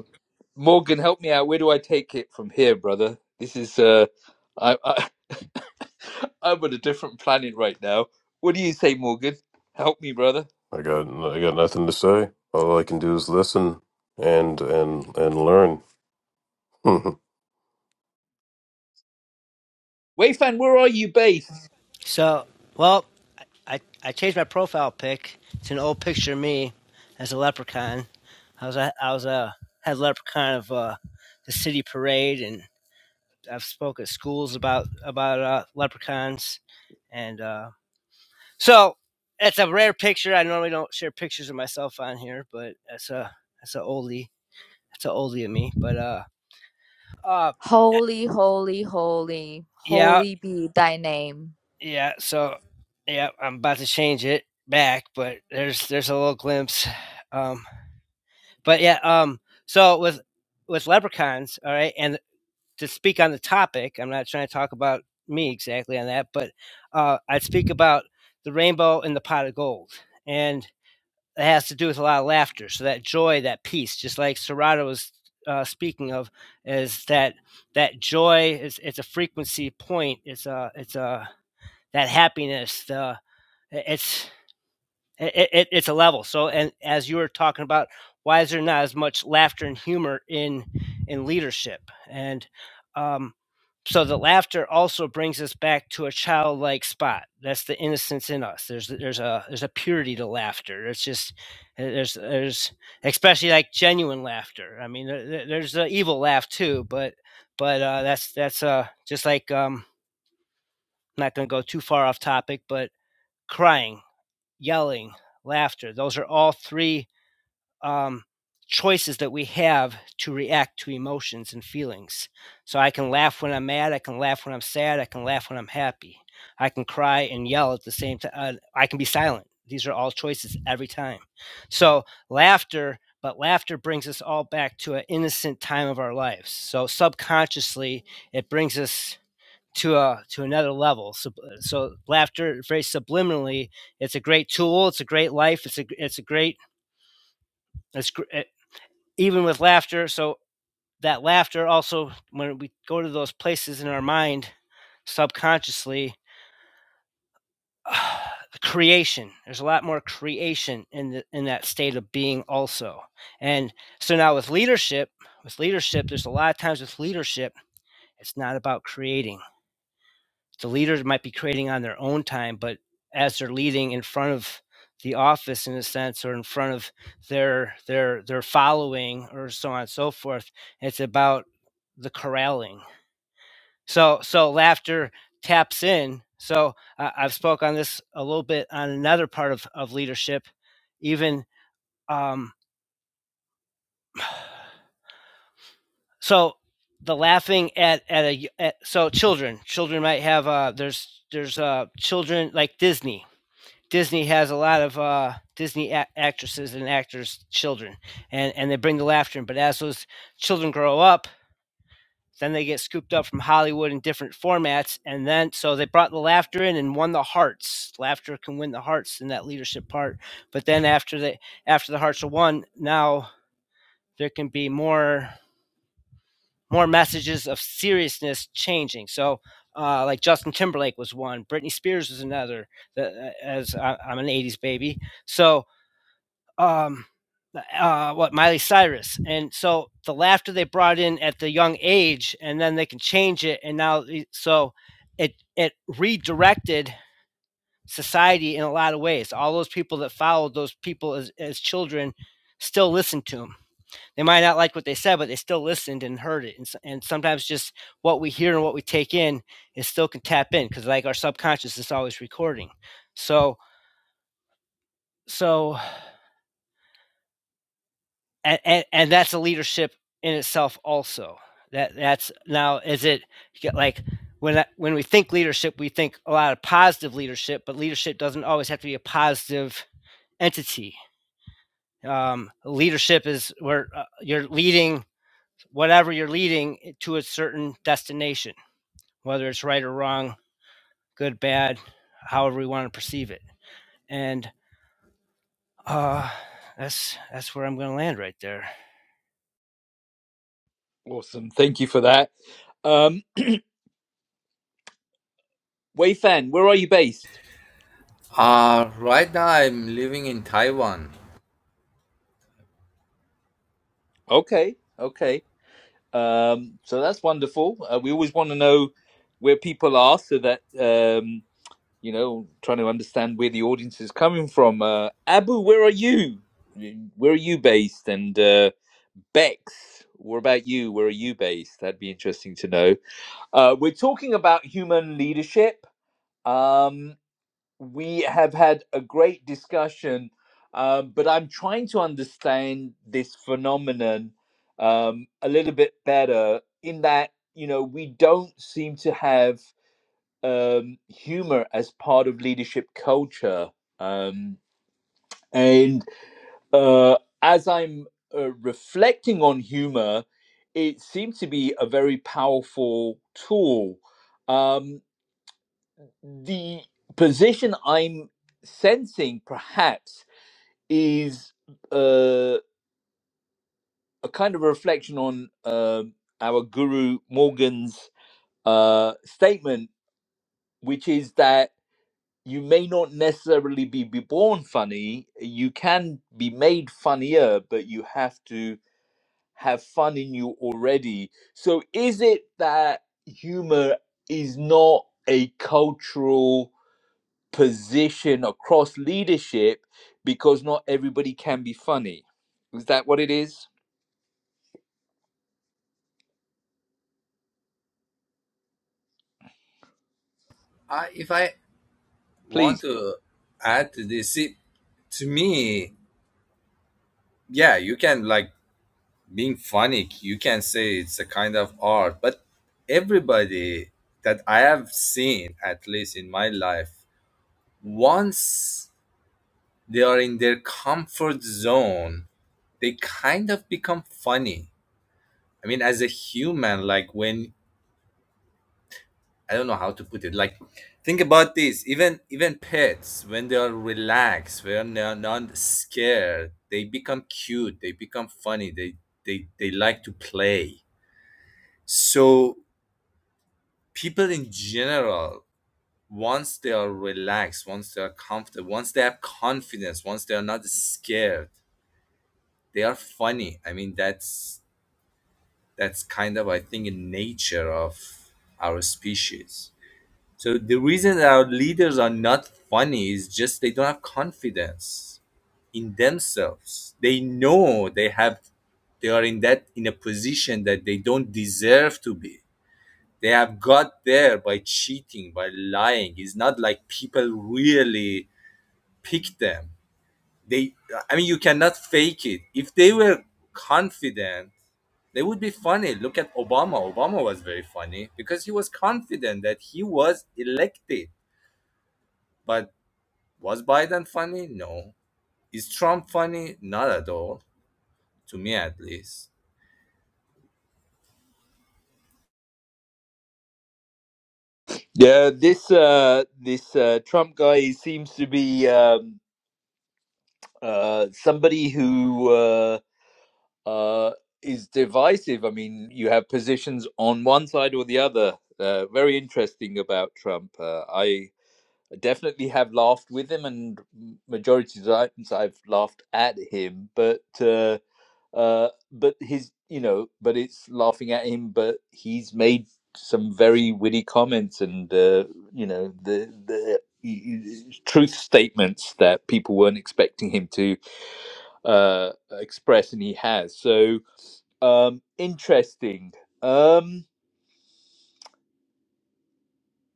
S1: Morgan, help me out. Where do I take it from here, brother? This is. Uh, I, I, I'm on a different planet right now. What do you say, Morgan? Help me, brother.
S4: I got I got nothing to say. All I can do is listen and and and learn.
S1: Wei Fan, where are you based?
S6: So, well, I I changed my profile pic. It's an old picture of me as a leprechaun. I was a, I was a head leprechaun of uh, the city parade, and I've spoke at schools about about uh, leprechauns, and uh, so it's a rare picture. I normally don't share pictures of myself on here, but that's a that's an oldie That's an oldie of me. But uh, uh, eh,
S7: Holy, holy, holy,
S6: yeah,
S7: holy be thy name.
S6: yeah. So yeah, I'm about to change it back, but there's there's a little glimpse. Um, but yeah, um, so with with leprechauns, all right, and to speak on the topic, I'm not trying to talk about me exactly on that, but uh, I'd speak about the rainbow and the pot of gold. And it has to do with a lot of laughter. So that joy, that peace, just like Serato was uh, speaking of, is that that joy is it's a frequency point. It's a it's a that happiness. The it's it, it, it's a level. So, and as you were talking about, why is there not as much laughter and humor in in leadership? And um, so, the laughter also brings us back to a childlike spot. That's the innocence in us. There's there's a there's a purity to laughter. It's just eh, there's there's especially like genuine laughter. I mean, there, there- there's the evil laugh too, but but uh, that's that's uh just like um I'm not going to go too far off topic, but crying yelling, laughter. Those are all three um, choices that we have to react to emotions and feelings. So I can laugh when I'm mad, I can laugh when I'm sad, I can laugh when I'm happy. I can cry and yell at the same time. Uh, I can be silent. These are all choices every time. So laughter, but laughter brings us all back to an innocent time of our lives. So subconsciously, it brings us to a to another level. So, so laughter very subliminally. It's a great tool. It's a great life. It's a it's a great it's eh, even with laughter. So that laughter also when we go to those places in our mind subconsciously uh, creation there's a lot more creation in the, in that state of being also and so now with leadership with leadership there's a lot of times with leadership it's not about creating the leaders might be creating on their own time, but as they're leading in front of the office in a sense or in front of their their their following or so on and so forth, it's about the corralling. So so laughter taps in. So I I've spoke on this a little bit on another part of, of leadership, even um, so the laughing at at a at, so children children might have uh there's there's uh children like Disney Disney has a lot of uh, Disney a- actresses and actors' children, and and they bring the laughter in. But as those children grow up, then they get scooped up from Hollywood in different formats, and then so they brought the laughter in and won the hearts. Laughter can win the hearts in that leadership part. But then after the after the hearts are won, now there can be more more messages of seriousness changing. So. Uh, like Justin Timberlake was one, Britney Spears was another. The, uh, as I, I'm an '80s baby, so um, uh, what Miley Cyrus, and so the laughter they brought in at the young age, and then they can change it, and now so it it redirected society in a lot of ways. All those people that followed those people as, as children still listened to them. They might not like what they said, but they still listened and heard it. And, and sometimes just what we hear and what we take in is still can tap in because like our subconscious is always recording. So so and, and and that's a leadership in itself also that that's now is it like when when we think leadership we think a lot of positive leadership but leadership doesn't always have to be a positive entity um, leadership is where uh, you're leading whatever you're leading to a certain destination whether it's right or wrong good bad however we want to perceive it and uh, that's that's where i'm going to land right there
S1: Awesome. Thank you for that. Um, Fan, where are you based?
S8: Uh, right now I'm living in Taiwan.
S1: Okay. Okay. Um, so that's wonderful. Uh, we always want to know where people are so that, um, you know, trying to understand where the audience is coming from. Uh, Abu, where are you? Where are you based? And uh, Bex, what about you? Where are you based? That'd be interesting to know. Uh, we're talking about human leadership. Um, we have had a great discussion, um, but I'm trying to understand this phenomenon um, a little bit better. In that, you know, we don't seem to have um, humor as part of leadership culture, um, and uh, as I'm uh, reflecting on humor, it seems to be a very powerful tool. Um, the position I'm sensing perhaps is uh, a kind of a reflection on um our guru Morgan's uh, statement, which is that you may not necessarily be, be born funny, you can be made funnier, but you have to have fun in you already. So, is it that humor is not a cultural? position across leadership because not everybody can be funny. Is that what it is?
S8: I, if I want
S1: Please.
S8: to add to this, see, to me, yeah you can like being funny you can say it's a kind of art but everybody that i have seen at least in my life once they are in their comfort zone they kind of become funny i mean as a human like when i don't know how to put it like think about this even even pets when they are relaxed when they are not scared they become cute they become funny they they, they like to play so people in general once they are relaxed once they are comfortable once they have confidence once they are not scared they are funny i mean that's that's kind of i think a nature of our species so the reason that our leaders are not funny is just they don't have confidence in themselves they know they have they are in that in a position that they don't deserve to be They have got there by cheating, by lying. It's not like people really pick them. They, I mean, you cannot fake it. If they were confident, they would be funny. Look at Obama. Obama was very funny because he was confident that he was elected. But was Biden funny? No. Is Trump funny? Not at all, to me at least.
S1: Yeah, this uh, this uh, Trump guy seems to be um, uh, somebody who uh, uh, is divisive. I mean, you have positions on one side or the other. Uh, very interesting about Trump. Uh, I I definitely have laughed with him, and majority of the times I've laughed at him. But uh, uh, but his, you know, but it's laughing at him. But he's made some very witty comments, and uh, you know, the the truth statements that people weren't expecting him to uh, express, and he has. So um, interesting. Um,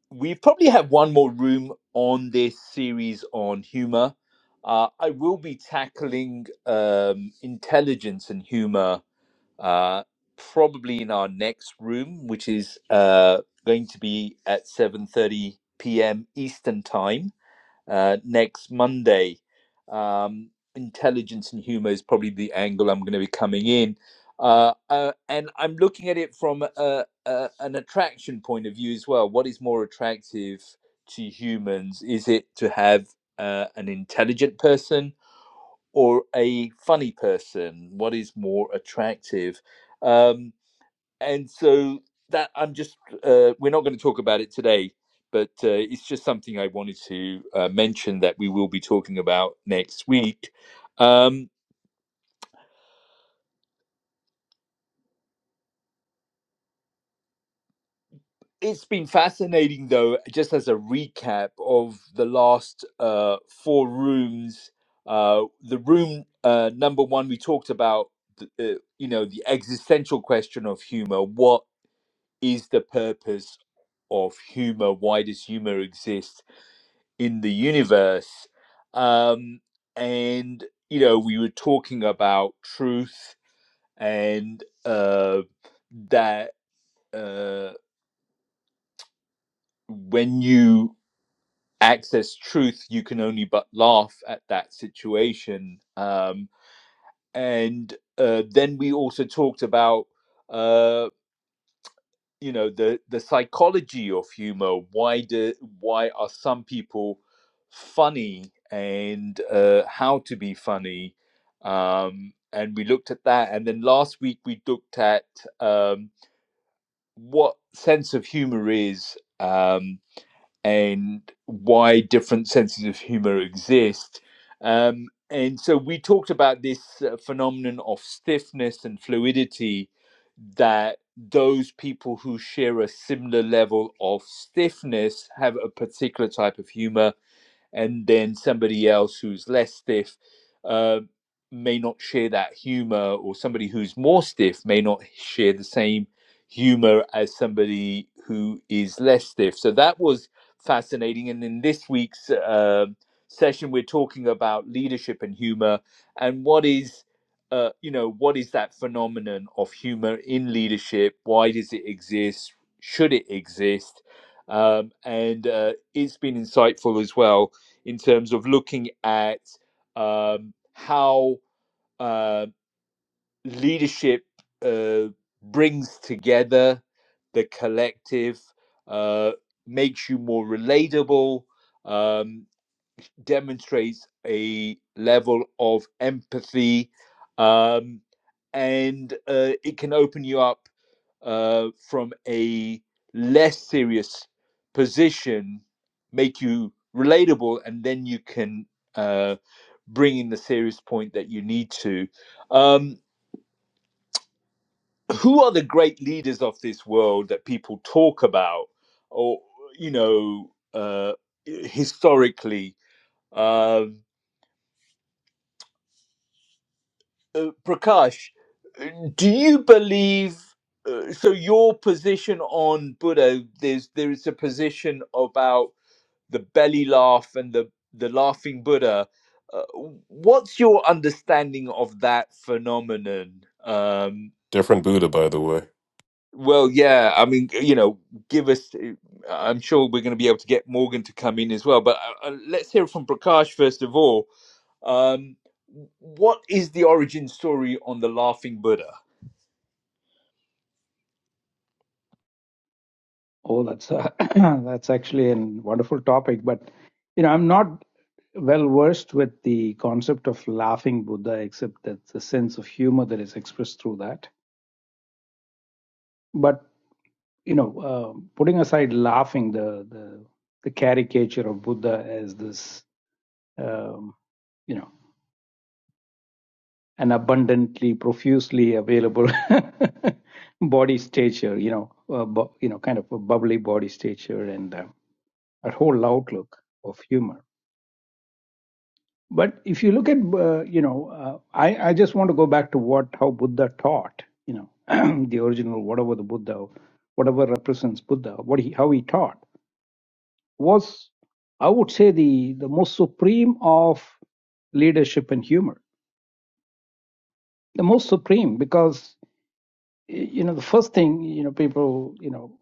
S1: we probably have one more room on this series on humor. Uh, I will be tackling um, intelligence and humor uh, probably in our next room, which is uh, going to be at seven thirty p.m. Eastern time uh, next Monday. Um, intelligence and humor is probably the angle I'm going to be coming in. Uh, uh, and I'm looking at it from a, a, an attraction point of view as well. What is more attractive to humans? Is it to have uh, an intelligent person or a funny person? What is more attractive? Um, and so that I'm just uh, we're not going to talk about it today, but uh, it's just something I wanted to uh, mention that we will be talking about next week. Um, it's been fascinating, though, just as a recap of the last uh, four rooms. Uh, the room uh, number one, we talked about, the, uh, you know, the existential question of humor. What is the purpose of humor? Why does humor exist? in the universe. Um, and, you know, we were talking about truth and uh, that uh, when you access truth, you can only but laugh at that situation. Um, and uh, then we also talked about uh, you know the the psychology of humor why do why are some people funny and uh, how to be funny um, and we looked at that and then last week we looked at um, what sense of humor is um, and why different senses of humor exist. Um, and so we talked about this uh, phenomenon of stiffness and fluidity that those people who share a similar level of stiffness have a particular type of humor and then somebody else who's less stiff uh, may not share that humor, or somebody who's more stiff may not share the same humor as somebody who is less stiff. So that was fascinating. And in this week's uh, session, we're talking about leadership and humor and what is. Uh, you know what is that phenomenon of humor in leadership why does it exist should it exist um, and uh, it's been insightful as well in terms of looking at um, how uh, leadership uh, brings together the collective, uh, makes you more relatable, um, demonstrates a level of empathy, um, and uh, it can open you up uh, from a less serious position make you relatable and then you can uh, bring in the serious point that you need to um, who are the great leaders of this world that people talk about or you know uh, historically um, uh, prakash do you believe uh, so your position on buddha there's there is a position about the belly laugh and the the laughing Buddha. Uh, what's your understanding of that phenomenon? Um,
S4: Different Buddha, by the way.
S1: well, yeah, I mean, you know, give us. uh, I'm sure we're going to be able to get Morgan to come in as well, but uh, uh, let's hear from Prakash first of all. Um, what is the origin story on the laughing Buddha?
S2: Oh, that's a, that's actually a wonderful topic, but you know, I'm not well versed with the concept of laughing Buddha, except that the sense of humor that is expressed through that. But you know, uh, putting aside laughing, the the the caricature of Buddha as this, um, you know, an abundantly, profusely available body stature, you know, uh, bu- you know, kind of a bubbly body stature and uh, a whole outlook of humor But if you look at, uh, you know, uh, I, I just want to go back to what how Buddha taught, you know, the original, whatever the Buddha, whatever represents Buddha, what he, how he taught was, I would say, the, the most supreme of leadership and humor. The most supreme because, you know, the first thing, you know, people, you know,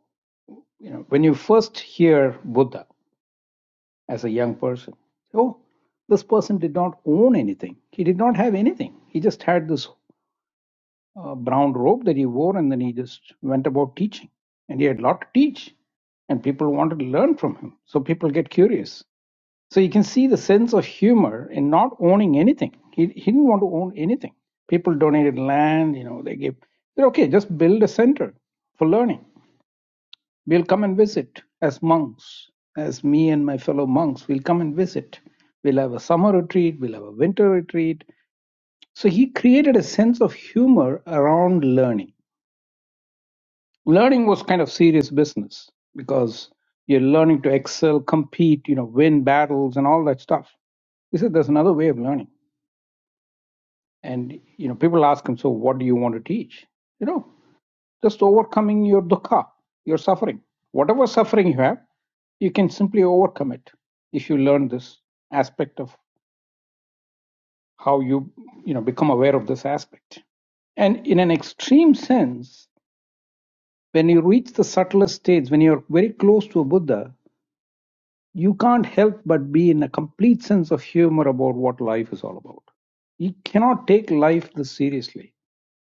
S2: you know, when you first hear Buddha as a young person, oh, this person did not own anything. He did not have anything. He just had this uh, brown robe that he wore, and then he just went about teaching. And he had a lot to teach, and people wanted to learn from him. So people get curious. So you can see the sense of humor in not owning anything. He, he didn't want to own anything. People donated land, you know, they gave, they're okay, just build a center for learning. We'll come and visit as monks, as me and my fellow monks, we'll come and visit. We'll have a summer retreat, we'll have a winter retreat. So he created a sense of humor around learning learning was kind of serious business because you're learning to excel, compete, you know, win battles and all that stuff. He said there's another way of learning. And you know, people ask him, so what do you want to teach? You know, just overcoming your dukkha, your suffering. Whatever suffering you have, you can simply overcome it if you learn this aspect of how you you know become aware of this aspect. And in an extreme sense, when you reach the subtlest states, when you're very close to a Buddha, you can't help but be in a complete sense of humor about what life is all about. You cannot take life this seriously.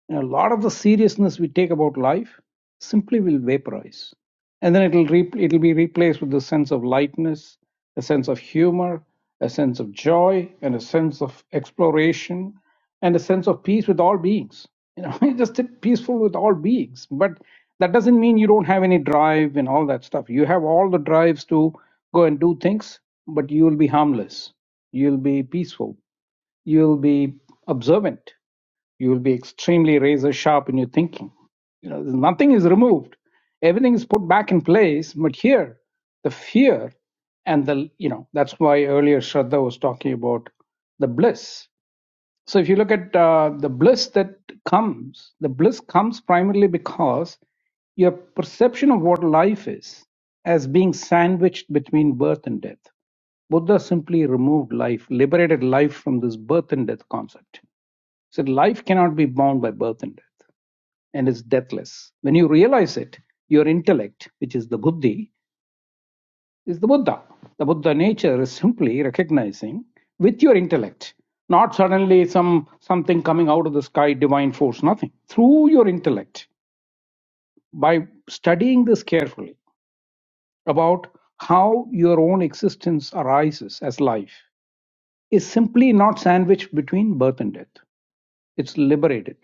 S2: And a lot of the seriousness we take about life simply will vaporize. And then it'll, re- it'll be replaced with a sense of lightness, a sense of humor, a sense of joy, and a sense of exploration, and a sense of peace with all beings. You know, just sit peaceful with all beings. But that doesn't mean you don't have any drive and all that stuff. You have all the drives to go and do things, but you will be harmless. You'll be peaceful. You'll be observant you will be extremely razor sharp in your thinking. You know, nothing is removed; everything is put back in place. But here, the fear and the you know that's why earlier Shraddha was talking about the bliss. So if you look at uh, the bliss that comes, the bliss comes primarily because your perception of what life is as being sandwiched between birth and death. Buddha simply removed life, liberated life from this birth and death concept so life cannot be bound by birth and death and is deathless. When you realize it, your intellect, which is the buddhi, is the Buddha. The Buddha nature is simply recognizing with your intellect, not suddenly some something coming out of the sky, divine force, nothing. Through your intellect, by studying this carefully about how your own existence arises as life is simply not sandwiched between birth and death. It's liberated.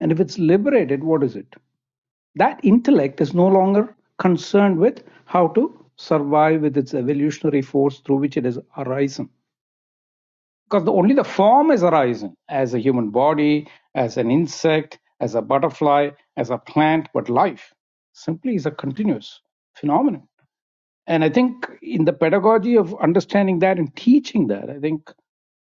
S2: And if it's liberated, what is it? That intellect is no longer concerned with how to survive with its evolutionary force through which it has arisen. Because the, only the form is arisen as a human body, as an insect, as a butterfly, as a plant, but life simply is a continuous phenomenon. And I think in the pedagogy of understanding that and teaching that, I think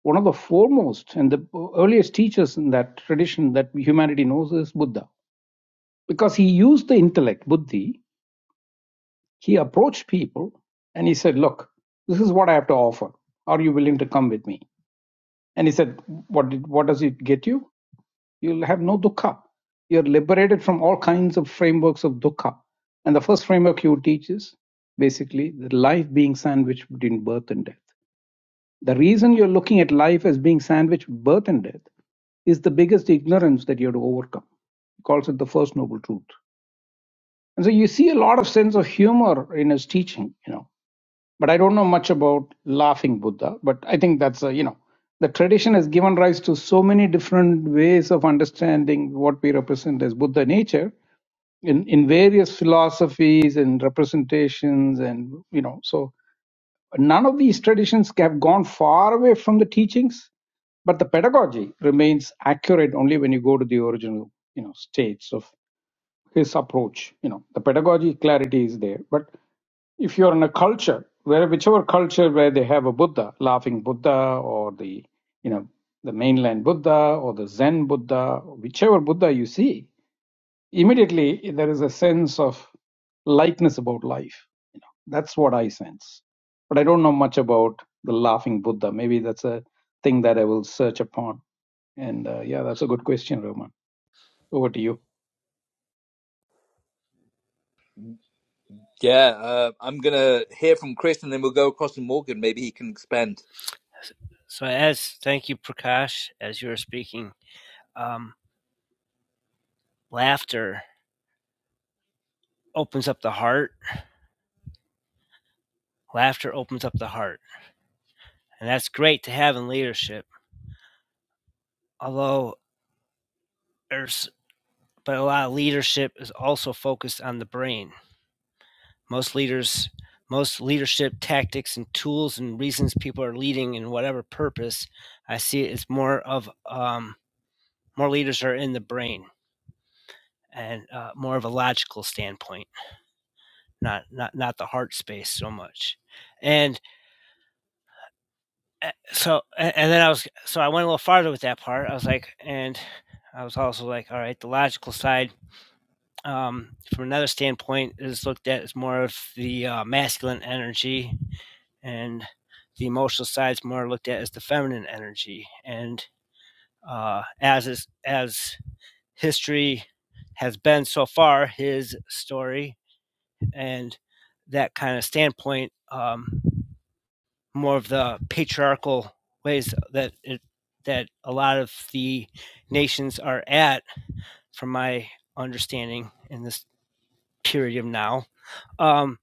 S2: one of the foremost and the earliest teachers in that tradition that humanity knows is Buddha. Because he used the intellect, buddhi, He approached people and he said, Look, this is what I have to offer. Are you willing to come with me? And he said, What, did, what does it get you? You'll have no dukkha. You're liberated from all kinds of frameworks of dukkha. And the first framework you teach is basically the life being sandwiched between birth and death. The reason you're looking at life as being sandwiched with birth and death is the biggest ignorance that you have to overcome. He calls it the first noble truth. And so you see a lot of sense of humor in his teaching, you know but I don't know much about laughing Buddha. But I think that's a, you know the tradition has given rise to so many different ways of understanding what we represent as Buddha nature in in various philosophies and representations and you know so none of these traditions have gone far away from the teachings but the pedagogy remains accurate only when you go to the original you know states of his approach. You know, the pedagogy clarity is there. But if you're in a culture where whichever culture where they have a Buddha, laughing Buddha or the you know the mainland Buddha or the Zen Buddha, whichever Buddha you see, immediately there is a sense of lightness about life. You know, that's what I sense. But I don't know much about the laughing Buddha. Maybe that's a thing that I will search upon. And uh, yeah, that's a good question, Roman. Over to you.
S1: Yeah, uh, I'm gonna hear from Chris, and then we'll go across to Morgan. Maybe he can expand.
S6: so as thank you prakash as you were speaking um, laughter opens up the heart. Laughter opens up the heart. And that's great to have in leadership. Although there's, but a lot of leadership is also focused on the brain. Most leaders, most leadership tactics and tools and reasons people are leading in whatever purpose, I see it's more of, um, more leaders are in the brain and uh, more of a logical standpoint, not, not, not the heart space so much. And a- so a- and then I was so I went a little farther with that part. I was like, and I was also like, all right, the logical side um, from another standpoint is looked at as more of the uh, masculine energy, and the emotional side is more looked at as the feminine energy. And uh, as is, as history has been so far, his story and that kind of standpoint. Um, more of the patriarchal ways that it, that a lot of the nations are at, from my understanding, in this period of now. Um,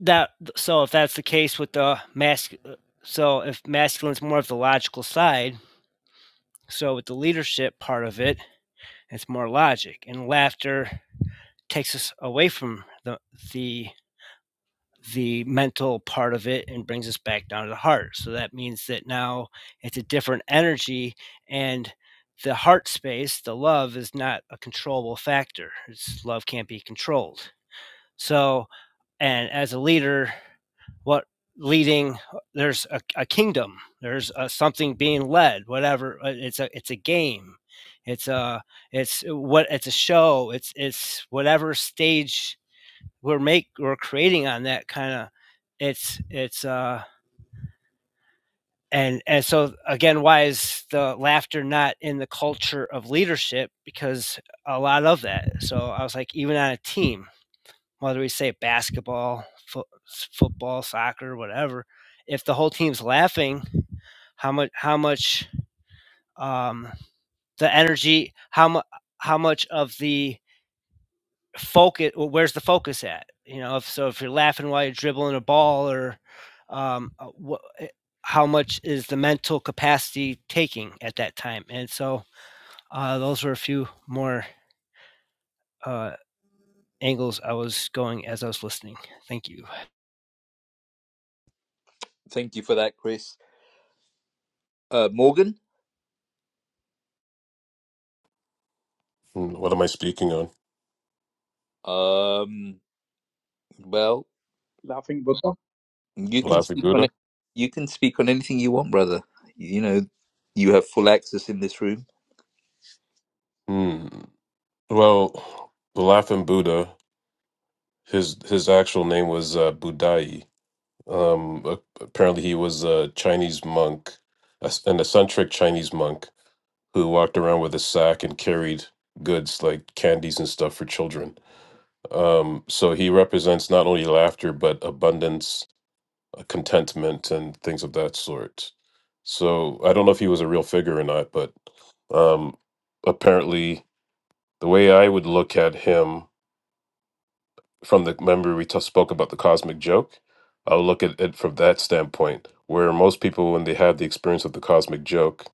S6: that so if that's the case with the mask, so if masculine is more of the logical side, so with the leadership part of it, it's more logic, and laughter takes us away from the the the mental part of it and brings us back down to the heart. So that means that now it's a different energy and the heart space, the love is not a controllable factor. It's, love can't be controlled. So, and as a leader, what leading there's a, a kingdom there's a, something being led whatever uh, it's a it's a game it's a it's what it's a show it's it's whatever stage we're make we're creating on that kind of it's it's uh and and so again why is the laughter not in the culture of leadership because a lot of that so i was like even on a team whether we say basketball fo- football soccer whatever if the whole team's laughing how much how much um the energy how much how much of the focus where's the focus at you know if so if you're laughing while you're dribbling a ball or um what how much is the mental capacity taking at that time and so uh, those were a few more uh, angles i was going as i was listening thank you
S1: Thank you for that, Chris. Uh, Morgan.
S4: Hmm, What am I speaking on?
S1: Um, Well,
S2: Laughing Buddha.
S1: you
S4: The
S1: can
S4: laughing
S1: speak on
S4: Buddha.
S1: it. You can speak on anything you want, brother. You know, you have full access in this room.
S4: Hmm. Well, the laughing Buddha. His his actual name was uh, Budai. Um, a- apparently, he was a Chinese monk, a- s- an eccentric Chinese monk who walked around with a sack and carried goods like candies and stuff for children. Um, so he represents not only laughter, but abundance, uh, contentment, and things of that sort. So I don't know if he was a real figure or not, but um, apparently, the way I would look at him from the remember we t- spoke about the cosmic joke i'll look at it from that standpoint where most people when they have the experience of the cosmic joke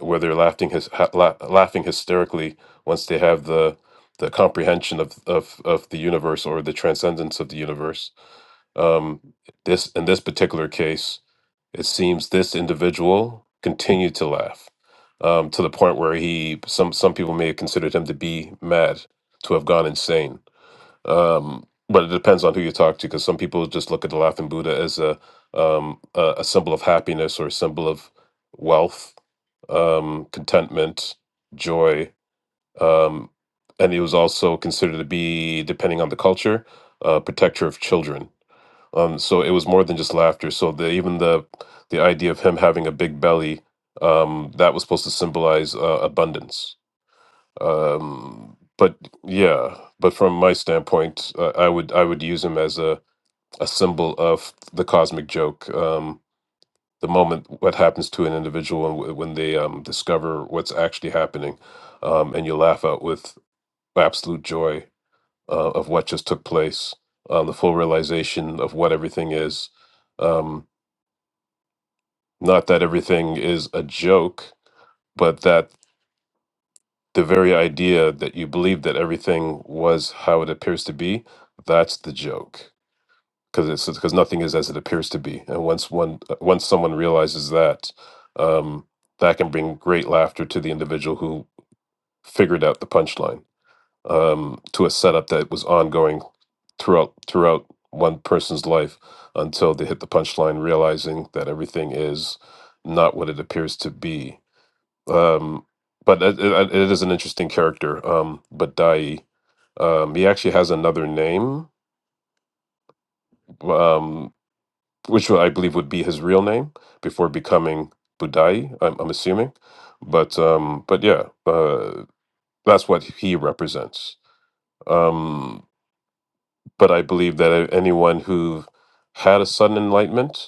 S4: where they're laughing his ha- la- laughing hysterically once they have the the comprehension of, of of the universe or the transcendence of the universe um this in this particular case it seems this individual continued to laugh um to the point where he some some people may have considered him to be mad to have gone insane um, but it depends on who you talk to because some people just look at the laughing buddha as a um, a, a symbol of happiness or a symbol of wealth um, contentment joy um, and it was also considered to be depending on the culture uh, protector of children um, so it was more than just laughter so the even the the idea of him having a big belly um, that was supposed to symbolize uh, abundance um but yeah but from my standpoint uh, i would i would use him as a a symbol of the cosmic joke um the moment what happens to an individual and when they um discover what's actually happening um and you laugh out with absolute joy uh, of what just took place um the full realization of what everything is um not that everything is a joke but that the very idea that you believe that everything was how it appears to be that's the joke because it's because nothing is as it appears to be and once one uh, once someone realizes that um, that can bring great laughter to the individual who figured out the punchline um, to a setup that was ongoing throughout throughout one person's life until they hit the punchline realizing that everything is not what it appears to be um, but it, it it is an interesting character. Um, but Dai, um, he actually has another name, um, which I believe would be his real name before becoming Budai. I'm, I'm assuming, but um, but yeah, uh, that's what he represents. Um, but I believe that anyone who had a sudden enlightenment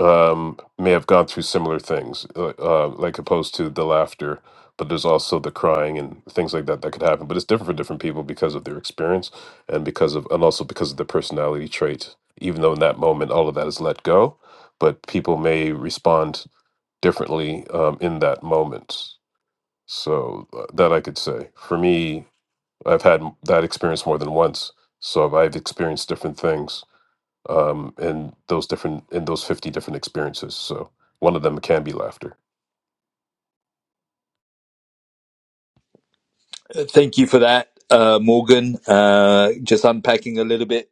S4: um, may have gone through similar things, uh, uh, like opposed to the laughter, but there's also the crying and things like that that could happen. But it's different for different people because of their experience and because of, and also because of the personality trait. Even though in that moment all of that is let go, but people may respond differently um, in that moment. So uh, that I could say for me, I've had m- that experience more than once. So I've experienced different things um, in those different in those 50 different experiences so one of them can be laughter
S1: Uh, Thank you for that, uh, Morgan. Uh, just unpacking a little bit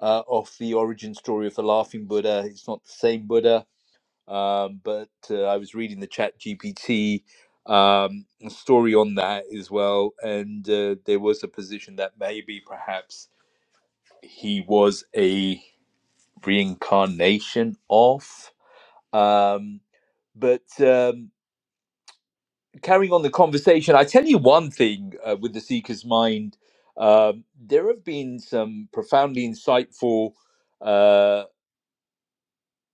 S1: uh, of the origin story of the Laughing Buddha. It's not the same Buddha. um, but uh, I was reading the Chat GPT um, story on that as well, and uh, there was a position that maybe perhaps he was a reincarnation of. Um, but um, carrying on the conversation, I tell you one thing uh, with the Seeker's Mind, um, there have been some profoundly insightful. Uh,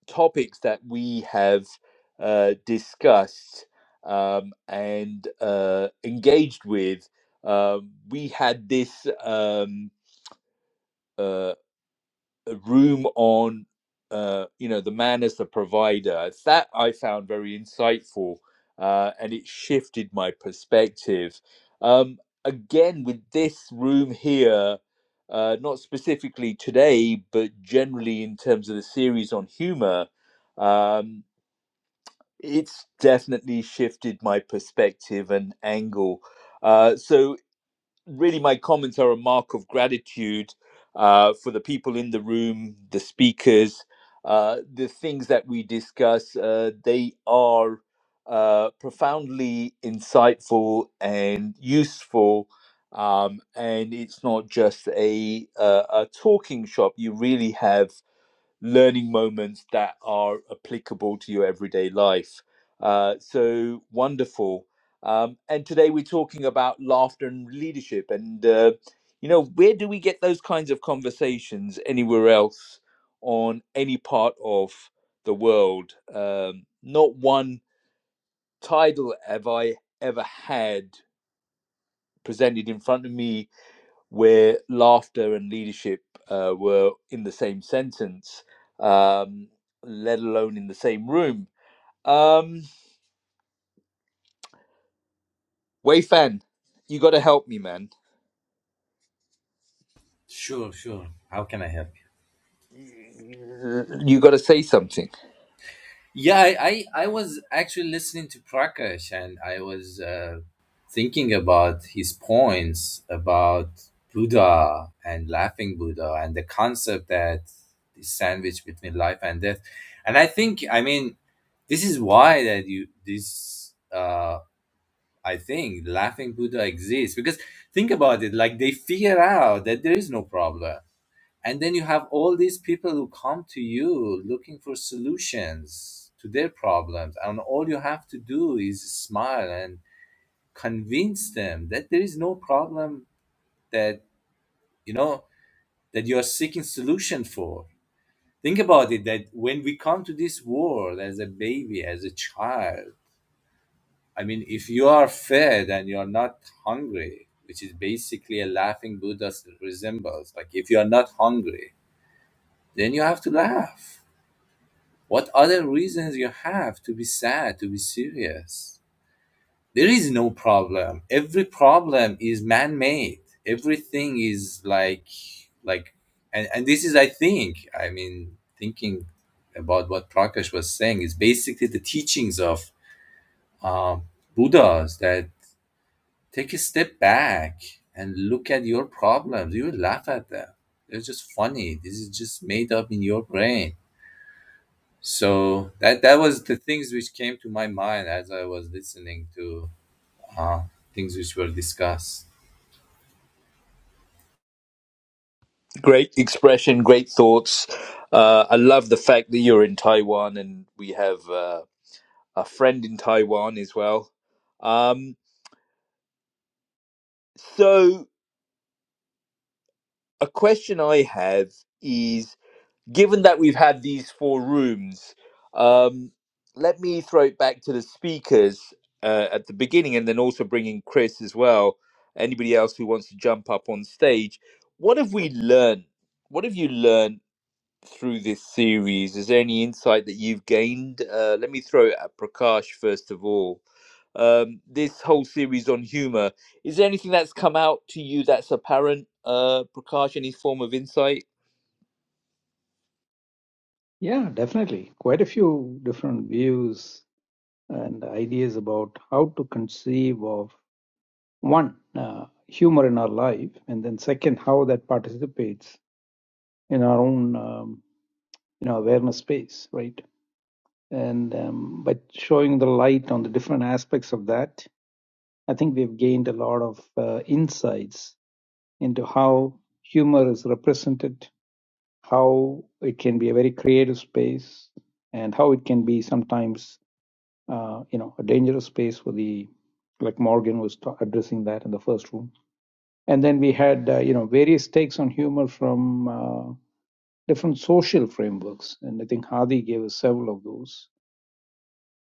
S1: topics that we have uh, discussed um, and uh, engaged with. Um we had this um, uh, room on, uh, you know, the man as the provider. That I found very insightful, uh, and it shifted my perspective. Um, again, with this room here. Uh, not specifically today, but generally in terms of the series on humor, um, it's definitely shifted my perspective and angle. Uh, so, really, my comments are a mark of gratitude uh, for the people in the room, the speakers, uh, the things that we discuss. Uh, they are uh, profoundly insightful and useful. Um, and it's not just a, a a talking shop. You really have learning moments that are applicable to your everyday life. Uh, so wonderful. Um, and today we're talking about laughter and leadership. And, uh, you know, where do we get those kinds of conversations anywhere else on any part of the world? Um, not one title have I ever had presented in front of me where laughter and leadership uh, were in the same sentence, um, let alone in the same room. Um, Wei Fan, you got to help me, man.
S8: Sure, sure. How can I help?
S1: You got to say something.
S8: Yeah, I, I, I was actually listening to Prakash and I was uh, thinking about his points about Buddha and laughing Buddha and the concept that is sandwiched between life and death. And I think, I mean, this is why that you, this, uh, I think laughing Buddha exists because think about it, like they figure out that there is no problem and then you have all these people who come to you looking for solutions to their problems and all you have to do is smile and convince them that there is no problem that you know that you are seeking solution for think about it that when we come to this world as a baby as a child i mean if you are fed and you are not hungry which is basically a laughing buddha resembles like if you are not hungry then you have to laugh What other reasons you have to be sad, to be serious? There is no problem. Every problem is man-made. Everything is like, like, and, and this is, I think, I mean, thinking about what Prakash was saying is basically the teachings of um, Buddhas that take a step back and look at your problems. You will laugh at them. They're just funny. This is just made up in your brain so that that was the things which came to my mind as I was listening to uh, things which were discussed.
S1: great expression, great thoughts. Uh, I love the fact that you're in Taiwan and we have uh, a friend in Taiwan as well. Um, so, a question I have is given that we've had these four rooms, um, let me throw it back to the speakers uh, at the beginning and then also bring in Chris as well. Anybody else who wants to jump up on stage, what have we learned? What have you learned? through this series? Is there any insight that you've gained? Uh, let me throw it at Prakash first of all. Um, this whole series on humor, is there anything that's come out to you that's apparent, uh, Prakash? Any form of insight?
S2: Yeah, definitely. Quite a few different views and ideas about how to conceive of one, uh, humor in our life, and then second, how that participates in our own um, you know awareness space, right? And um, by showing the light on the different aspects of that, I think we've gained a lot of uh, insights into how humor is represented, how it can be a very creative space, and how it can be sometimes uh, you know, a dangerous space for the, like Morgan was ta- addressing that in the first room. And then we had, uh, you know, various takes on humor from uh, different social frameworks. And I think Hadi gave us several of those.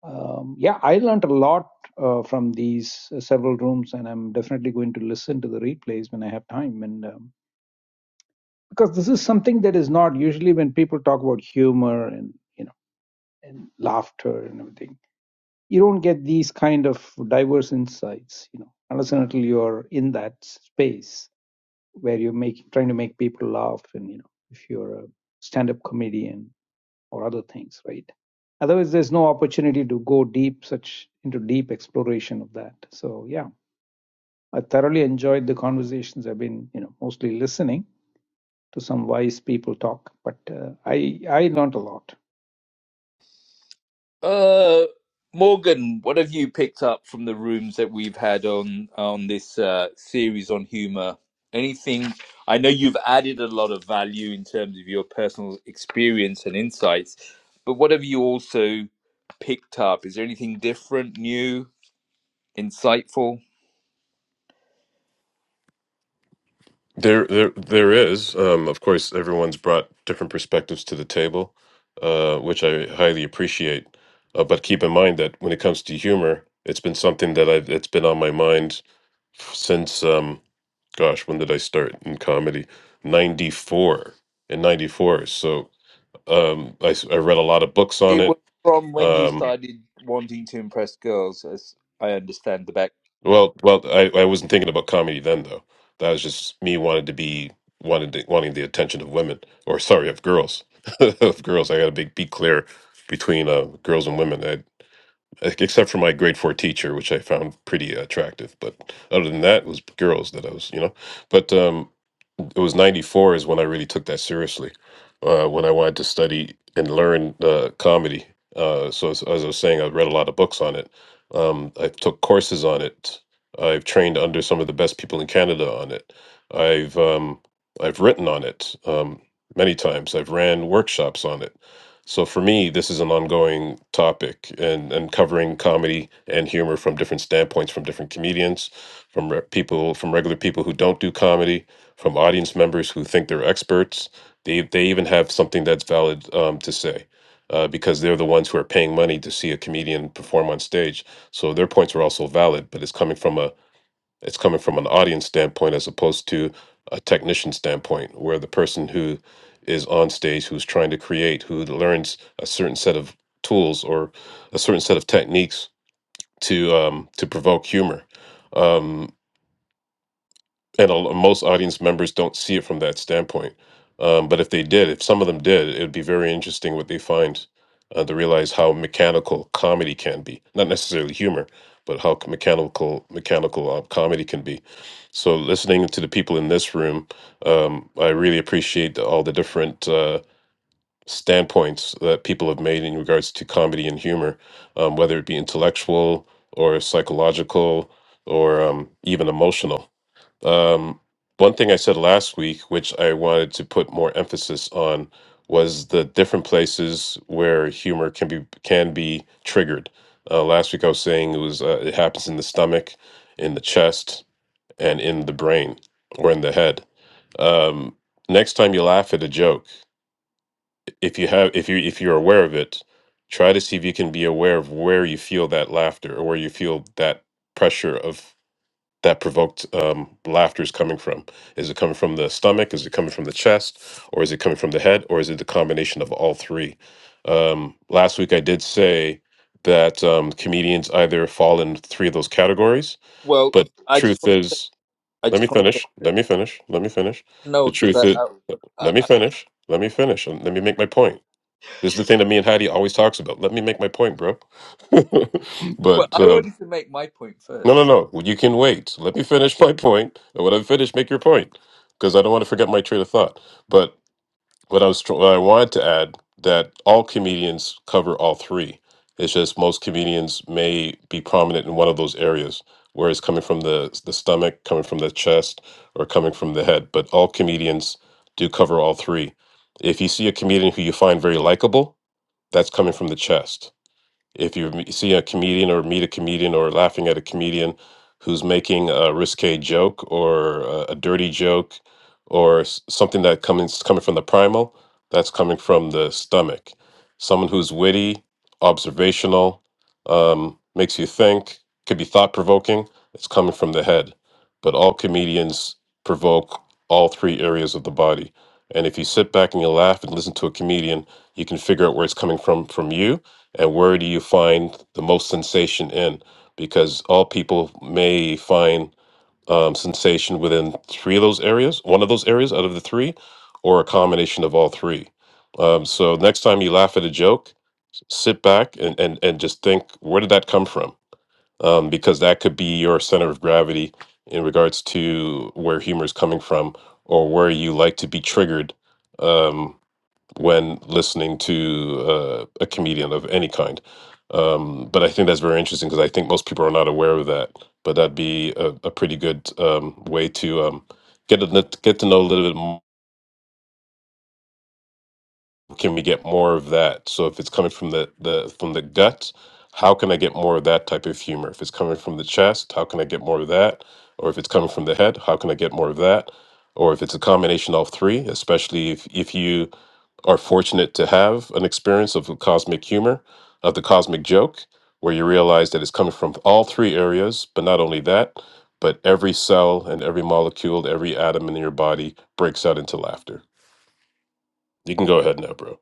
S2: Um, yeah, I learned a lot uh, from these uh, several rooms, and I'm definitely going to listen to the replays when I have time. And um, because this is something that is not usually when people talk about humor and, you know, and laughter and everything you don't get these kind of diverse insights, you know, unless and until you're in that space where you're making trying to make people laugh, and you know, if you're a stand-up comedian or other things, right? Otherwise, there's no opportunity to go deep, such into deep exploration of that. So, yeah, I thoroughly enjoyed the conversations. I've been, you know, mostly listening to some wise people talk, but uh, I I learned a lot.
S1: Uh, Morgan, what have you picked up from the rooms that we've had on on this uh, series on humor? Anything? I know you've added a lot of value in terms of your personal experience and insights, but what have you also picked up? Is there anything different, new, insightful?
S4: There, there, there is. Um, of course, everyone's brought different perspectives to the table, uh, which I highly appreciate. Uh, but keep in mind that when it comes to humor, it's been something that I've it's been on my mind since um, gosh, when did I start in comedy? Ninety four in ninety four. So um, I, s- I read a lot of books on
S1: It was
S4: it.
S1: from when you
S4: Um,
S1: started wanting to impress girls, as I understand the back.
S4: Well, well, I, I wasn't thinking about comedy then though. That was just me wanted to be wanted to, wanting the attention of women, or sorry, of girls, of girls. I got to be be clear between uh, girls and women. I, except for my grade four teacher, which I found pretty attractive, but other than that, it was girls that I was, you know. But um, it was 94 is when I really took that seriously, uh, when I wanted to study and learn uh, comedy. Uh, so as, as I was saying, I read a lot of books on it. Um, I took courses on it. I've trained under some of the best people in Canada on it. I've um, I've written on it um, many times. I've ran workshops on it. So for me, this is an ongoing topic, and and covering comedy and humor from different standpoints, from different comedians, from re- people, from regular people who don't do comedy, from audience members who think they're experts. They they even have something that's valid um, to say uh, because they're the ones who are paying money to see a comedian perform on stage. So their points are also valid, but it's coming from a it's coming from an audience standpoint as opposed to a technician standpoint, where the person who is on stage who's trying to create who learns a certain set of tools or a certain set of techniques to um, to provoke humor. Um, and a, most audience members don't see it from that standpoint. Um, but if they did, if some of them did, it would be very interesting what they find uh, to realize how mechanical comedy can be. Not necessarily humor, but how c- mechanical mechanical uh, comedy can be. So listening to the people in this room, um, I really appreciate all the different uh, standpoints that people have made in regards to comedy and humor, um, whether it be intellectual or psychological or um, even emotional um, one thing I said last week, which I wanted to put more emphasis on, was the different places where humor can be can be triggered. Uh, last week I was saying it was uh, it happens in the stomach, in the chest, and in the brain or in the head. Um, next time you laugh at a joke, if you have if you if you're aware of it, try to see if you can be aware of where you feel that laughter or where you feel that pressure of that provoked um, laughter is coming from. Is it coming from the stomach? Is it coming from the chest? Or is it coming from the head? Or is it the combination of all three? Um, last week I did say that um, comedians either fall in three of those categories,
S1: Well,
S4: but
S1: I just
S4: truth
S1: want to say,
S4: is,
S1: I
S4: let me
S1: just want to say
S4: finish. Let me finish. Let me finish. The
S1: no, because
S4: truth is,
S1: I,
S4: let
S1: I,
S4: me finish. Let me finish. and Let me make my point. This is the thing that me and Heidi always talks about. Let me make my point, bro.
S1: Well,
S4: but
S1: I
S4: um,
S1: wanted to make my point
S4: no, no,
S1: first.
S4: no. Well, You can wait. Let me finish my point. And when I'm finished, make your point because I don't want to forget my train of thought. But what I was, tr- what I wanted to add that all comedians cover all three. It's just most comedians may be prominent in one of those areas, whereas coming from the the stomach, coming from the chest, or coming from the head. But all comedians do cover all three. If you see a comedian who you find very likable, that's coming from the chest if you m- see a comedian or meet a comedian or laughing at a comedian who's making a risque joke or a, a dirty joke or s- something that comes coming from the primal, that's coming from the stomach. Someone who's witty, observational, um, makes you think, could be thought provoking. It's coming from the head. But all comedians provoke all three areas of the body. And if you sit back and you laugh and listen to a comedian, you can figure out where it's coming from from you and where do you find the most sensation in? Because all people may find um, sensation within three of those areas, one of those areas out of the three, or a combination of all three. Um, so next time you laugh at a joke, sit back and, and, and just think, where did that come from? Um, because that could be your center of gravity in regards to where humor is coming from or where you like to be triggered um, when listening to uh, a comedian of any kind. Um, but I think that's very interesting because I think most people are not aware of that. But that'd be a, a pretty good um, way to um, get to kn- get to know a little bit more. Can we get more of that? So if it's coming from the, the from the gut, how can I get more of that type of humor? If it's coming from the chest, how can I get more of that? Or if it's coming from the head, how can I get more of that? Or if it's a combination of all three, especially if if you are fortunate to have an experience of cosmic humor, of the cosmic joke, where you realize that it's coming from all three areas, but not only that, but every cell and every molecule, every atom in your body breaks out into laughter. You can go ahead now, bro.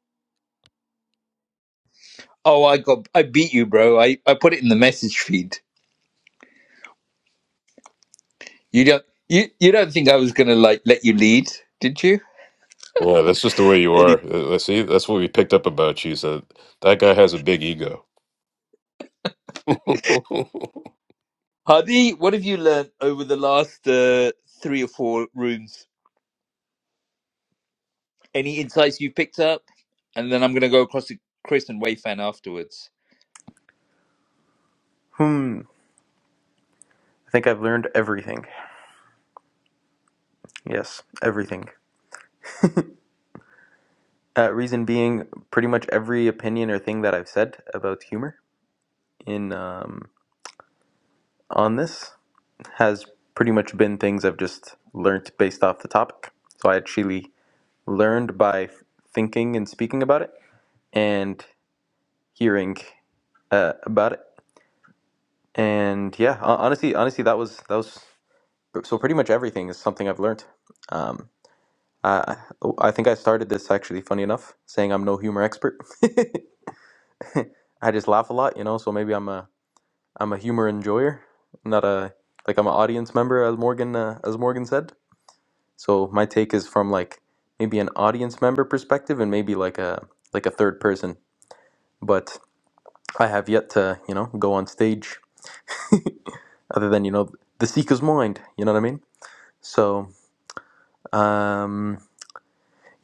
S1: Oh, I got, I beat you, bro. I, I put it in the message feed. You don't, you, you don't think I was gonna like let you lead, did you?
S4: Yeah, that's just the way you are.
S1: Anyway,
S4: Uh, uh, See, that's what we picked up about you. So that guy has a big ego.
S1: Hadi, what have you learned over the last uh, three or four rooms? Any insights you picked up? And then I'm gonna go across to Chris and Wayfan afterwards.
S5: Hmm. I think I've learned everything. Yes, everything. Uh, reason being, pretty much every opinion or thing that I've said about humor in um, on this. has pretty much been things I've just learnt based off the topic. So I actually learned by thinking and speaking about it and hearing uh, about it. And yeah, hon- honestly, honestly, that was that was so pretty much everything is something I've learned. Um, I I think I started this actually funny enough saying I'm no humor expert. I just laugh a lot, you know. So maybe I'm a I'm a humor enjoyer, not a like I'm an audience member, as Morgan uh, as Morgan said So my take is from like maybe an audience member perspective and maybe like a like a third person. But I have yet to, you know, go on stage other than, you know, the seeker's mind, you know what I mean? So, um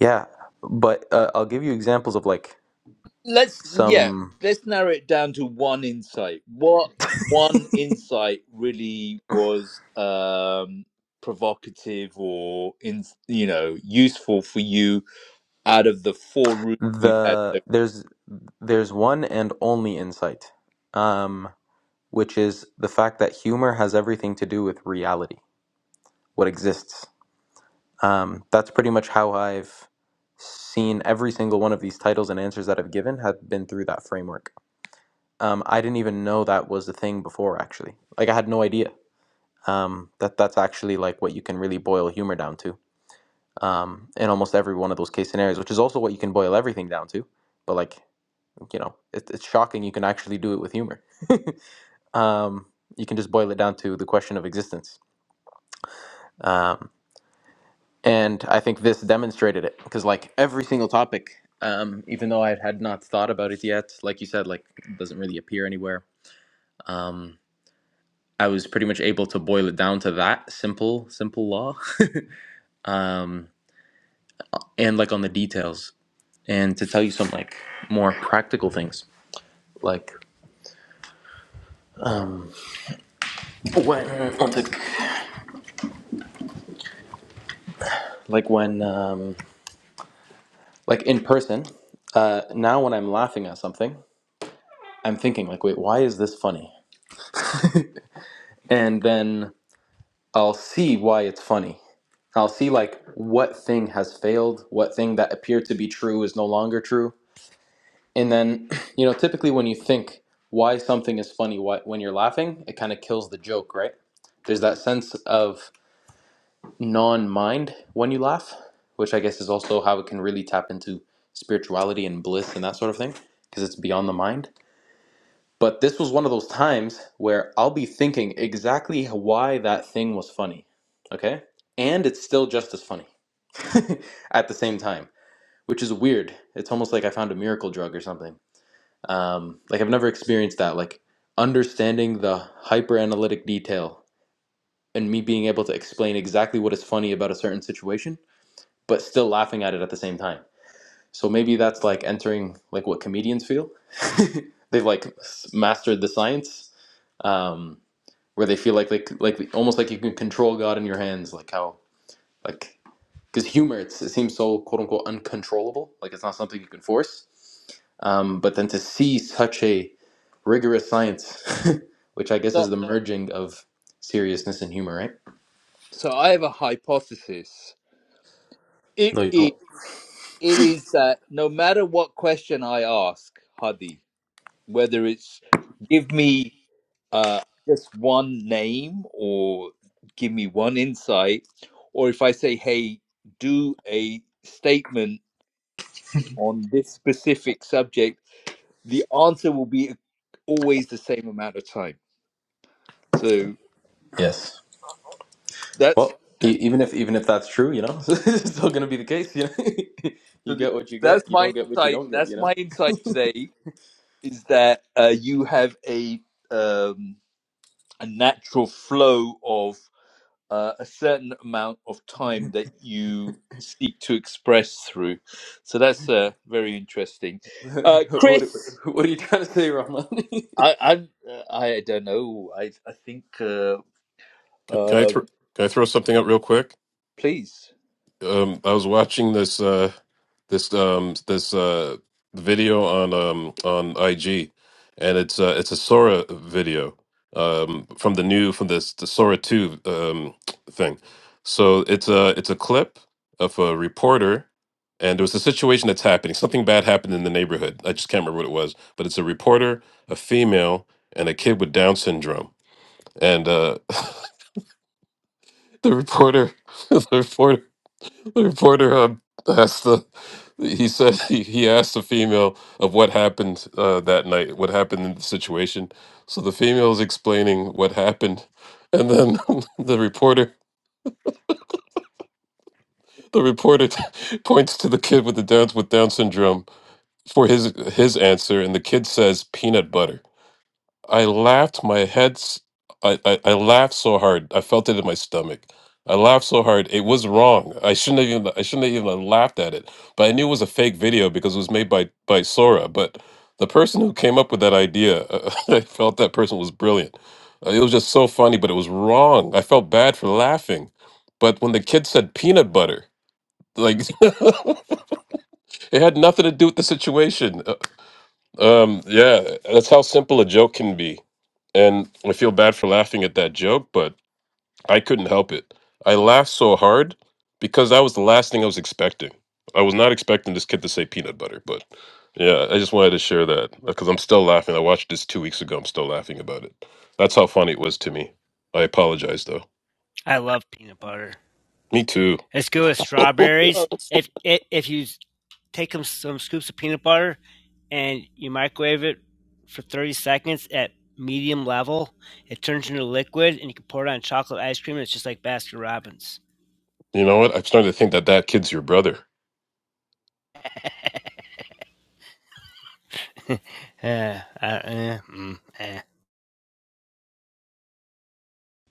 S5: yeah, but uh, I'll give you examples of like
S1: let's yeah
S5: some
S1: let's narrow it down to one insight what one insight really was um provocative or in you know useful for you out of the four routes we've had so,
S5: the there's there's one and only insight. Um which is the fact that humor has everything to do with reality, what exists Um, that's pretty much how I've seen every single one of these titles and answers that I've given have been through that framework. Um, I didn't even know that was a thing before, actually. Like I had no idea um, that that's actually like what you can really boil humor down to um, in almost every one of those case scenarios, which is also what you can boil everything down to. But like you know, it, it's shocking you can actually do it with humor. Um, you can just boil it down to the question of existence. Um, and I think this demonstrated it because like every single topic, um, even though I had not thought about it yet, like you said, like it doesn't really appear anywhere. Um, I was pretty much able to boil it down to that simple, simple law, um, and like on the details, and to tell you some like more practical things, like um, when one sec. like when um, like in person. Uh, now when I'm laughing at something, I'm thinking like, wait, why is this funny? And then I'll see why it's funny. I'll see like what thing has failed, what thing that appeared to be true is no longer true. And then, you know, typically when you think why something is funny, why, when you're laughing, it kind of kills the joke, right? There's that sense of non mind when you laugh, which I guess is also how it can really tap into spirituality and bliss and that sort of thing, because it's beyond the mind. But this was one of those times where I'll be thinking exactly why that thing was funny. Okay? And it's still just as funny at the same time, which is weird. It's almost like I found a miracle drug or something. Um, like I've never experienced that. Like understanding the hyper analytic detail and me being able to explain exactly what is funny about a certain situation, but still laughing at it at the same time. So maybe that's like entering like what comedians feel. They've like mastered the science. Um, where they feel like like like almost like you can control God in your hands, like how like because humor it's, it seems so quote unquote uncontrollable, like it's not something you can force. Um, but then to see such a rigorous science, which I guess
S1: so
S5: is the merging of seriousness and humor, right?
S1: so i have a hypothesis it,
S5: No, you
S1: it
S5: don't.
S1: it is that no matter what question i ask hadi whether it's give me uh, just one name or give me one insight, or if I say, hey, do a statement on this specific subject, the answer will be always the same amount of time. So
S5: Yes.
S1: that's
S5: Well, e- even if even if that's true, you know, it's still gonna be the case. You know,
S1: so
S5: you
S1: th-
S5: get what you get.
S1: that's
S5: You don't
S1: my
S5: get what you
S1: insight.
S5: don't get. You
S1: That's
S5: know.
S1: my insight today is that uh, you have a um, a natural flow of uh, a certain amount of time that you seek to express through. So that's uh, very interesting. Uh,
S5: what,
S1: Chris,
S5: what are you trying to say, Rahman?
S1: I, I'm, uh, I don't know. I, I think, uh,
S4: Can I
S1: uh,
S4: throw can I throw something up real quick?
S1: please.
S4: Um, I was watching this uh, this um, this uh, video on um, on IG, and it's uh, it's a Sora video um, from the new from this the Sora two um, thing. So it's a it's a clip of a reporter, and there was a situation that's happening. Something bad happened in the neighborhood. I just can't remember what it was, but it's a reporter, a female, and a kid with Down syndrome, and uh, the reporter the reporter The reporter uh, asked the he said he, he asked the female of what happened uh, that night, what happened in the situation. So the female is explaining what happened, and then the reporter the reporter points to the kid with the Downs with Down syndrome for his his answer, and the kid says peanut butter. I laughed my head s- I, I I laughed so hard. I felt it in my stomach. I laughed so hard. It was wrong. I shouldn't have even I shouldn't have even have laughed at it. But I knew it was a fake video because it was made by by Sora, but the person who came up with that idea, uh, I felt that person was brilliant. Uh, It was just so funny, but it was wrong. I felt bad for laughing. But when the kid said peanut butter, like it had nothing to do with the situation. Uh, Um, yeah, that's how simple a joke can be. And I feel bad for laughing at that joke, but I couldn't help it. I laughed so hard because that was the last thing I was expecting. I was not expecting this kid to say peanut butter, but yeah, I just wanted to share that because I'm still laughing. I watched this two weeks ago. I'm still laughing about it. That's how funny it was to me. I apologize though.
S6: i love peanut butter
S4: Me too.
S6: It's good with strawberries. If if, if you take some, some scoops of peanut butter and you microwave it for 30 seconds at medium level, it turns into liquid and you can pour it on chocolate ice cream. And it's just like Baskin Robbins.
S4: You know what? I'm starting to think that that kid's your brother.
S6: uh, uh, uh, mm, eh.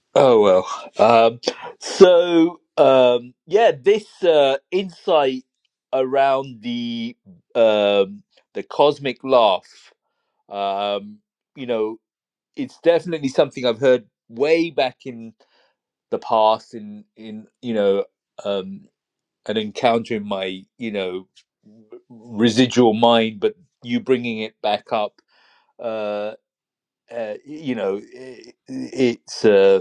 S1: Oh, well. Um, so, um, yeah, this uh, insight around the um, the cosmic laugh, um, you know, it's definitely something I've heard way back in the past in in you know um an encounter in my you know residual mind but you bringing it back up uh, uh you know i it's uh,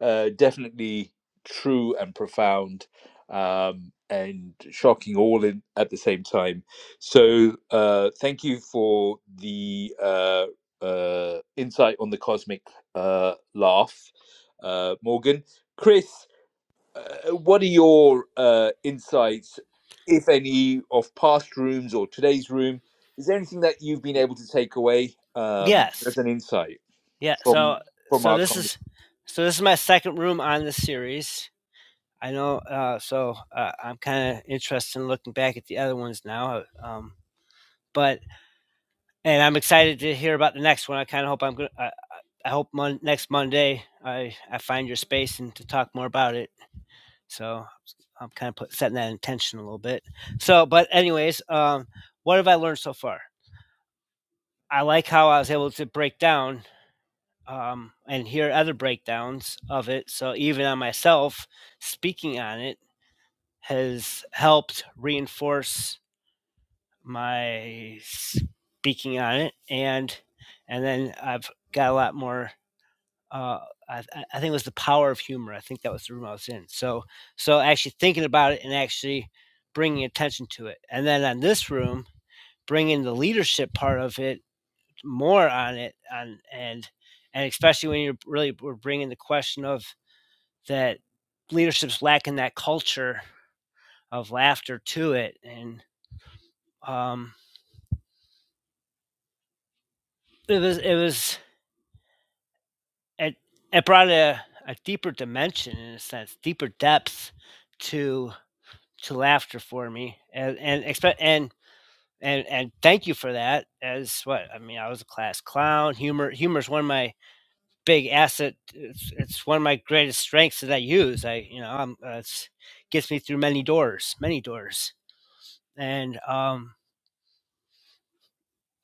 S1: uh definitely true and profound um and shocking all in at the same time so uh thank you for the uh uh insight on the cosmic uh laugh uh morgan chris uh, what are your uh, insights, if any, of past rooms or today's room? Is there anything that you've been able to take away um,
S6: Yes.
S1: as an insight
S6: Yeah.
S1: from
S6: So
S1: from
S6: so
S1: our
S6: this
S1: conversation?
S6: is so this is my second room on this series. I know. Uh, so uh, I'm kind of interested in looking back at the other ones now. Um, but and I'm excited to hear about the next one. I kind of hope I'm gonna. I, hope mon- next Monday I I find your space and to talk more about it. So I'm kind of put, setting that intention a little bit. So, but anyways, um, what have I learned so far? I like how I was able to break down um, and hear other breakdowns of it. So even on myself, speaking on it has helped reinforce my speaking on it, and and then I've got a lot more uh, I, I think it was the power of humor. I think that was the room I was in. So, so actually thinking about it and actually bringing attention to it, and then on this room, bringing the leadership part of it more on it, on and and especially when you're really we're bringing the question of that leadership's lacking that culture of laughter to it, and um, it was it was it, it brought a, a deeper dimension in a sense, deeper depth to to laughter for me and and expect and and and thank you for that as what i mean i was a class clown humor humor is one of my big asset it's, it's one of my greatest strengths that i use i you know i'm uh, it's gets me through many doors many doors and um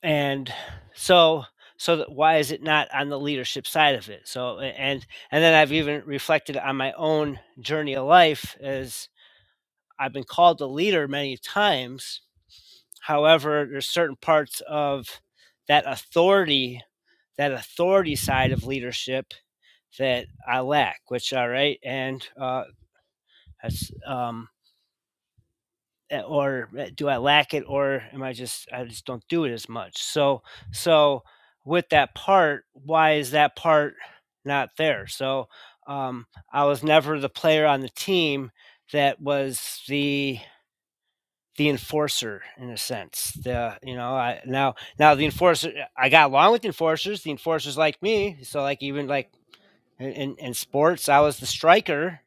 S6: and so so that why is it not on the leadership side of it so and and then i've even reflected on my own journey of life as i've been called a leader many times However, there's certain parts of that authority, that authority side of leadership that I lack, which all right, and uh, that's um, eh, or eh, do I lack it, or am I just I just don't do it as much? So so with that part, why is that part not there? So um, I was never the player on the team that was the the enforcer in a sense. The you know I now now the enforcer I got along with the enforcers. The enforcers like me, so like even like in, in sports, I was the striker.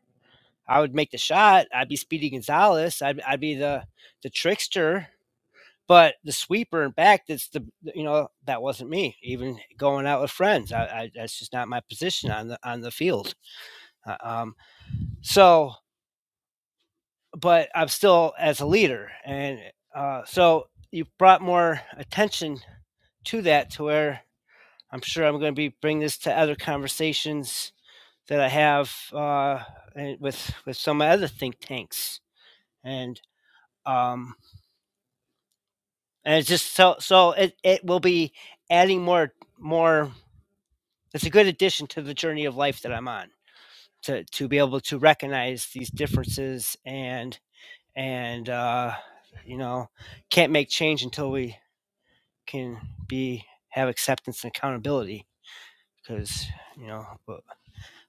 S6: I would make the shot. I'd be Speedy Gonzalez. I'd I'd be the the trickster. But the sweeper and back, that's the you know that wasn't me. Even going out with friends, I, I that's just not my position on the on the field. Uh, um, so, but I'm still as a leader, and uh, so you brought more attention to that to where I'm sure I'm going to be bringing this to other conversations that I have uh, with with some other think tanks, and um, and it's just so so it it will be adding more more. It's a good addition to the journey of life that I'm on to to be able to recognize these differences and and uh, you know can't make change until we can be have acceptance and accountability because you know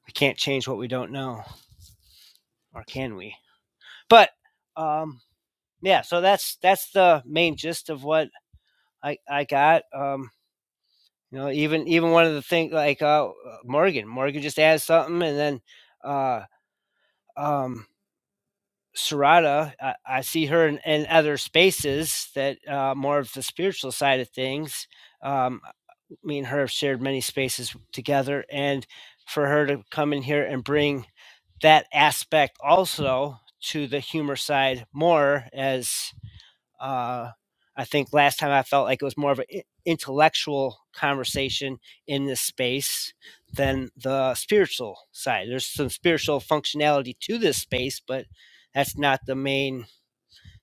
S6: we can't change what we don't know, or can we? But um, yeah, so that's that's the main gist of what I I got. Um, you know, even even one of the things like uh, Morgan, Morgan just adds something, and then uh, um, Sarada, I, I see her in, in other spaces that uh, more of the spiritual side of things. Um, me and her have shared many spaces together, and for her to come in here and bring that aspect also to the humor side more as uh, I think last time I felt like it was more of an intellectual conversation in this space than the spiritual side. There's some spiritual functionality to this space, but that's not the main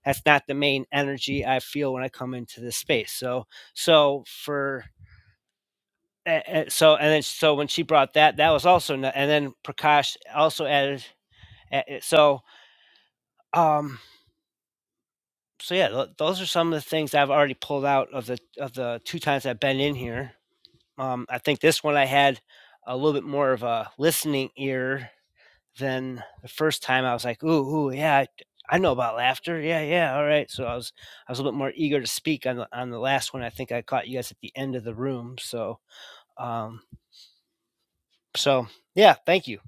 S6: that's not the main energy I feel when I come into this space. So so for a- so and then so when she brought that that was also no- and then Prakash also added a- so um so yeah, tho- those are some of the things I've already pulled out of the of the two times I've been in here. Um, I think this one I had a little bit more of a listening ear than the first time. I was like, ooh, ooh, yeah, I, I know about laughter. Yeah, yeah, all right. So I was I was a little bit more eager to speak on the on the last one. I think I caught you guys at the end of the room. So um, so yeah, thank you.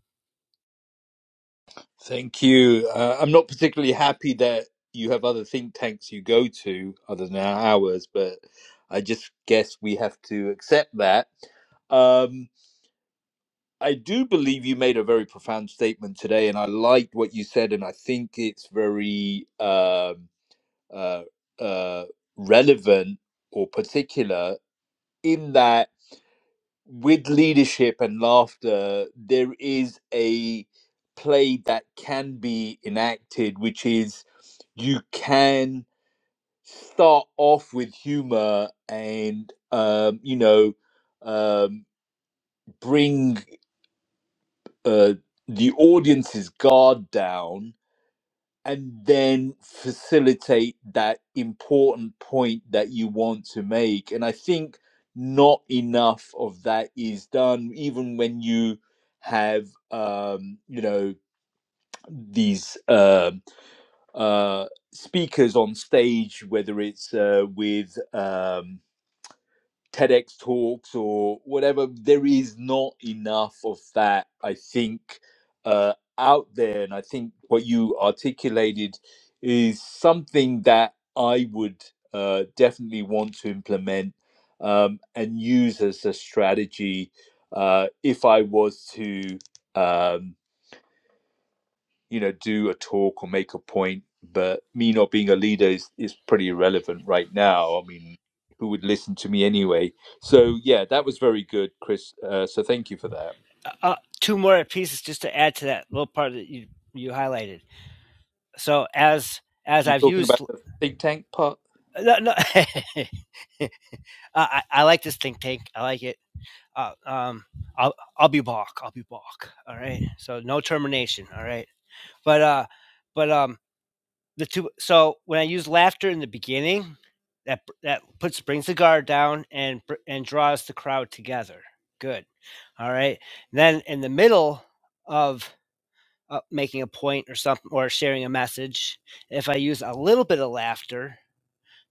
S1: Thank you. Uh, I'm not particularly happy that you have other think tanks you go to other than ours, but I just guess we have to accept that. Um, I do believe you made a very profound statement today, and I liked what you said, and I think it's very. Um, uh, uh, relevant or particular in that with leadership and laughter, there is a play that can be enacted, which is you can start off with humor and, um, you know, um, bring uh, the audience's guard down and then facilitate that important point that you want to make. And I think not enough of that is done, even when you have, um, you know, these um uh, speakers on stage, whether it's uh, with um, TEDx talks or whatever. There is not enough of that, I think, uh, out there. And I think what you articulated is something that I would uh, definitely want to implement um, and use as a strategy uh, if I was to. Um, you know, do a talk or make a point. But me not being a leader is, is pretty irrelevant right now. I mean, who would listen to me anyway? So, yeah, that was very good, Chris. Uh, so, thank you for that.
S6: Uh, uh, two more pieces just to add to that little part that you you highlighted. So as as
S1: You're
S6: I've
S1: talking about
S6: used
S1: the think tank part?
S6: no, no. I, I I like this think tank. I like it. Uh, um, I'll I'll be back. I'll be back. All right. So no termination. All right. But uh, but um, the two. So when I use laughter in the beginning, that that puts brings the guard down and and draws the crowd together. Good. All right. Then in the middle of uh, making a point or something or sharing a message, if I use a little bit of laughter,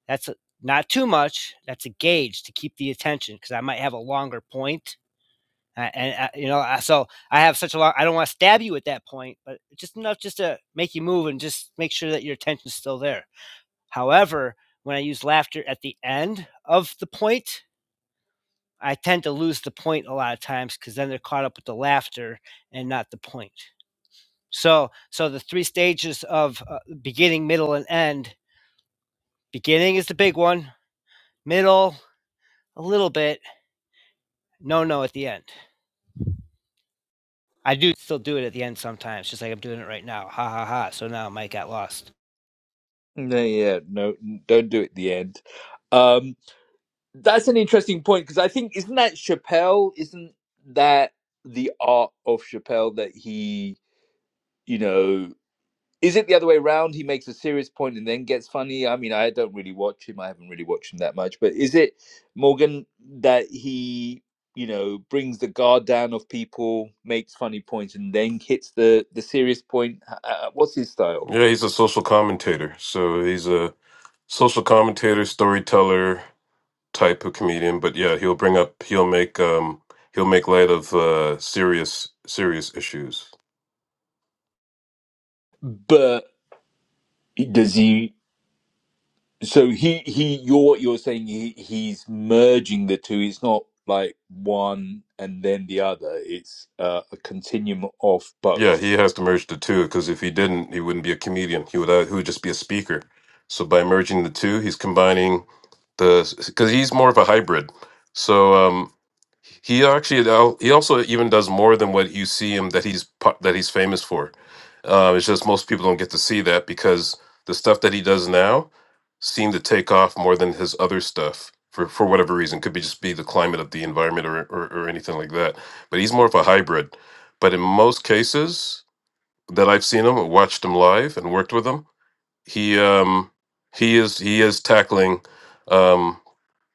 S6: that's not too much. That's a gauge to keep the attention because I might have a longer point. I, and I, you know, I, so I have such a long. I don't want to stab you at that point, but just enough just to make you move and just make sure that your attention's still there. However, when I use laughter at the end of the point, I tend to lose the point a lot of times because then they're caught up with the laughter and not the point. So, so the three stages of uh, beginning, middle, and end. Beginning is the big one. Middle, a little bit, No, no, at the end. I do still do it at the end sometimes, just like I'm doing it right now. Ha ha ha. So now Mike got lost.
S1: No, yeah, no, n- don't do it at the end. Um, that's an interesting point because I think, isn't that Chappelle? Isn't that the art of Chappelle that he, you know, Is it the other way around? He makes a serious point and then gets funny. I mean, I don't really watch him. I haven't really watched him that much. But is it Morgan that he, you know, brings the guard down of people, makes funny points, and then hits the the serious point? Uh, uh, what's his style?
S4: Yeah, he's a social commentator. So he's a social commentator, storyteller type of comedian. But yeah, he'll bring up, he'll make, um, he'll make light of uh, serious, serious issues.
S1: But does he? So he he you're what you're saying. He he's merging the two. It's not like one and then the other. It's uh, a continuum of
S4: Yeah,
S1: both.
S4: he has to merge the two because if he didn't, he wouldn't be a comedian. He would, uh, he would just be a speaker. So by merging the two, he's combining the because he's more of a hybrid. So um He actually al- he also even does more than what you see him that he's pu- that he's famous for. Uh, it's just most people don't get to see that because the stuff that he does now seem to take off more than his other stuff for for whatever reason. Could be just be the climate of the environment or or, or anything like that. But he's more of a hybrid. But in most cases that I've seen him, watched him live, and worked with him, he um he is he is tackling. Um,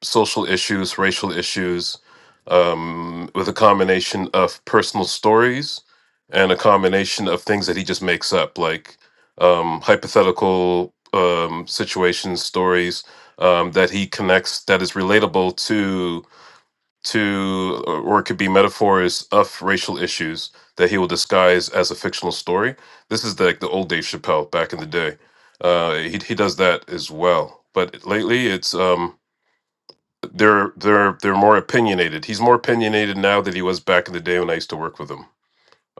S4: social issues, racial issues, um, with a combination of personal stories and a combination of things that he just makes up, like um, hypothetical um, situations, stories um, that he connects that is relatable to to or it could be metaphors of racial issues that he will disguise as a fictional story. This is like the old Dave Chappelle back in the day. Uh, he he does that as well, but lately it's um, they're they're they're more opinionated. He's more opinionated now than he was back in the day when I used to work with him.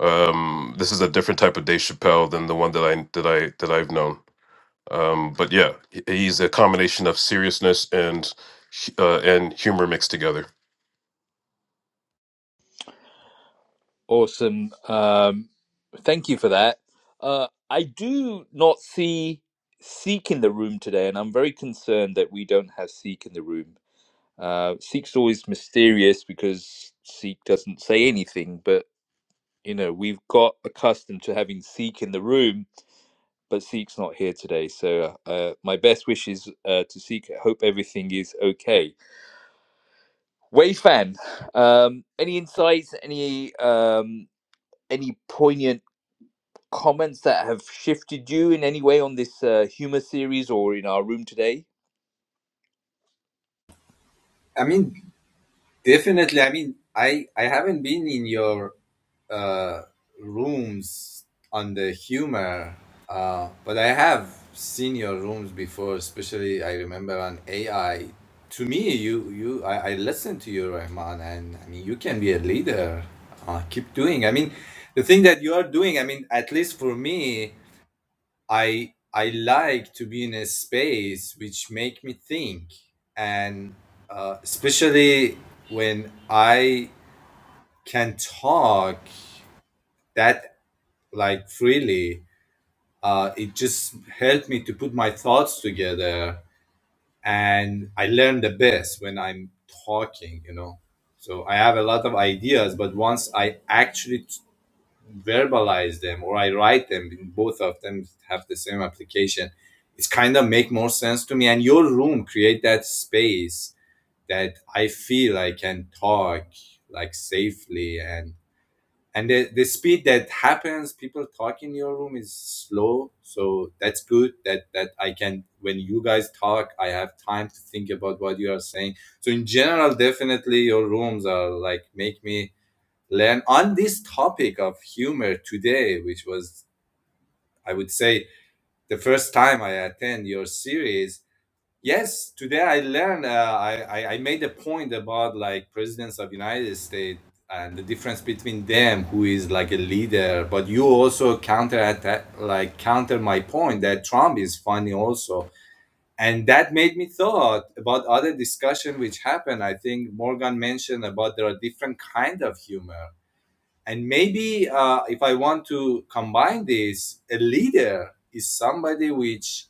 S4: Um, this is a different type of Dave Chappelle than the one that I that I that I've known. Um, but yeah, he- he's a combination of seriousness and hu- uh, and humor mixed together.
S1: Awesome. Um, thank you for that. Uh, I do not see Seek in the room today, and I'm very concerned that we don't have Seek in the room. Uh, Seek's always mysterious because Seek doesn't say anything, but you know we've got accustomed to having Seek in the room, but Seek's not here today. So uh, my best wishes uh, to Seek. I hope everything is okay. Wei Fan, um, any insights? Any um, any poignant? comments that have shifted you in any way on this uh, humor series or in our room today?
S8: I mean, definitely. I mean, I I haven't been in your uh, rooms on the humor, uh, but I have seen your rooms before. Especially, I remember on AI. To me, you you I, I listen to you, Rahman, and I mean, you can be a leader. Uh, keep doing. I mean, the thing that you are doing. I mean, at least for me. I I like to be in a space which make me think, and uh, especially when I can talk that like freely, uh, it just helped me to put my thoughts together, and I learn the best when I'm talking, you know. So I have a lot of ideas, but once I actually verbalize them or I write them, both of them have the same application. It's kind of make more sense to me. And your room create that space that I feel I can talk like safely and and the, the speed that happens people talk in your room is slow so that's good that that i can when you guys talk i have time to think about what you are saying so in general definitely your rooms are like make me learn on this topic of humor today, which was, I would say, the first time I attend your series. Yes, today I learned. Uh, I, I I made a point about like presidents of United States and the difference between them, who is like a leader. But you also counter attack, like counter my point that Trump is funny also, and that made me thought about other discussion which happened. I think Morgan mentioned about there are different kind of humor and maybe uh, if i want to combine this a leader is somebody which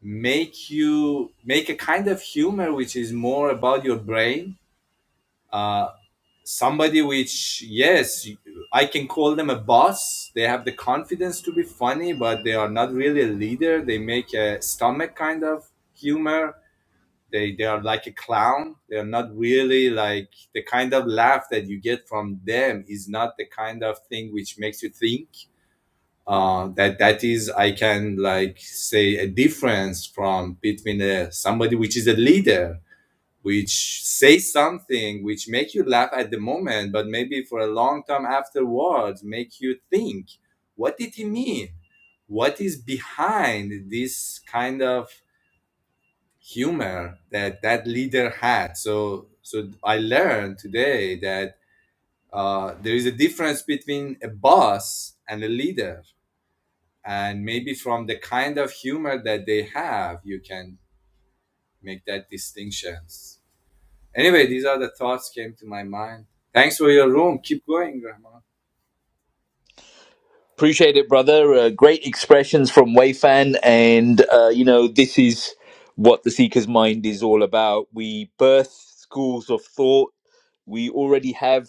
S8: make you make a kind of humor which is more about your brain uh, somebody which yes i can call them a boss they have the confidence to be funny but they are not really a leader they make a stomach kind of humor they they are like a clown. They are not really like the kind of laugh that you get from them is not the kind of thing which makes you think. Uh, that that is I can like say a difference from between uh somebody which is a leader which say something which make you laugh at the moment but maybe for a long time afterwards make you think what did he mean what is behind this kind of humor that that leader had. So so I learned today that uh, there is a difference between a boss and a leader, and maybe from the kind of humor that they have, you can make that distinctions. Anyway, these are the thoughts came to my mind. Thanks for your room. Keep going, Rahman.
S1: Appreciate it, brother. Uh, great expressions from Wayfan, and uh, you know this is what the Seeker's Mind is all about. We birth schools of thought. We already have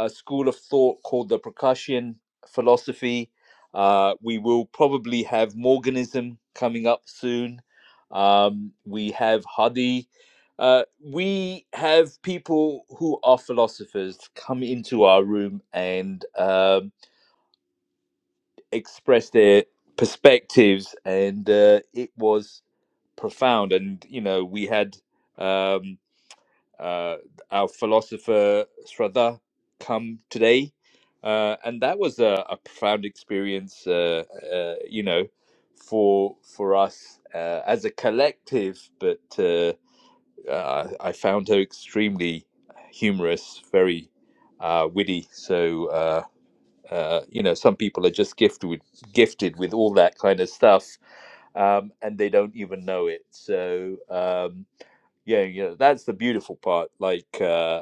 S1: a school of thought called the Prakashian philosophy. Uh, we will probably have Morganism coming up soon. Um, we have Hadi. Uh, we have people who are philosophers come into our room and um express their perspectives, and uh, it was profound. And you know, we had um, uh, our philosopher Shraddha come today. Uh, and that was a, a profound experience, uh, uh, you know, for for us uh, as a collective. But uh, I, I found her extremely humorous, very uh, witty. So uh, uh, you know, some people are just gifted with gifted with all that kind of stuff, um, and they don't even know it. So um, yeah, you know, that's the beautiful part. Like. Uh,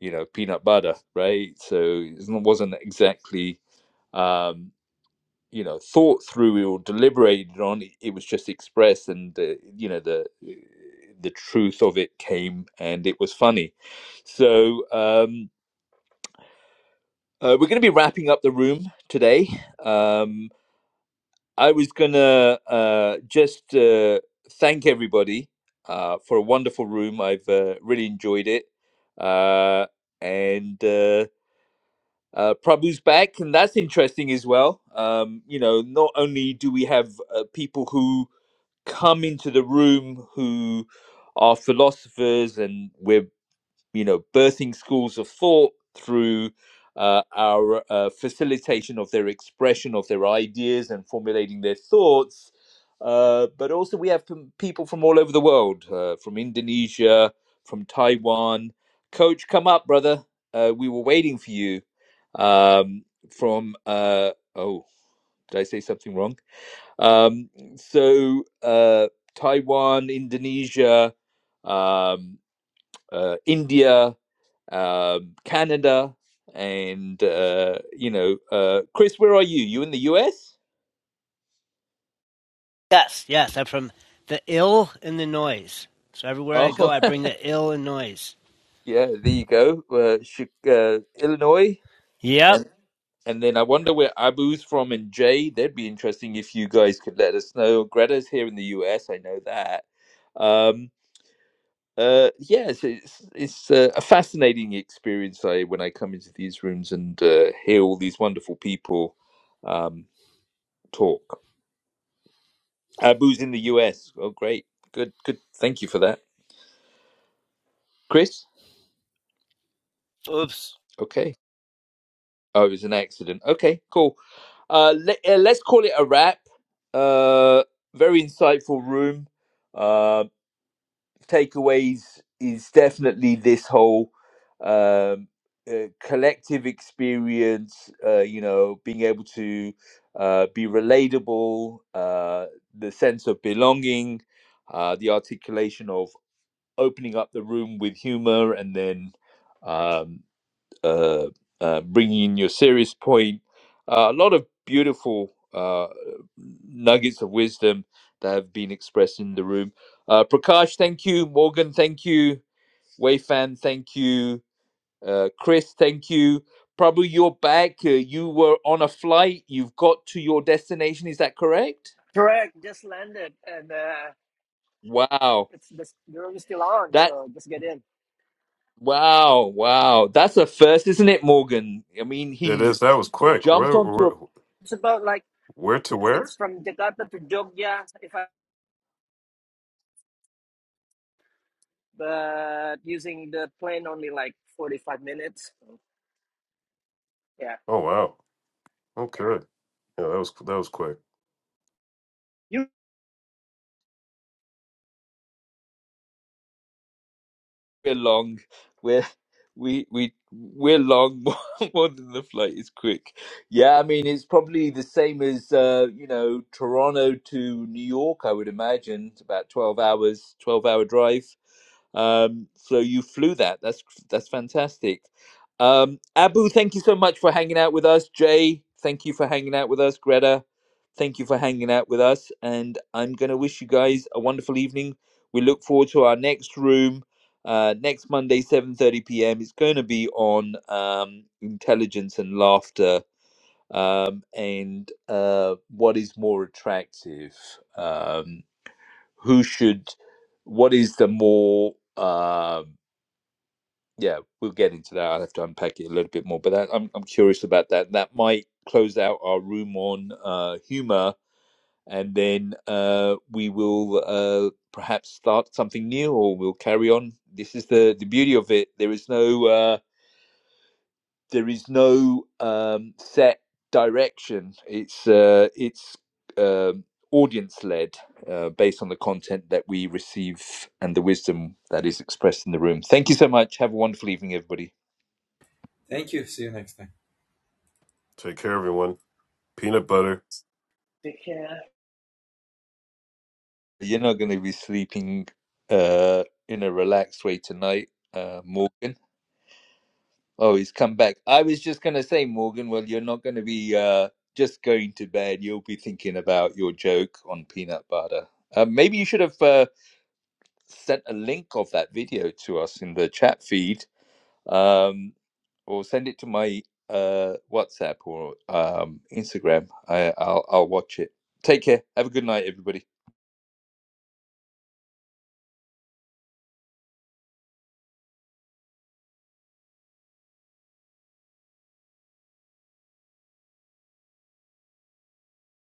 S1: you know peanut butter right so it wasn't exactly um you know thought through or deliberated on it was just expressed and uh, you know the the truth of it came and it was funny so um uh, we're going to be wrapping up the room today um i was going to uh just uh thank everybody uh for a wonderful room i've uh, really enjoyed it uh and Uh, Uh, Prabhu's back, and that's interesting as well. Um, you know, not only do we have uh, people who come into the room who are philosophers, and we're you know, birthing schools of thought through uh, our uh, facilitation of their expression of their ideas and formulating their thoughts. Uh, but also, we have from people from all over the world, uh, from Indonesia, from Taiwan. Coach, come up, brother. Uh, we were waiting for you. Um, from uh, oh, did I say something wrong? Um, so uh, Taiwan, Indonesia, um, uh, India um, Canada, and uh, you know, uh, Chris, where are you? You in the U.S.?
S6: Yes, yes, I'm from the ill and the noise. So everywhere I go,
S1: Oh,
S6: I bring the ill and noise.
S1: yeah, there you go. Uh, Chi- uh, Illinois,
S6: Yep.
S1: and and then I wonder where Abu's from and Jay. That'd be interesting if you guys could let us know. Greta's here in the U.S. I know that. Um, uh, yeah, it's it's, it's uh, a fascinating experience. I when I come into these rooms and uh, hear all these wonderful people um, talk. Abu's in the US. Oh, great. Good, good. Thank you for that. Chris?
S6: Oops.
S1: Okay. Oh, it was an accident. Okay, cool. Uh, let, uh, let's call it a wrap. Uh, very insightful room. Uh, takeaways is definitely this whole um, uh, collective experience, uh, you know, being able to uh, be relatable, uh, the sense of belonging, uh, the articulation of opening up the room with humor and then um, uh, uh, bringing in your serious point. Uh, a lot of beautiful uh, nuggets of wisdom that have been expressed in the room. Uh, Prakash, thank you. Morgan, thank you. Wei fan, thank you. Uh, Chris, thank you. Probably you're back. Uh, you were on a flight. You've got to your destination. Is that correct?
S3: Correct. Just landed, and uh,
S1: Wow.
S3: it's this, the room is still on,
S1: That
S3: so just get in.
S1: Wow, wow. That's a first, isn't it, Morgan? I mean,
S4: It
S1: he's
S4: is. That was quick.
S1: jumped
S4: Where
S1: onto
S4: where
S1: a
S3: It's about like.
S4: where to where?
S3: It's from Jakarta to Jogja, if I but using the plane only like forty five minutes. Yeah,
S4: Oh wow. Okay. Yeah, that was that was quick.
S3: you.
S1: we're long. We're we we we're long more, more than the flight is quick. Yeah, I mean it's probably the same as uh, you know Toronto to New York. I would imagine it's about twelve hours, twelve hour drive. Um, so you flew that. That's that's fantastic. Um, Abu, thank you so much for hanging out with us. Jay, thank you for hanging out with us. Greta, thank you for hanging out with us. And I'm going to wish you guys a wonderful evening. We look forward to our next room uh, next Monday, 7:30 p.m. It's going to be on um, intelligence and laughter, um, and uh, what is more attractive? Um, who should? What is the more? um yeah, we'll get into that. I'll have to unpack it a little bit more, but that, I'm I'm curious about that. That might close out our room on uh, humor and then uh, we will uh, perhaps start something new or we'll carry on this is the the beauty of it there is no uh, there is no um, set direction it's uh, it's um audience led uh, based on the content that we receive and the wisdom that is expressed in the room thank you so much have a wonderful evening everybody
S8: Thank you. See you next time.
S4: Take care, everyone. Peanut butter.
S3: Yeah.
S1: you're not going to be sleeping uh, in a relaxed way tonight uh, morgan Oh, he's come back. I was just going to say, Morgan, well, you're not going to be uh, just going to bed. You'll be thinking about your joke on peanut butter. Uh, maybe you should have uh, sent a link of that video to us in the chat feed um, or send it to my uh, WhatsApp or um, Instagram. I, I'll, I'll watch it. Take care. Have a good night, everybody.